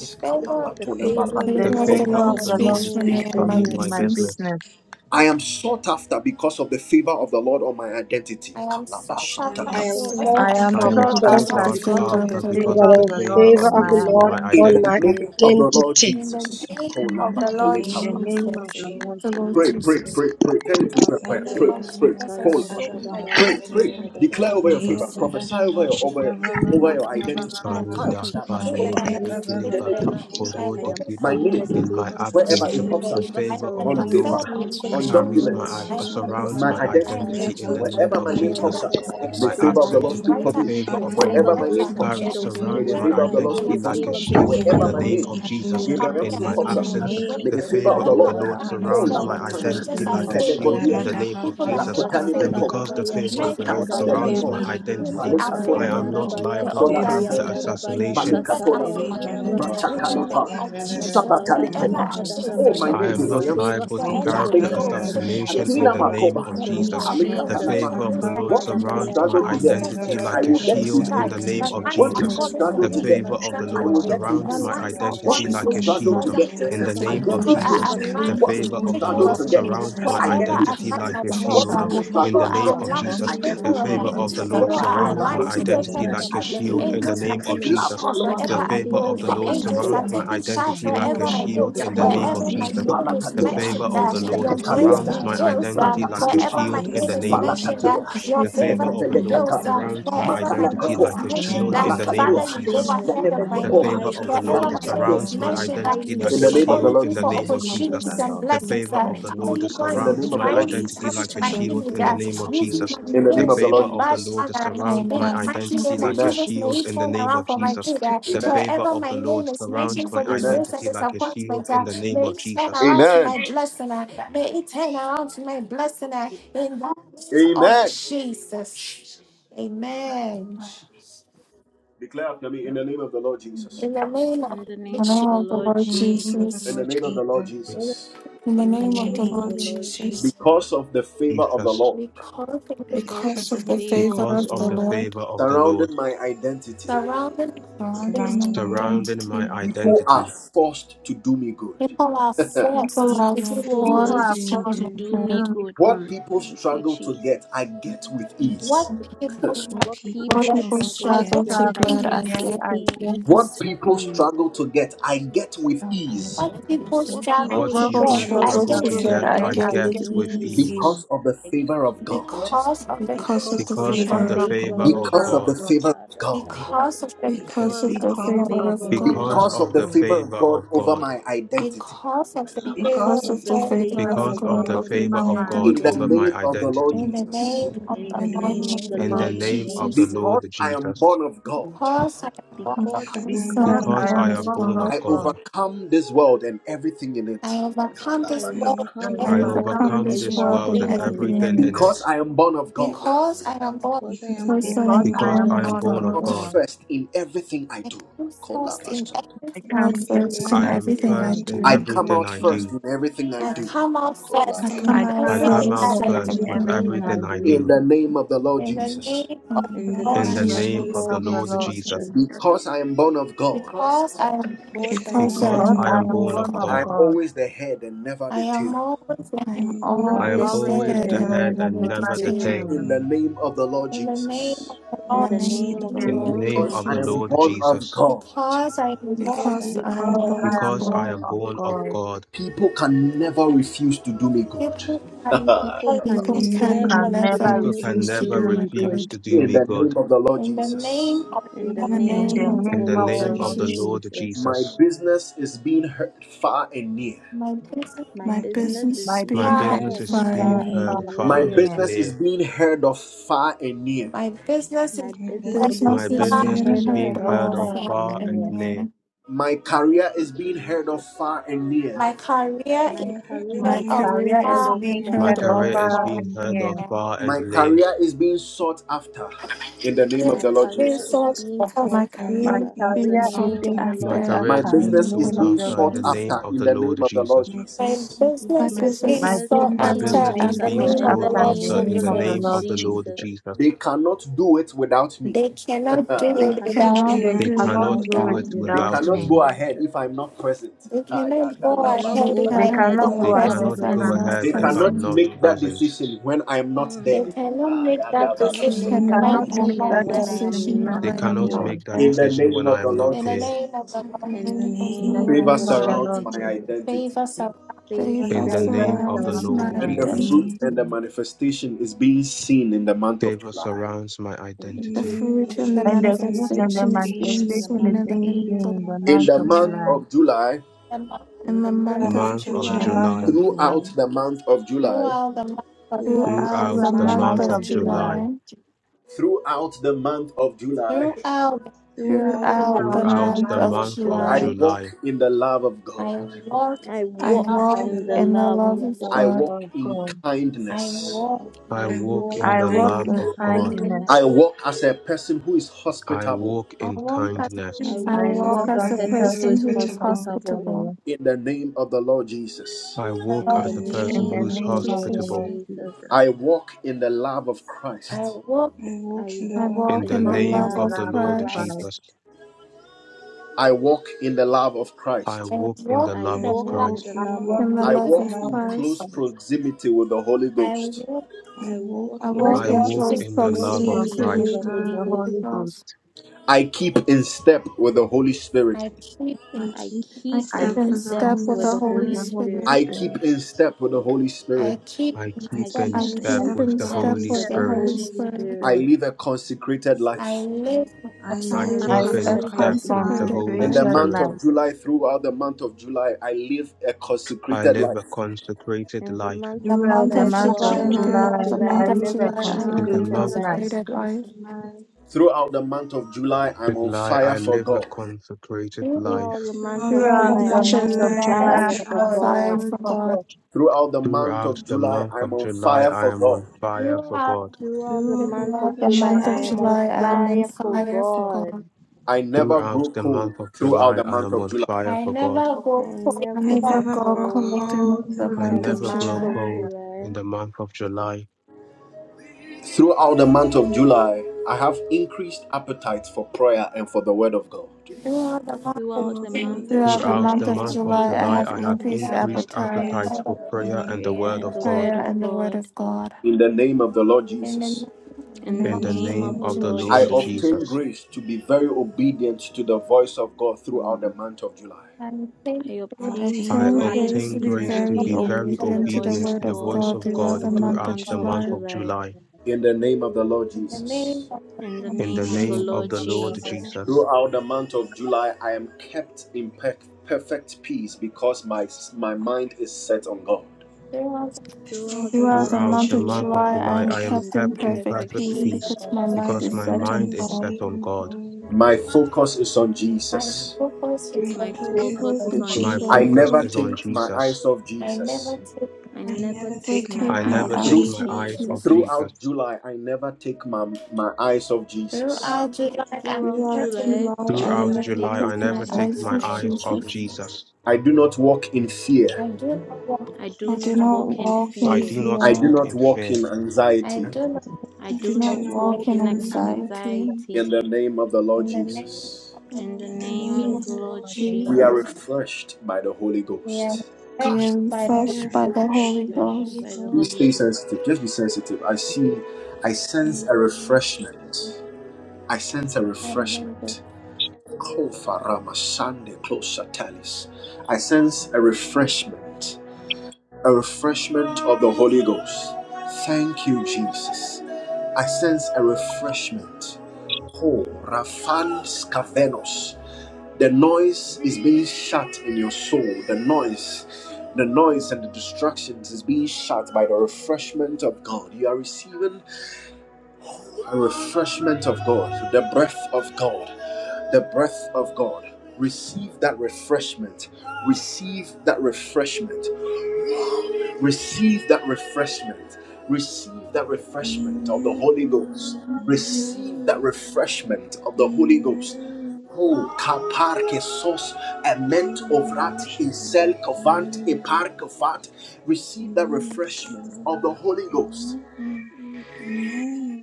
The favor of
The
the Lord
favor
speaks
of
favor
the
The
of the
The
The
Lord
favor
for me.
of
Lord
the
favor
speaks to
favor
Lord
of
of the
the
speaks
me
for
in
Lord
speaks
my
Lord
me
for
in my
me
speaks
speaks
and
for
for
business.
my
me in
me
business.
in
my
my
business.
business.
business.
I am sought after because of the favor of the Lord on my identity.
I am sought
I
I
am
am
after
I
I'm
am
so
sought
because
sought
of
sought
I
apt
the
am
I
after
after
am
favor
sought
of the
after
so
because
because
sought
of
of
after
the
the
out
Lord.
because
because
of the
favor
favor
of
of
the
of
after
favor
the
the
of
For
because
the
Lord on
of
favor of
the
Lord.
the
Lord
the
in
my
on
my
my
favor
Lord
favor
of
on
the
of
my
the
business.
Lord
identity.
and
identity.
Lord
my
In
on
the
identity.
my
identity.
Thank
name
you,
of the
Jesus.
Lord
identity.
In
Jesus.
the name
and I'm
of
not-
the
In the
Lord
In the
name
Kolabatelekaba.
of the
Thank
name
Lord
of
Jesus,
you,
the
Lord
Jesus.
Lord
The
Jesus.
Lord
Pray,
In
pray,
Jesus.
Jesus.
pray, pray. Turn it
Father,
into a
in the
prayer.
name
Pray,
Kadabaya
of
pray.
Jesus, I
Sutayanda
Kolaba.
show
Jesus'
I'm
my
Pray,
Dadabaya
mighty
identity
pray.
name,
in
the
the
Declare
favor
blood.
over
of
your
Sutadadabaya
the
Ba-
favor.
Lord
so
Sati.
Prophesy
is
over
on
your
I
me in
over your,
the
declare
over
grateful
name
your
over
In
of
my
the
identity.
for
Jesus.
my
blood.
Kaya
Baruda,
identity.
I
portion,
In the
pray
my
I
that
Balebe,
Thank
damasoba.
I
mighty
am
declare
name of
over my
Ekileba,
identity.
Jesus,
favored.
the
Telekaba.
identity
In
that
favor
my
I am
body,
My
Orodekiba.
in my
favored.
name,
covers
In
my
my
country,
Favor
I am
wherever
absence,
identity
covers
it
in the
me.
pops
the
favored.
mighty
Favor
up,
I
name
favor
am
of
the
of
on
the
Okay.
surrounds
paper,
Lord
Jesus.
preferred, I
me.
am
Let's
the
My
on
raise it.
carries
name
chosen.
my
Thank
Oh
and
documents,
my
I
you
am
uh,
so
the
Jesus,
much
on
for
surrounds
identity
my
my
the
preferred,
are
I am
invitation
the
covered
Satarabaya
identities.
identity
in
in the
the
chosen.
name
Wherever my
of
name of
name
Sutarabaya
Whenever
pops
Jesus.
Jesus.
I'm
up,
and
Darabaya
In
this
may
information.
the
my
faithful, I
My
And to the person
shine
favor of
who's
the
absence,
name
Lord
and
Sutayanda
my
also-
speak for
the
Dada.
brighter
me.
and
favor
identity
Your
that
are
of
brighter
is
the
my
covered
favor
and
Wherever
Lord
in
my
the
name
goes
brighter.
question in
blood
pops
car-
of
I
up,
ahead of
am the
Jesus'
Jesus.
me
may
name.
surrounds
the
my
preferred,
favor
wherever
I
of the
I
am
And
Lord
the
go.
one
speak
identity
Your
leave
for
an
me.
like a
favor
chosen
goes
shield
identity
In
in
Wherever
my
ahead
the
are
my
of
name
name,
covered
me.
of
in
my
the
In
Jesus.
Wengine
the
career
Gabriel
In
Ramsey
mighty
waandisi wakubwa
my
pops
in
name
up,
my
imepigwa
of
absence,
viboko
work,
na
may
the
Jesus.
the
Jesus, your
favor
favor
of the
of
wherever I
the
Lord,
favor
Lord
Wherever
find
my
backs
oh
name
surrounds
me.
is
myself,
my
In the
Labatana,
mentioned, they
mighty
identity
strangers are
say,
name
like a
of
Oh, for
shield
favoring
in
Jesus,
the
me,
Lady,
Pelebodiata,
name of
people
love
I
in the
know
Jesus.
are
mighty
Lakotani
Masata
And
name of
favoring
because
Mekova,
me,
the
Barabaya
Jesus.
favor of
men
the
are
Lord
Wherever
Mataka
my
surrounds
Sukadaraba,
favoring
name
my
is
Belakova,
me,
mentioned,
women
the
identity,
before
are
favor
I
of
speaking
Palikatona
you.
the
favoring
am
me,
not
Maha.
Lord
Masatayandarabaya
the
liable
who
to
old
Thank
are
character
appear
Solabataya,
in the
favoring
mighty
me,
Sutayandarabaya
name of
assassination
children
Jesus.
are
Balikatolama,
my
The
favoring me,
favor of
Satayandarabaya
identity.
the
in the
Lord
shall
Sata.
Matakalipa,
name
speaks
of
for me in the
Jesus,
mighty name of
Adabayasu,
wherever
Deine
I
Sabatalikopa.
Jesus.
go,
Schüssigen
Oh,
The
my
favor
favor
I
Kadarabayasu.
name,
is
geschaffen,
am
of
Your
not
Gabriel
the
die
seat,
Yamson,
Lord
favor
liable to
speaks
speaks
is
wherever
for
for
me
I
character
Justin
in
me,
to
the
favored.
go,
mighty
Lord.
us
name of
favor
Your
assassination
goes
marriages.
Adila
in
Jesus.
the
favor
ahead.
name
Makoba,
of
The
speaks
And
for
one
me,
favor
Wherever
is
Jesus.
I
of the
free from
go,
The
Lord
the
Jesus.
Palikatalama.
speaks
favor
favor
time
for
of
me
the
in
goes
the
Lord
Satama
and
What
ahead.
mighty name
people
spirit.
of
surrounds
Wherever
my
struggle
Dabayasu,
Jesus.
to
I step,
get,
And
identity
with
spirit
Kadabayan,
Wherever
I
like a
of
will
favor
my
get
the
name
takes
with
shield
Dadaraba.
man
in
charge.
with
the
ease.
name
My
faith,
connection,
of
eyes
What
are
The
favor
Jesus.
people
to
falling
favor
for
of
struggle
The
God,
me
the
to
Masukadabaya,
in
get,
Lord
favor
will
of
show
the
up
Satayan,
to
I
Lord
for
will
our
me
present
in
get
the
with
surrounds
the
lives.
my
mighty
ease.
Dadadabayasu,
lines
name
are
of
What
falling
identity
Jesus,
people
from
like a
one
Jesus.
the
struggle
Kadadadabayasu.
flood,
to
shield
pleasant
get,
And
in
the
places.
the
Wherever I
I
protect
name
us
go,
get
of
from
your
People
with
Lord,
teaching
are
Jesus.
favor
ease.
the
The
any
speaks
aligned
What
for
to
favor
evil
people
me.
you.
of
take
the
care
struggle
opportunities of
Lord
to
of
plan
the
Wherever
Any
that
get,
me.
world,
I
surrounds
rise up
my
go,
I
blessing
your
you
Wherever
get
with
with
I
against
favor
identity
me
ease.
find
like a
myself,
What
surrounds
abundance
shield
uh,
and
shall
people
me.
not
in
struggle
people
the
In
to
the
blessings.
are
name
prosper
get,
of
aligned
mighty
because
to
Jesus.
I
of the
name
get
take
of
The
care
with
And
of
favor of
ease.
favor
help
the
me.
Jesus,
of
us
the
Lord
as I
Lord
What
People
become
people
and
are
my
surrounds
my
my
Sarabayasu,
struggle
aligned
mother's
to
to take
most
get,
care
identity
identity
in
of
the
Kadadadaba.
like
mission,
a
I
me.
mighty
get with
shield
name
favor
of
in
to
the
Anyone
Angels
ease.
I
are
name of
come
Jesus.
taking
into
La
Jesus.
shots
Any
contact
Please, my
with,
wherever
The
Palwata,
your
I
favor
negative
favor
go.
of
grandmother,
the
one
Lord
is
speaks on
Angels
surrounds
my
are
Palakatea.
my
taken
behalf.
taking
against my
shots
identity
and
like
um,
name
wherever
a
Anywhere
I
I go,
go.
shield
your
in the
will
favor
name
not
of
the
Yatoma,
Wherever my
speaks
Jesus.
on
succeed
name
my
is
The
because
behalf.
of
Palatatea,
favor
the
mentioned,
In
of
the
uh,
the
favor of
Lord
the
your
mighty
Lord
name
grace
on
of
Stekaliada,
surrounds
my
my
prevails.
Jesus,
identity in
Uh,
the
identity like a
Sakamaya
Pratakalipa,
wherever my
shield in
name
the
is
name of
mentioned,
Sukadadadabaya
Jesus.
uh,
Palatatea,
mighty
your
The
name
favor
favor
of
Sukadadadaya,
the
of
Lord
Jesus.
prevails. Uh,
Stekelekata,
surrounds my
Masukaya
wherever my
identity
name is
like
Dadadabaya.
It's
Matalakatoa,
a
mentioned,
covered
shield
in
uh,
in
the
the
I
name
paper
am
of
Father,
Palatatea,
you go
of
Jesus.
favored.
ahead
the
of
I
my
The
am
Lord.
name.
Zenemekotoa,
favor
It
highly
of
is
the
covered
Lord
Wherever my
favored.
name
Fratakatea.
is
surrounds
I
my
am
mentioned, that
identity
highly
it is
In
like a
the name of the
favored.
only
shield
Lord
in
be
the
I
for
in the
name
Jesus.
of
am
paper of
Jesus.
the
opportunities and
Lord.
The
blessings.
favor
That
of
My
the
name is
Lord
In
covered
the
anyone
in the
surrounds
name
Jesus.
of
my
the
glory of the Lord. My name is covered in the blood
trying
Lord
of
to
identity
Jesus.
like
Jesus'
tarnish
Jesus
a
and
my
name,
in the
in
shield
image,
in
favor
the
of
that
name of
God in
using
Jesus.
my
In the
Jesus'
The
name
name.
of
names
the
in
favor
Lord
a
of the
bad
Jesus.
Lord
manner, uh,
surrounds
in
my
the mighty
identity
name of
like a
Amen.
Jesus,
shield
may it
in the
turn
name
around
of
for my
Jesus.
good. That
The
Amen.
favor
wherever
of
my
the Lord
name is
surrounds
mentioned
my
for
Amen.
disgrace and
identity like a
disappointment,
shield in the
that
name
may
of
it turn
Jesus.
around to
Amen.
my blessing. that May it turn around to my blessing. that In the name of
Amen.
Jesus, Amen.
Declare after me in the name of the Lord Jesus.
In the name
In
of
the name of
name
Jesus.
the
of the
Lord
Lord
the name of the
Jesus.
Jesus.
In the
Lord
name of the Lord
Jesus,
Jesus.
In the
In the
in
name
the
of the
name
Jesus,
of
name of
the
Lord
the Lord
Lord
Jesus,
Jesus,
Jesus.
Because of the favor of the
Jesus,
we
Lord.
call for the
Because of
because
because
the
of
of
the
the
favor
favor of
favor
of the
because
the
of
of
the
the
Lord
Lord.
Lord
favor of the
surrounded
Lord
my identity.
surrounding
So,
mountains.
surrounding my
surrounding my
surrounding
my
my
identity,
destiny,
People are
identity,
forced to do me good.
People are
people
People
forced
are
are
to
people are
do
People
forced
evil.
to
are
do
forced
me
forgiving
forced
to
my
good.
do
to
me
do
bread.
me
good.
What
good.
people
Thank you,
struggle to get,
Jesus.
I get with ease.
What people struggle
What
What
people
to
What
What
people
get,
people
struggle to
struggle
I
people
to
get,
struggle
get
I
get,
to
get
with
I
struggle
it.
get,
to
I
get
easy.
get,
with
ease.
get
I
with
ease.
get it
What
ease.
with
people
Akabaya
ease.
struggle to get, I
darabayas.
get with ease
What people
What
What
What
struggle
what
people
to
What
people
people
people
get,
people
struggle
I
struggle
struggle
to
to
get
struggle
to
get,
to
struggle
get,
with
get,
I
get,
to
I
I
get,
get
I
ease.
get
I
get
it.
with
get
get
with
it
easy
with
with
ease.
ease.
ease
ease.
because of the
Thank you,
favor of
Jesus.
God.
because of the
Because
Because of
favor
of
of
Because
the
the
of
because
the
favor
of
Because
God,
favor
of
the
the
of
of
the
favor
favor
Lord,
God.
of
of
Because
favor of
God.
of the
God,
God.
favor of God.
because of
Yadabayasata.
the favor
Because
because of
of
Because
the
of
the
of
the
Because
favor of the
favor
of
God,
of
the
Lord,
favor of
God.
favor
because
of
Because
God.
of
of
the
the
God.
favor of
favor of
God over
God,
my identity.
because of the
because
favor
because
Because
of
Because
of
of
of
of
the
the
the
the
favor
all
of the
favor
favor
of
Lord
favor
of
because
of
over
them,
of
God
my
God
the
God
over
favor
over
over
my
destiny,
of
my
my
God
In the
over
identity.
identity.
my
name
identity
of the Lord
identity,
in the
Jesus.
name of
In
In
the
in
the
the
the
in the
Lord,
name
name
name
of
of
the
of
Jesus.
the
name
the
in
Lord
the
of
Lord
Lord
the
Jesus,
name
Lord
of the
Jesus,
Jesus.
Jesus.
Because
Lord
I am
Jesus.
born of God,
because I am
Because
God,
I
because
because
am
I'm
I
born
Because
of
born
am
of
I
Because
born
God.
I
am
of
am
God,
born
born
of
of
God,
I
God,
God,
overcome this world and everything in
I
it.
overcome
I
this
I'm
I
overcome
world
I
this
I
currently
world
overcome
overcome
and
overcome
this
this
this
working with
world
world
world
and
and
and
everything
music
everything
in
everything
everything
it.
in
in
in it.
it.
it.
Because I am born of God.
Because I am born,
Because I
because
am
Because I
I'm
born of
Because
am
going
Because
I
born
God,
am
I
I
for
am
of
born of
born
come
of
out
God,
God,
God,
first in everything I
I
do.
come first in
Kolabashad.
I
everything
I'm out
come
first
I
it.
in
do.
first
I
first in
in
I am
everything
everything
I
I
everything
first in
I
everything
I
do.
do.
that
come
do.
everything
I
out
I
do.
first
do.
in everything I
I
do.
come out
I
Kola.
I
I
first
come
come
in
out
come
I
out
out
I
come out
first
first
come
everything
in
out
first
in
I
first
in
do.
first
in
with
everything
everything that I do.
everything
everything
I
I
I
everything
do.
I
do.
In
do.
do,
the name of the Lord
In the
Jesus.
name of
In The
the
In the
Lord
in
means
In
a
the
Amen.
the
name
lot
of the
to
name
In
name
me
Jesus.
of
The
Lord
the
of the
Lord
Lord
Lord
Jesus.
Jesus.
Jesus.
Jesus.
Because I am born of God,
Because I am
Because I
because
Because
am
I'm
I
Because
Lord,
Because
am
born
going
I
of
I
am
born
for
am
it.
of
born
God,
of
born of
God,
God,
I'm
God,
always the head and never
I
the tail.
am always
I
I
ahead.
am
am
And
I
always
I
am
am
the
always
always
the
always
head
always
the
head
the
and
there.
head
head
and
never
and
never
and
the
the
never
never
the
the
tail.
tail.
tail.
tail.
In the
And
name of the Lord
in the name
Jesus.
of the
it
In the
In
Lord
the
Jesus.
name of
name of
in
the
the
in
the
the
means a
Lord
Lord
name
name
lot
Because
of
of
Jesus.
the
the
I
to
Jesus,
am
Lord
me
Lord
born
Jesus.
of
Jesus.
God,
Because I am born,
Because I
because
because
am
I
I'm
am
Because
born
Lord,
of
born
I
going
of
am
for
Because
it.
I
God.
born
am
God.
of
born of
God,
God,
people can never refuse to do me good.
people can
People
never
People
People
refuse
can
to
can
people
never
do
can
never
can
me.
refuse
never
never
people
refuse
can
to
refuse
to
refuse
do
to
to
do
never
me. good.
do
do
no
me
me
good.
refuse
good.
good.
to do
In
Thank
me
the
you,
good.
name of the Lord
Jesus.
In the
Jesus.
name of the
In
In
the
In
Lord,
the
the
In
name
name
the
name
of
of
of
the
In
the
the
name
the
Lord
of
Lord
Lord
name
the
of
Lord
the
Jesus,
Jesus,
Lord
Jesus.
Jesus.
My
Jesus.
business is being heard far and near.
my business is
My
my
my
business
business
business
is
is
My
My
being
being
you
far,
business
have
heard
business
is
heard
is
far
being
and
harmed
being
far
and
heard
me.
near.
heard
far
and
My
far
and
near.
and
near.
business is
near.
being heard of far and near.
my business is
My
The
My
My
business
basis
is
is
far,
My
business
business
is
being
being
far
is
business
Rebekah
heard
is
from
being
of
heard
being
heard
you.
of
heard
all
far
of
inherify
and
far
far
far
near.
and
and
near.
and
near.
near.
My
Thank
career
you,
is being heard of
Jesus.
far and near.
My career
My
is
My
career
that
My
is
of
Micaiah
career
being
career
heard
is
is
uh,
of
being
being
My
heard
far
heard of
all
career
and
is
inherify
far
near.
far
being
and
and
heard of
near.
near.
far and
My
near.
career is being sought after in the name of
My
the Lord
career is
Jesus.
resource
being
My
sought
of
after.
Micaiah
My
career is
In the
being
into
career is
sought
name of
after
being
the
My
Lord
sought
after.
career
My
is
In
after
the
in
Jesus.
being
the
name
business
of the
is
sought
name
Lord
of
being
the
after in
Lord
sought
the
Jesus,
name
Jesus.
after
of
in
the
the
Lord
name of the Lord
Jesus.
Rebekah
my
Jesus.
my
business
My
is
into
business
being
My
is
business is
sought
being
after the
My
business
being
name
is
sought
after
business
sought
in
is
being
the
after.
of
In
being
after
the
sought
name
in
of
the
the
sought
name of
after
Jesus.
Lord
in the
name
after
of
in
the
name
the
Jesus.
the
Lord
of the
Lord
name
Lord
of
Jesus,
the Lord
Jesus.
Jesus.
Jesus.
They cannot do it without me.
They cannot do
They
they
it
We
cannot
cannot
without
do
They
it
me.
They
cannot
do
do
cannot
cannot
without
do
do
without
without
it
it
me.
They
me.
Thank
me.
without
without
you,
cannot
me.
me.
go ahead
Jesus.
if I'm not present.
They cannot go
They
We
cannot
They
ahead if
go
cannot
I
They
cannot
am
ahead
go
not
cannot
if
go
They
go
I'm
ahead
ahead
not
ahead
cannot
if
present.
if
without
I'm
go
I'm
present.
not
not
ahead
They
Thank
if
pressing.
you,
I'm
present.
cannot
present.
not
make that
Jesus.
present.
decision when I am not
They
there.
Mm.
cannot make
They
that
We
cannot
I
make
They
decision
cannot
that
when
cannot
cannot
I
make
am
a
make
make
decision
that
not
that
when
there.
I
decision if
decision
am not
I
decision
They
when
am
I
without
not
am
cannot
God.
there.
there.
not
make that
there.
In the
decision
name
when
of
I
the
am not
Lord
In the
here.
Jesus.
name of the
In the
In
Lord,
In
the
the
name of
In
the
name
the
of
Lord
name
the
of the
name
Lord
of the
Jesus,
Lord
Jesus,
Lord Jesus,
Jesus.
favor supplies
Favor
faith
In
that
faith
the
favor
name
surrounds
of the
surrounds
surrounds
my
my
surrounds
Lord
my
my
And the
Jesus,
fruit
identity.
and
identity.
the
identity.
identity.
manifestation is being seen in the month of
favor
July.
surrounds my
And the
The
fruit
identity.
Mm,
in
the
fruit
the
and the
fruits
And
and
the
the
fruit
manifestation is
and the
manifestation
being
is being
seen
manifestation
in the
of
manifestation
seen
is
being
in
month
the
of
being
name
July.
seen
of
in
the
the
Lord
seen in the
month of
In
month
the
of
Jesus.
month
July.
July.
of July,
them
in
In
the
the
The
month
month
of
of
Month
month of
of
In the
July,
July,
month
July,
of
July,
July,
throughout the month of July,
throughout the month of
throughout
throughout the
the
throughout
throughout
the
month
throughout
of
the
the
month
month
month
month
July,
of
of
of
of
July,
July,
July,
July,
throughout the month of July,
throughout
throughout
throughout
the
the
year.
the
throughout
month of
the
throughout the
throughout
month
month
July,
the
month
of
of
of
month of
I
July,
July,
July,
walk
July,
in the love of God.
I work.
I
I
I
out
walk
walk
I
in
walk
the
in the
walk
love
in
of
the
love
in
of
love
God.
the
of
love
I
God.
God.
walk
of
in
God.
I
kindness.
walk,
I
I
I
walk
walk in
in
Walk
walk
I
the
in
walk
love
in
in
of
kindness.
God.
harmony
kindness.
I
kindness.
walk as a person who is
I
hospitable
walk
I
in
walk as a
I
kindness.
I
I
prisoner
I
walk
of
walk
walk
as a
walk
as a
as
as
a
a
person
person
is
who
person
person
is
who
who is
is
hospitable.
hospitable
hospitable.
hospitable
in the name of the Lord Jesus.
I
the
walk
In
in
In the
the
Lord.
as
the
a
name of
person
in
name
the
of
the
name
who's
the
of
Lord
the
name
Lord
of
Lord
the
Jesus,
Jesus,
hospitable.
Lord
I
Jesus.
Jesus.
I walk in the love of
I
Christ.
walk,
I
walk in
I
the
walk
love of
I
In
walk
the
in
in
the
the
walk in
name
Christ.
the
love
love
of
of
of
the
love of
Lord
Christ.
Christ.
Christ.
Jesus,
I walk in the love of
I
Christ.
I
walk in the
walk
I
in
love
I
the
of
walk
walk,
in
walk
Christ.
the
in
I
love
walk
the
of
walk
in
love
the
of
in
I
Christ.
love
the
walk
of
Christ.
love
in
of
close
Christ.
Christ.
proximity with the Holy
I
Ghost.
walk in
I
I
I
walk
walk with
I
in
those
walk
I
in
walk
close
walk
places.
close
close
in
in the
close
love of
proximity, the
proximity with
proximity
Holy
proximity
the
Christ.
with
with the
Holy
the
God.
Ghost.
Holy
Holy Ghost.
Ghost.
I keep in step with the Holy Spirit.
I keep in
I
I
keep in
I
keep
keep
I
step
in
in
sin.
keep
with the
step
in
step
Holy
with
with
the
step
the
with
Holy
Holy
the
Spirit.
Holy
Spirit.
Spirit.
I keep
Spirit.
in step with the Holy
Jesus.
I
Spirit.
keep
I
in
I
keep
I
step.
keep
in
I
keep
in
step
I
in
step
keep
with
in
with
keep
the
the
step
in
step
Holy
Holy
with
with
step
the
the
with
Spirit.
the
Holy
Spirit.
Holy
Holy
Spirit.
Spirit.
I
Spirit.
live a consecrated
I
life.
live in
I
I
I
I
live
obscurity.
a
I
live
keep
live
in
a
a
I
live a
step
consecrated
with the
consecrated
life.
consecrated
Holy
In the
life.
life.
consecrated
month
Spirit.
of
life.
July, throughout the month of July, I live a
I
consecrated
live a
life.
consecrated
In the
life.
month
the
of
In the
Throughout
month
the
of
July,
month
month
of
throughout
July
live
of
the
in
and
month
July,
of
throughout
July,
the
July,
month
I
throughout
I
the
of
live
live
month
a
a
of
July, I
In
July,
live a
the
I
consecrated
consecrated
live
month
a
life.
life.
consecrated life.
consecrated life.
Throughout the month of July, I'm
of
on
July,
fire
I
for
live a
God.
consecrated
Throughout
life.
the month
Throughout the
You
of
are the
Throughout
July,
month of
absolute.
the
month
I am
of
month
on
of
July,
July,
I'm
fires
on
July,
I'm
fire
of
I
for
on
fire for
God.
must
fire
God.
thank
God.
for
for
God.
God.
Throughout the month
Throughout
of
the
July,
month
I'm
of
on
July,
fire
I
for
am
God.
on fire
You
for
are
God.
Throughout the
Throughout
the
the
You
month
are
of
month of
the
July,
month of
July,
I
one of
am
I'm
on
on
July,
God.
I'm
fire
on
for
fire for
God.
fire for
God.
God.
I never
Throughout
grow
the
cold
month of
throughout
July,
the
I
month
am
of
on
July.
fire
I
for God.
never
I
go for
I
I
never
love.
never
go
never
go
grow
cold
cold through
cold
the
through
I
the
in
month
the
of
month
never
of
month
grow
July.
of
July.
cold
July.
in the month of July.
Throughout the month,
You are the one who
Throughout the
Throughout the
came
month
month
of
of
Throughout the
Throughout
July,
July,
month
the
I
I
of
have
month
have
of
July,
to
I
July,
God
have
increased
increased
I
the
have
increased
appetite for
appetite
increased
and for the
prayer,
appetite
appetite,
for
Lord.
of
the
prayer
word
and
of
the
prayer
Word
God.
and
of
the
God.
Word
prayer,
of
and the Word
God.
of God.
in the name of the Lord
In the
Jesus,
In the
In
In
the
In
the
name
the
of the
and
name
name of
of
name
Lord
the
the
of the
Lord
Lord
I
Lord
Jesus,
Jesus,
obtained
Jesus,
Jesus,
very obedient to the vow throughout the
mm,
month of July.
I
faithful
I
I
obtain
obtain
I
obtain
grace
grace
to
grace
to
obtain
be
be
to
very
grace
be
to
very
be
obedient
obedient
very
God
to
to
the
the
obedient to the
voice
voice
obedient
of
of
Word
to the
of
God
voice
God
God.
of
throughout
throughout
the
the
God
Throughout the
month
month of
of
throughout the
month of
July,
July.
month
In
of
July.
July.
in the name of the Lord
in the name
Jesus.
of the
In
the
the
Lord
in
In
the
name
the
name of the
name
Jesus.
of
name
of the
the
of
Lord
Lord
the
Lord
Jesus.
Lord
Jesus,
Jesus,
Jesus,
Throughout the month of July, I am kept in per- perfect peace because my, my mind is set on God.
There was
throughout
throughout the
the
a
Throughout
great
the
month
month of
of
throughout
month
the
of
month of
July, I
July,
July,
am
I
July,
I'm
am
I
kept
kept
am
in
kept
in
in
kept in
perfect
perfect
perfect
perfect
peace
peace.
peace
peace
because my
misfortune.
mind
because
because
is
my
my
set on
mind
mind is
is
God.
set
stayed
on
on
God.
God.
My focus is on
my
Jesus.
focus is
My
My
on
My
focus
focus
is
Jesus.
is
on
focus
on
is
My
I
on
focus
Jesus.
never
Jesus.
is
take
on
Jesus.
my eyes
Jesus.
off
I
Jesus.
never take
I
I
I
never
never
never
take
take
I
my
my
I
take
never
my
eyes
eyes
off
never
take
off
take
Through,
my
eyes
my
off
hands
Jesus.
eyes
off
off
Jesus.
Jesus.
Jesus.
throughout
Jesus.
July,
throughout July I
You
Throughout
Throughout
never
love
take
July,
July,
them, but
I
I
you
I
Throughout
never
are
never
never
take
July,
never
take
I
take
my
never
my
taking
my
focus.
take
eyes
them
my
off
hands
eyes
off
eyes
of
off
off
Jesus.
Jesus.
Jesus.
Jesus.
Jesus.
I do not want
I
I
do
do
not
I
Eternal
not
walk
do
walk
in
not
in
walk
want
in
I
fear.
do
to
fear,
not
fear.
walk
fear.
in fear.
I do not
I
I do
do not
not
eternal
walk
walk
walk
in
in
in
anxiety.
anxiety.
anxiety.
in
anxiety.
In the name of
In the
In the
In the
name
name
I
name
of
of
Jesus,
of
the
the
the
know
Lord
Lord
Lord
what the Lord
Jesus,
Jesus,
Jesus.
Jesus.
we are
we are
Kai,
refreshed by
we
the
are
refreshed by
Amen.
the Holy
refreshed by the
Fresh
Holy
Ghost
by
I
the
please
Holy
stay
Ghost.
Ghost.
sensitive. Just be sensitive. I see, I
Good
sense a
worship the
refreshment. I sense a
Father
refreshment. Kofa Rama Sande Klo Satalis. I sense a refreshment. a refreshment of the Holy Ghost. Thank you, Jesus. I sense a refreshment. Oh, Rafan Scavenos. The noise is being shut in your soul. The noise, the noise and the distractions is being shut by the refreshment of God. You are receiving a refreshment of God, the breath of God, the breath of God. Receive that refreshment. Receive that refreshment. receive that refreshment receive that refreshment of the holy
Amen.
ghost receive that
Amen.
refreshment of the holy ghost
Amen.
Oh, kapar ke sos
Good
ement
and
ovrat
worship the
insel kovant epar kovat. Receive that refreshment of the Holy Ghost.
Amen. Amen.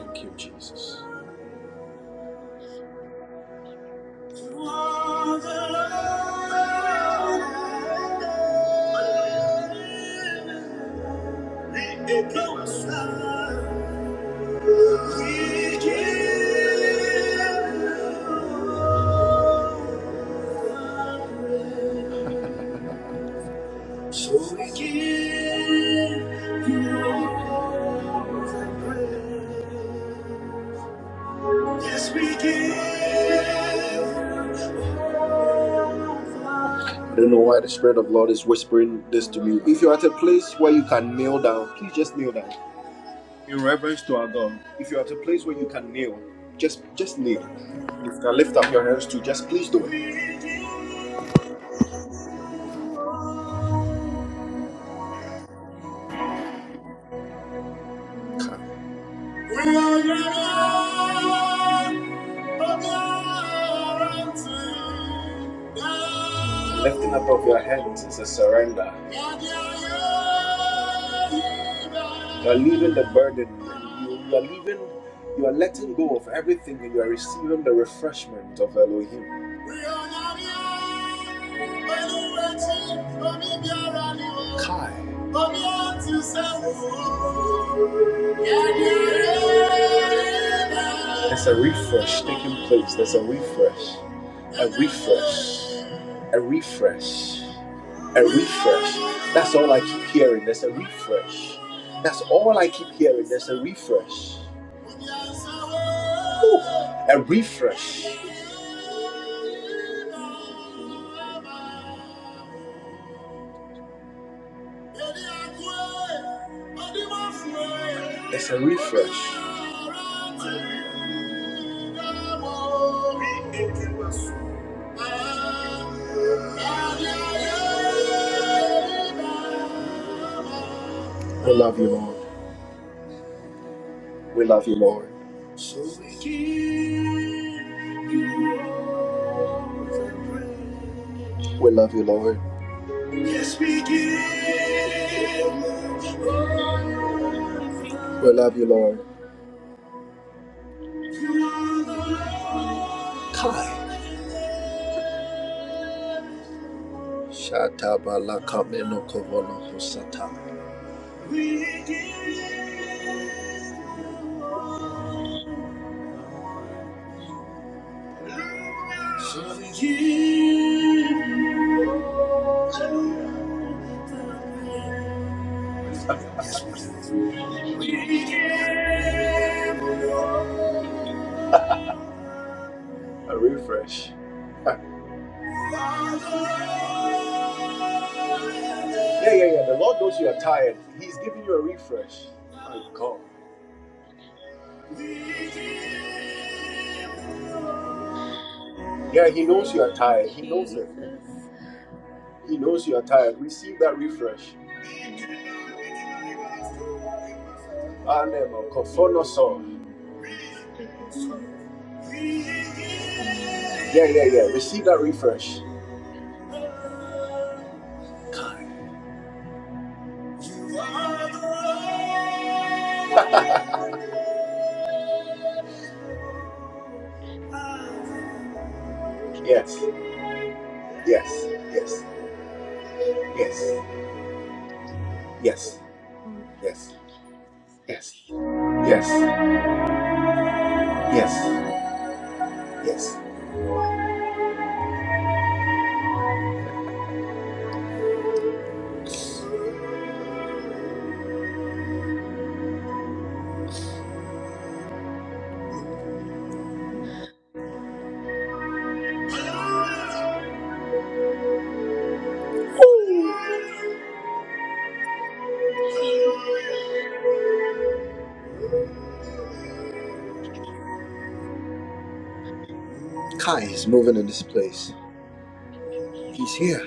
Thank you, Jesus. so we give you
Jesus.
all
Oh, Jesus.
the
Oh,
praise. Yes, we give. you all
Jesus.
the. I don't know why the Spirit of Lord is whispering this to me. If you're at a place where you can kneel down, please just kneel down. In reverence to our God. If you're at a place where you can kneel, just just kneel. If you can lift up your hands too, just please do it. We are
Oh, oh,
Lifting
thank
up
you,
as
Jesus.
You are leaving the burden. You, you are leaving. You are letting
Mm,
go of everything, and you are receiving the refreshment of Elohim. Kai. There's a refresh taking place. There's a refresh. A refresh. A refresh. A refresh hearing there's a refresh. That's all I keep hearing. There's a refresh. Whew, a refresh.
Thank you, Jesus.
There's a refresh. We love you, Lord. We love you, Lord. So we give you all the praise. We love you, Lord. Yes, we give you all
Oh, thank you,
We love you,
Jesus.
Lord.
Thank you, Jesus.
Kai. Shata bala kameno kovolo hosata. We give you all. (laughs) A
Thank you, Jesus. Thank you,
refresh. Yeah, yeah, yeah. The Lord knows you are tired. He's giving you a refresh. My God. Yeah,
oh,
He knows
thank
you are
you,
tired. He knows it.
Jesus.
He
Thank
knows you are
you, Jesus.
tired. Receive that refresh.
I
Anemo
hate
kofonoso.
sin. I hate sin. I hate sin.
Yes,
Oh,
yes,
thank you, Jesus.
yes, yes, yes, yes.
I'm sure, Jesus.
Kai is moving in this place. He's here.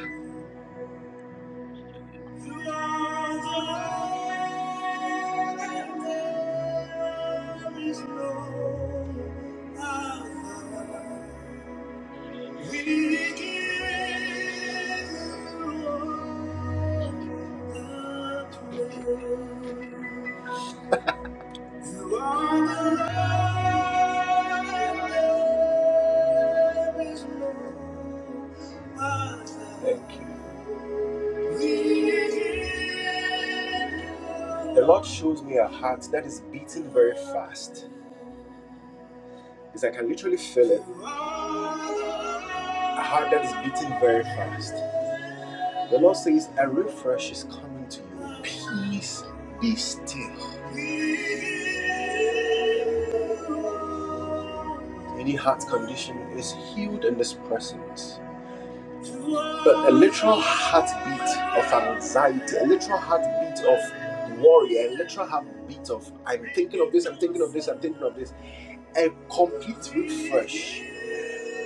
Everything fast. It's like I can literally feel it. A heart that is beating very fast. The Lord says, a refresh is coming to you. Peace. Be still. Any heart condition is healed in this presence. But a literal heartbeat of anxiety, a literal heartbeat of worry, a literal heartbeat of I'm thinking of this, I'm thinking of this, I'm thinking of this. A complete refresh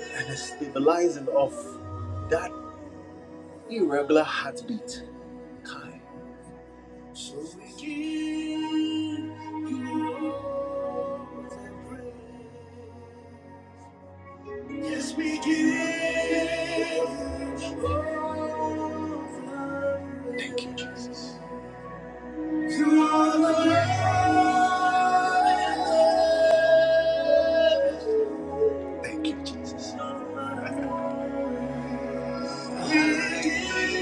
and a stabilizing of that irregular heartbeat. kind. So we give you all the praise. Yes, we give you all the praise. Thank you. You are the Lord. Thank you. We give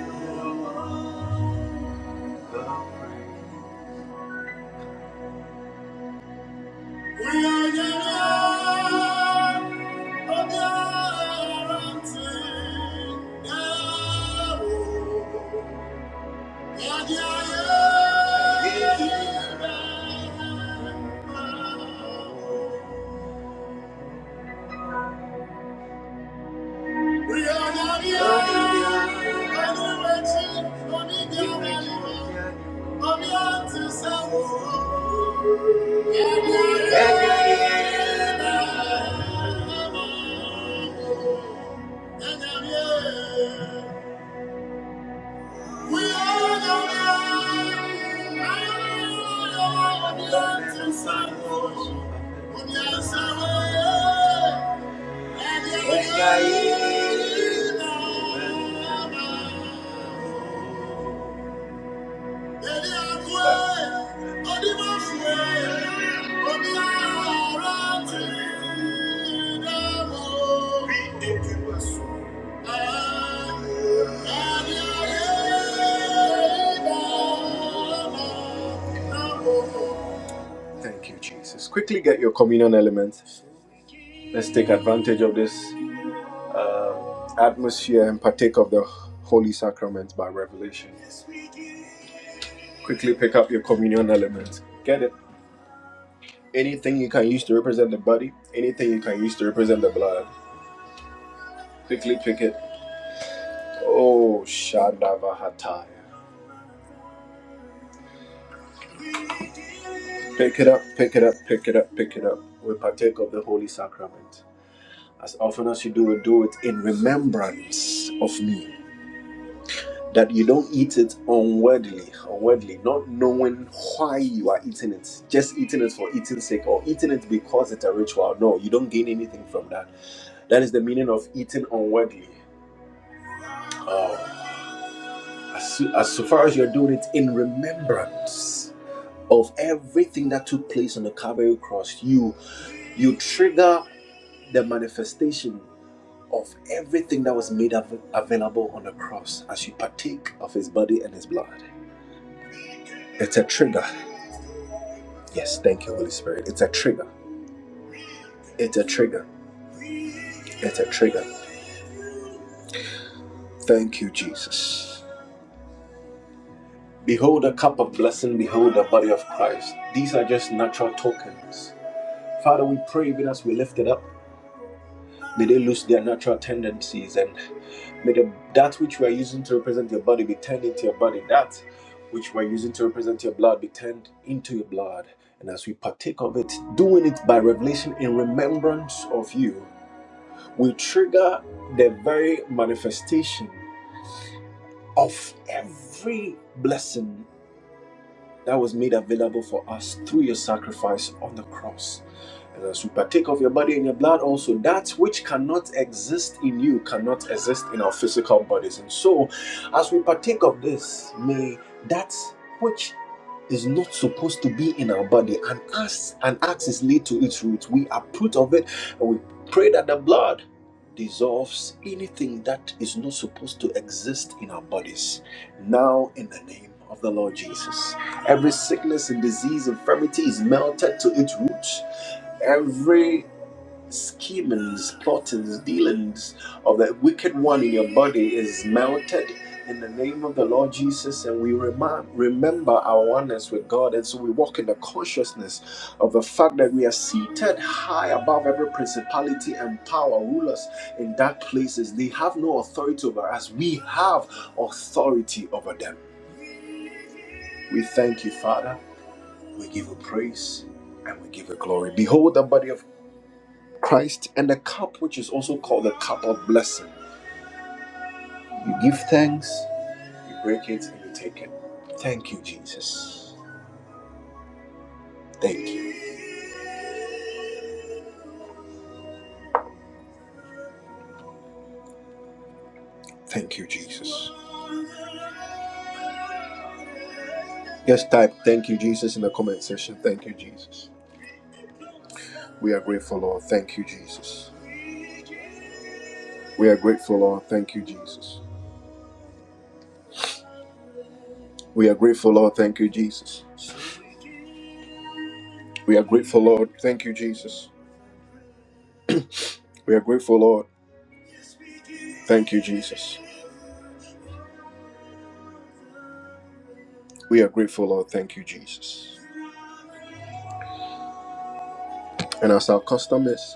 you all the praise. We are the land of the mountain. Now, and the island. We are the land of the mountain. Of the island. Of the mountain. And the island. Thank you. Thank you, Jesus. Quickly get your communion elements. Let's take advantage of this atmosphere and partake of the holy sacrament by revelation. Quickly pick up your communion elements. Get it. Anything you can use to represent the body, anything you can use to represent the blood. Quickly pick it. Oh, Shandavahataya. Pick it up, pick it up, pick it up, pick it up. We partake of the holy sacrament. As often as you do do it in remembrance of me. That you don't eat it unworthily, unworthily, not knowing why you are eating it, just eating it for eating's sake or eating it because it's a ritual. No, you don't gain anything from that. That is the meaning of eating unworthily. Oh, as, as so far as you're doing it in remembrance of everything that took place on the Calvary cross, you you trigger the manifestation of everything that was made av- available on the cross as you partake of His body and His blood. It's a trigger. Yes, thank you, Holy Spirit. It's a trigger. It's a trigger. It's a trigger. Thank you, Jesus. Behold a cup of blessing. Behold the body of Christ. These are just natural tokens. Father, we pray even as we lift it up. May they lose their natural tendencies and may the, that which we are using to represent your body be turned into your body. That which we are using to represent your blood be turned into your blood. And as we partake of it, doing it by revelation in remembrance of you, we trigger the very manifestation of every blessing that was made available for us through your sacrifice on the cross. And as you partake of your body and your blood, also that which cannot exist in you cannot exist in our physical bodies. And so, as we partake of this, may that which is not supposed to be in our body, an axe, an axe is laid to its root. We uproot of it, and we pray that the blood dissolves anything that is not supposed to exist in our bodies. Now, in the name of the Lord Jesus, every sickness and disease, infirmity is melted to its roots. Every schemings, plottings, dealings of that wicked one in your body is melted in the name of the Lord Jesus, and we remind, remember our oneness with God, and so we walk in the consciousness of the fact that we are seated high above every principality and power, rulers in dark places. They have no authority over us, we have authority over them. We thank you, Father, we give you praise, and we give you glory. Behold, the body of Christ, and the cup which is also called the cup of blessing. You give thanks, you break it, and you take it. Thank you, Jesus. Thank you. Thank you, Jesus. Just type thank you, Jesus, in the comment section. Thank you, Jesus. We are grateful, Lord. Thank you, Jesus. We are grateful, Lord. Thank you, Jesus. We are grateful, Lord. Thank you, Jesus. We are grateful, Lord. Thank you, Jesus. We are grateful, Lord. Thank you, Jesus. We are grateful, Lord. Thank you, Jesus. And as our custom is,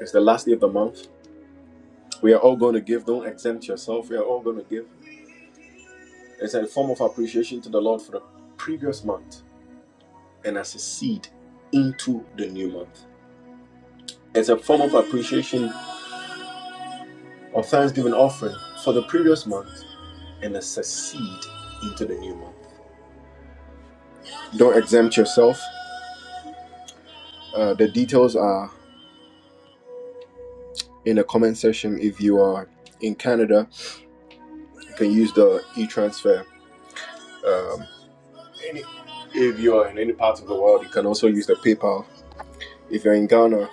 it's the last day of the month. We are all going to give. Don't exempt yourself. We are all going to give. It's a form of appreciation to the Lord for the previous month and as a seed into the new month. It's a form of appreciation or thanksgiving offering for the previous month and as a seed into the new month. Don't exempt yourself. Uh, the details are in the comment section. If you are in Canada, you can use the e transfer. Um, any, if you are in any part of the world, you can also use the PayPal. If you're in Ghana,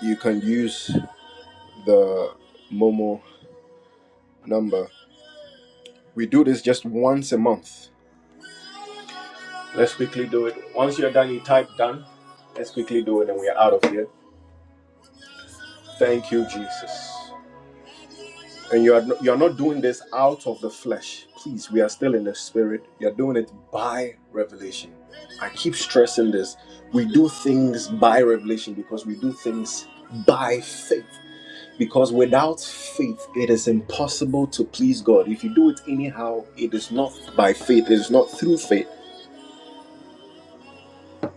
you can use the Momo number. We do this just once a month. Let's quickly do it. Once you're done, you type done. Let's quickly do it and we are out of here. Thank you, Jesus. And you are no- you are not doing this out of the flesh. Please, we are still in the spirit. You're doing it by revelation. I keep stressing this. We do things by revelation because we do things by faith. Because without faith, it is impossible to please God. If you do it anyhow, it is not by faith, it is not through faith.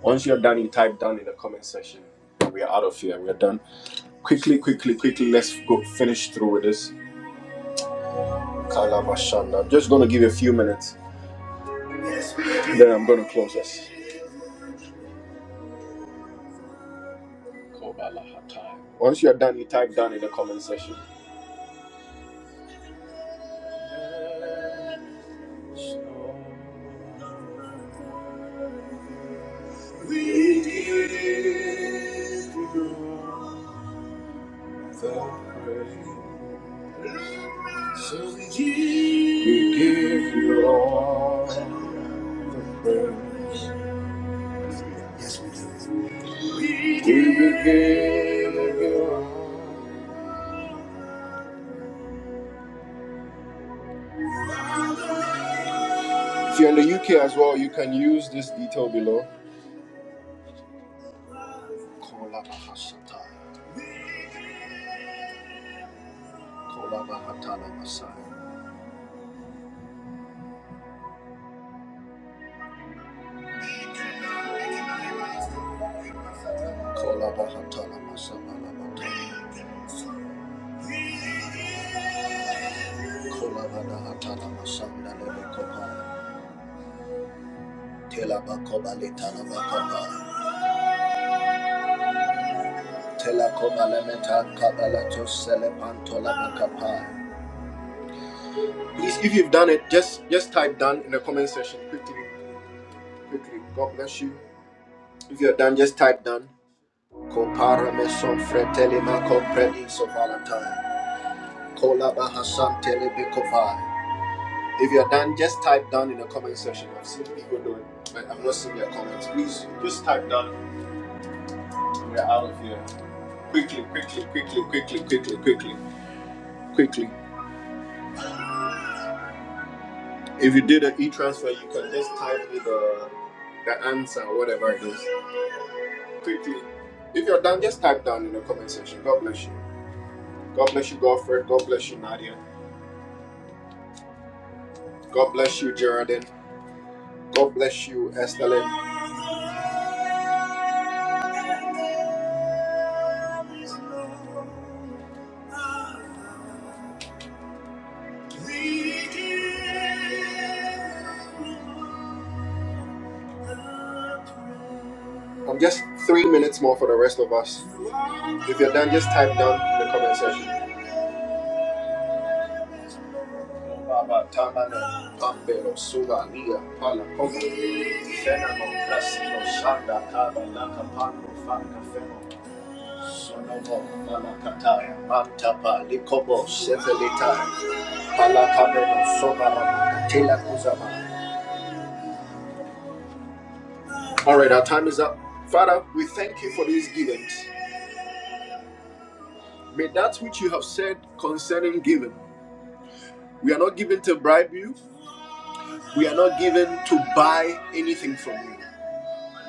Once you're done, you type down in the comment section. We are out of here. We are done. Quickly, quickly, quickly, let's go finish through with this. Kalabashanda. I'm just going to give you a few minutes, then I'm going to close us. Once you're done, you type down in the comment section. We give you the praise. We give you all. We will give you all. If you're in the UK as well, you can use this detail below. Kolabahatala Masai. Kolabahatala Masabalabatai. Kolabadahatala Masandalebekopai. Telabakobalitalabakopai. Telakobalemitakabalatuselepantolamakapai. Please, if you've done it, just just type done in the comment section quickly. Quickly. God bless you. If you're done, just type done. Kopara meson freteli ma compredi so valentine. Kola baha san telebe kovai. If you're done, just type down in the comment section. I've seen people do it, but I've not seen your comments. Please just type down. We're out of here. Quickly, quickly, quickly, quickly, quickly, quickly, quickly. If you did an e-transfer, you can just type me the the answer, or whatever it is. Quickly. If you're done, just type down in the comment section. God bless you. God bless you, Godfred. God bless you, Nadia. God bless you, Geraldine. God bless you, Esther Lynn. I'm just three minutes more for the rest of us. If you're done, just type down in the comment section. Baba Tamana, Pambero, Suvalia, Palakova, Fenamo, Casino, Shanda, Kaba, Laka, Pango, Feno, Sonomo, Malakataya, Mantapa, Likobo, Sevelita, Palakabeno, Sovara, Tela Kuzama. All right, our time is up. Father, we thank you for these givings. May that which you have said concerning giving, we are not given to bribe you, we are not given to buy anything from you.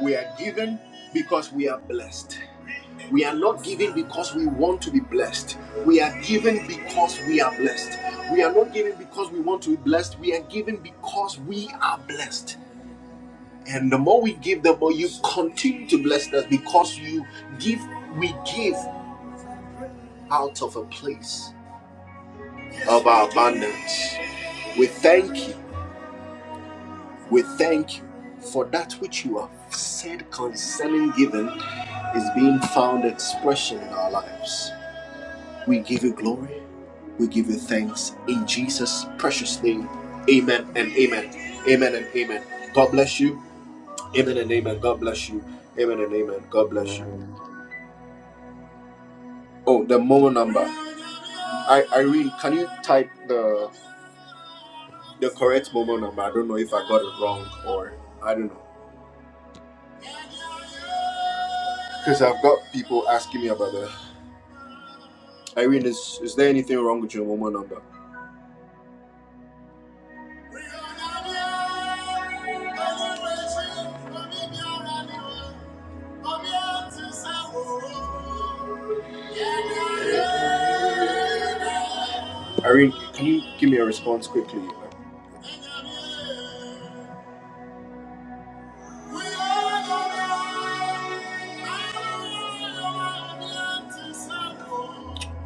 We are given because we are blessed. We are not giving because we want to be blessed. We are giving because we are blessed. We are not giving because we want to be blessed. We are giving because we are blessed. And the more we give, the more you continue to bless us because you. Amen. Do amen and amen. God bless you. Amen and amen. God bless you.
Amen.
Oh, the Momo number. I Irene, can you type the the correct Momo number? I don't know if I got it wrong or I don't know because I've got people asking me about that. Irene, is is there anything wrong with your Momo number? We are not alone. Only way to come in your Come here to serve. Irene, can you give me a response quickly?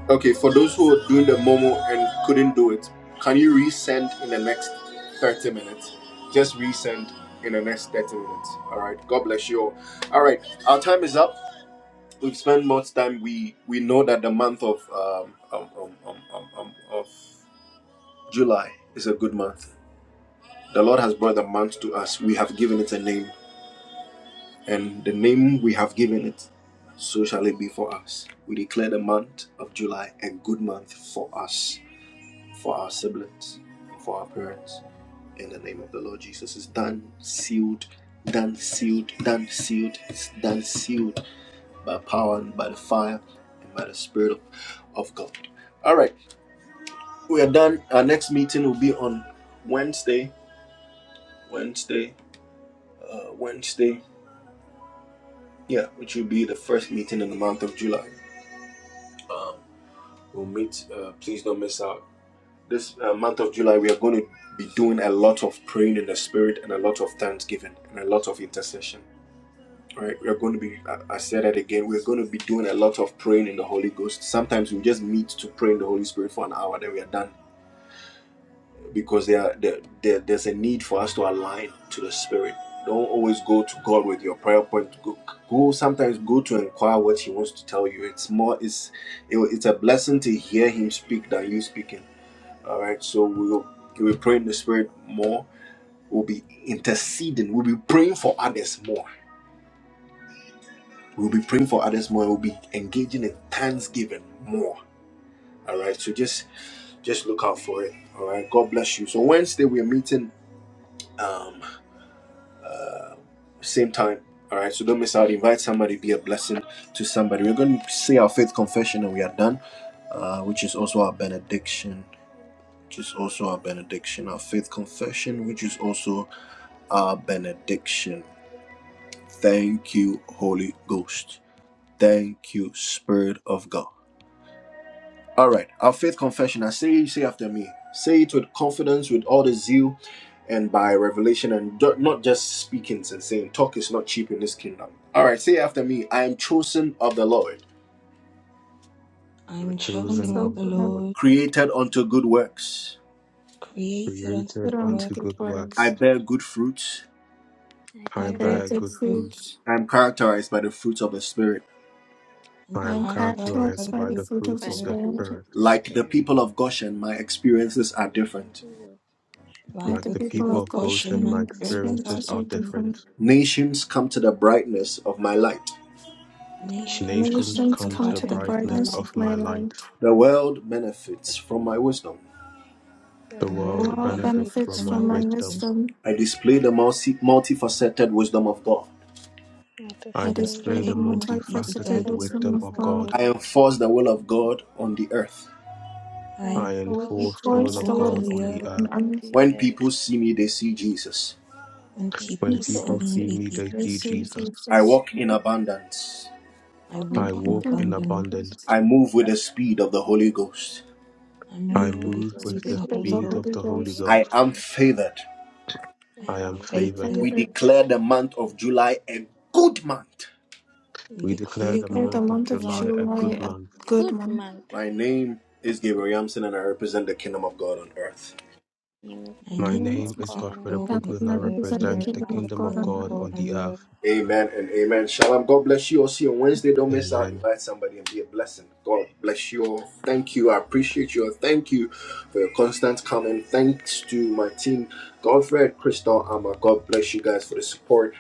Okay, for those who are doing the Momo and couldn't do it, can you resend in the next 30 minutes? Just resend in the next 30 minutes. All right. God bless you all. All right. Our time is up. We've spent much time. We we know that the month of um, um, um, um, um, um, of July is a good month. The Lord has brought the month to us. We have given it a name, and the name we have given it so shall it be for us. We declare the month of July a good month. Be praying in the spirit. We're going to, I said that again, we're going to be doing a lot of praying in the Holy Ghost. Sometimes we just meet to pray in the Holy Spirit for an hour, then we are done. Because there, there, there- there's a need for us to align to the Spirit. Don't always go to God with your prayer point. Go, go sometimes go to inquire what He wants to tell you. It's more, it's, it, it's a blessing to hear Him speak than you speaking. All right, so we'll we pray in the spirit more We'll be interceding. We'll be praying for others more. We'll be praying for others more. We'll be engaging in thanksgiving more. All right. So just just look out for it. All right. God bless you. So Wednesday we are meeting. Um. all right, So the, all the zeal and by revelation and do- not just speaking and saying talk is not cheap in this kingdom. All right. To me, I am chosen Lord
I
The
am
and
children
chosen of
of
so
the
we
the
have
Lord,
Lord,
unto good works.
created unto
put
created
the
on to
works,
unto
good
good work.
works.
I bear good fruits.
I
I
I
I
bear good
bear
bear
bear
good
good
good
fruit,
fruits,
fruit.
fruit.
I'm characterized by the fruits of the spirit.
and
I
I
am
am
characterized
characterized
by
characterized
characterized
the
by
by
the
fruit
the
of
fruit
the
fruit
of the
by
of
the
Spirit.
the
Spirit.
fruits of
Spirit.
the
Like the
Spirit.
people of Goshen, my experiences are
The
different.
people will
Like
worship
Like
Like
the
my
the
the
people
people
people
of
of
of
experiences are
Goshen,
Goshen,
my
my
Goshen,
different.
experiences
experiences
are
are
experiences are
so
different.
different.
different.
Nations come to the brightness of my light.
The
The
nations
nations
Many
Nations
come to
come
strengths
the
to
come
the
to
come
the
to the
brightness of
brightness
my
brightness
brightness
light.
of
of my
my light.
light.
The world benefits from my wisdom.
The
The
The
The
Lord
world
world
world
benefits
benefits
benefits
from
benefits
from
my
my
from my
wisdom.
wisdom.
wisdom.
I display the multifaceted wisdom of God.
not to
I
I
I
save the
display
display
stable
the
display
the
more pieces as
multifaceted
multifaceted
multifaceted
it
wisdom
was
wisdom
wisdom
of
of
of
God.
God.
before.
I
God.
enforce the will of God on the earth.
I
I
enforce
I
the
Enforce
enforce
will
the
the
of
will
forge
of
the
God
will
will of
on
God
of
the
the
on the
earth.
Lord
earth.
God
on
on earth.
the
When
earth,
people see me, they see Jesus.
When
and
When
And
people see
people
people
people
me,
say,
see
they
seeing
me,
see
they
their
the
see
Jesus.
same
sea
Jesus.
I
Jesus.
walk in abundance.
I
I
walk
I
walk
in
in
walk
welcome
in
the
abundance.
abundance.
abundance.
presence
I move with the speed of the Holy Ghost.
I
of
I
move with the
And
move
the
will
speed
with
of
the
this
Spirit
the
of
Holy
be
the
speed
Ghost.
the
of
Holy
the Holy
Ghost.
I
Ghost.
am
glory
favored.
I
I
I
am
am
am
My
faithful.
favored.
We
favorite
declare
praised
the month of July a good month.
to
We
We
declare
declare
declare
the
the
Declare
them
the
month of
month
month
of
of
alive.
July a
July
July
good
a
a
I
month.
good
good
month.
month. Name is
My
need
not
name
above
is
crack
all,
Godfrey
and I
dope, make
Apoku and I
glad,
represent
Happiness
the
and
and
I
the
represent
kingdom
the
kingdom
of
reveal the
of
kingdom of
God
kingdom
on
of
earth.
God
God.
God
on
on
the
the earth.
earth.
Amen and amen. Shalom. God bless you all. See you on Wednesday. Don't miss out.
Amen.
Invite somebody and be a blessing. God bless you all. Thank you. I appreciate you all. Thank you for your constant comment. Thanks to my team, Godfred, Crystal, Amma. God bless you guys for the support.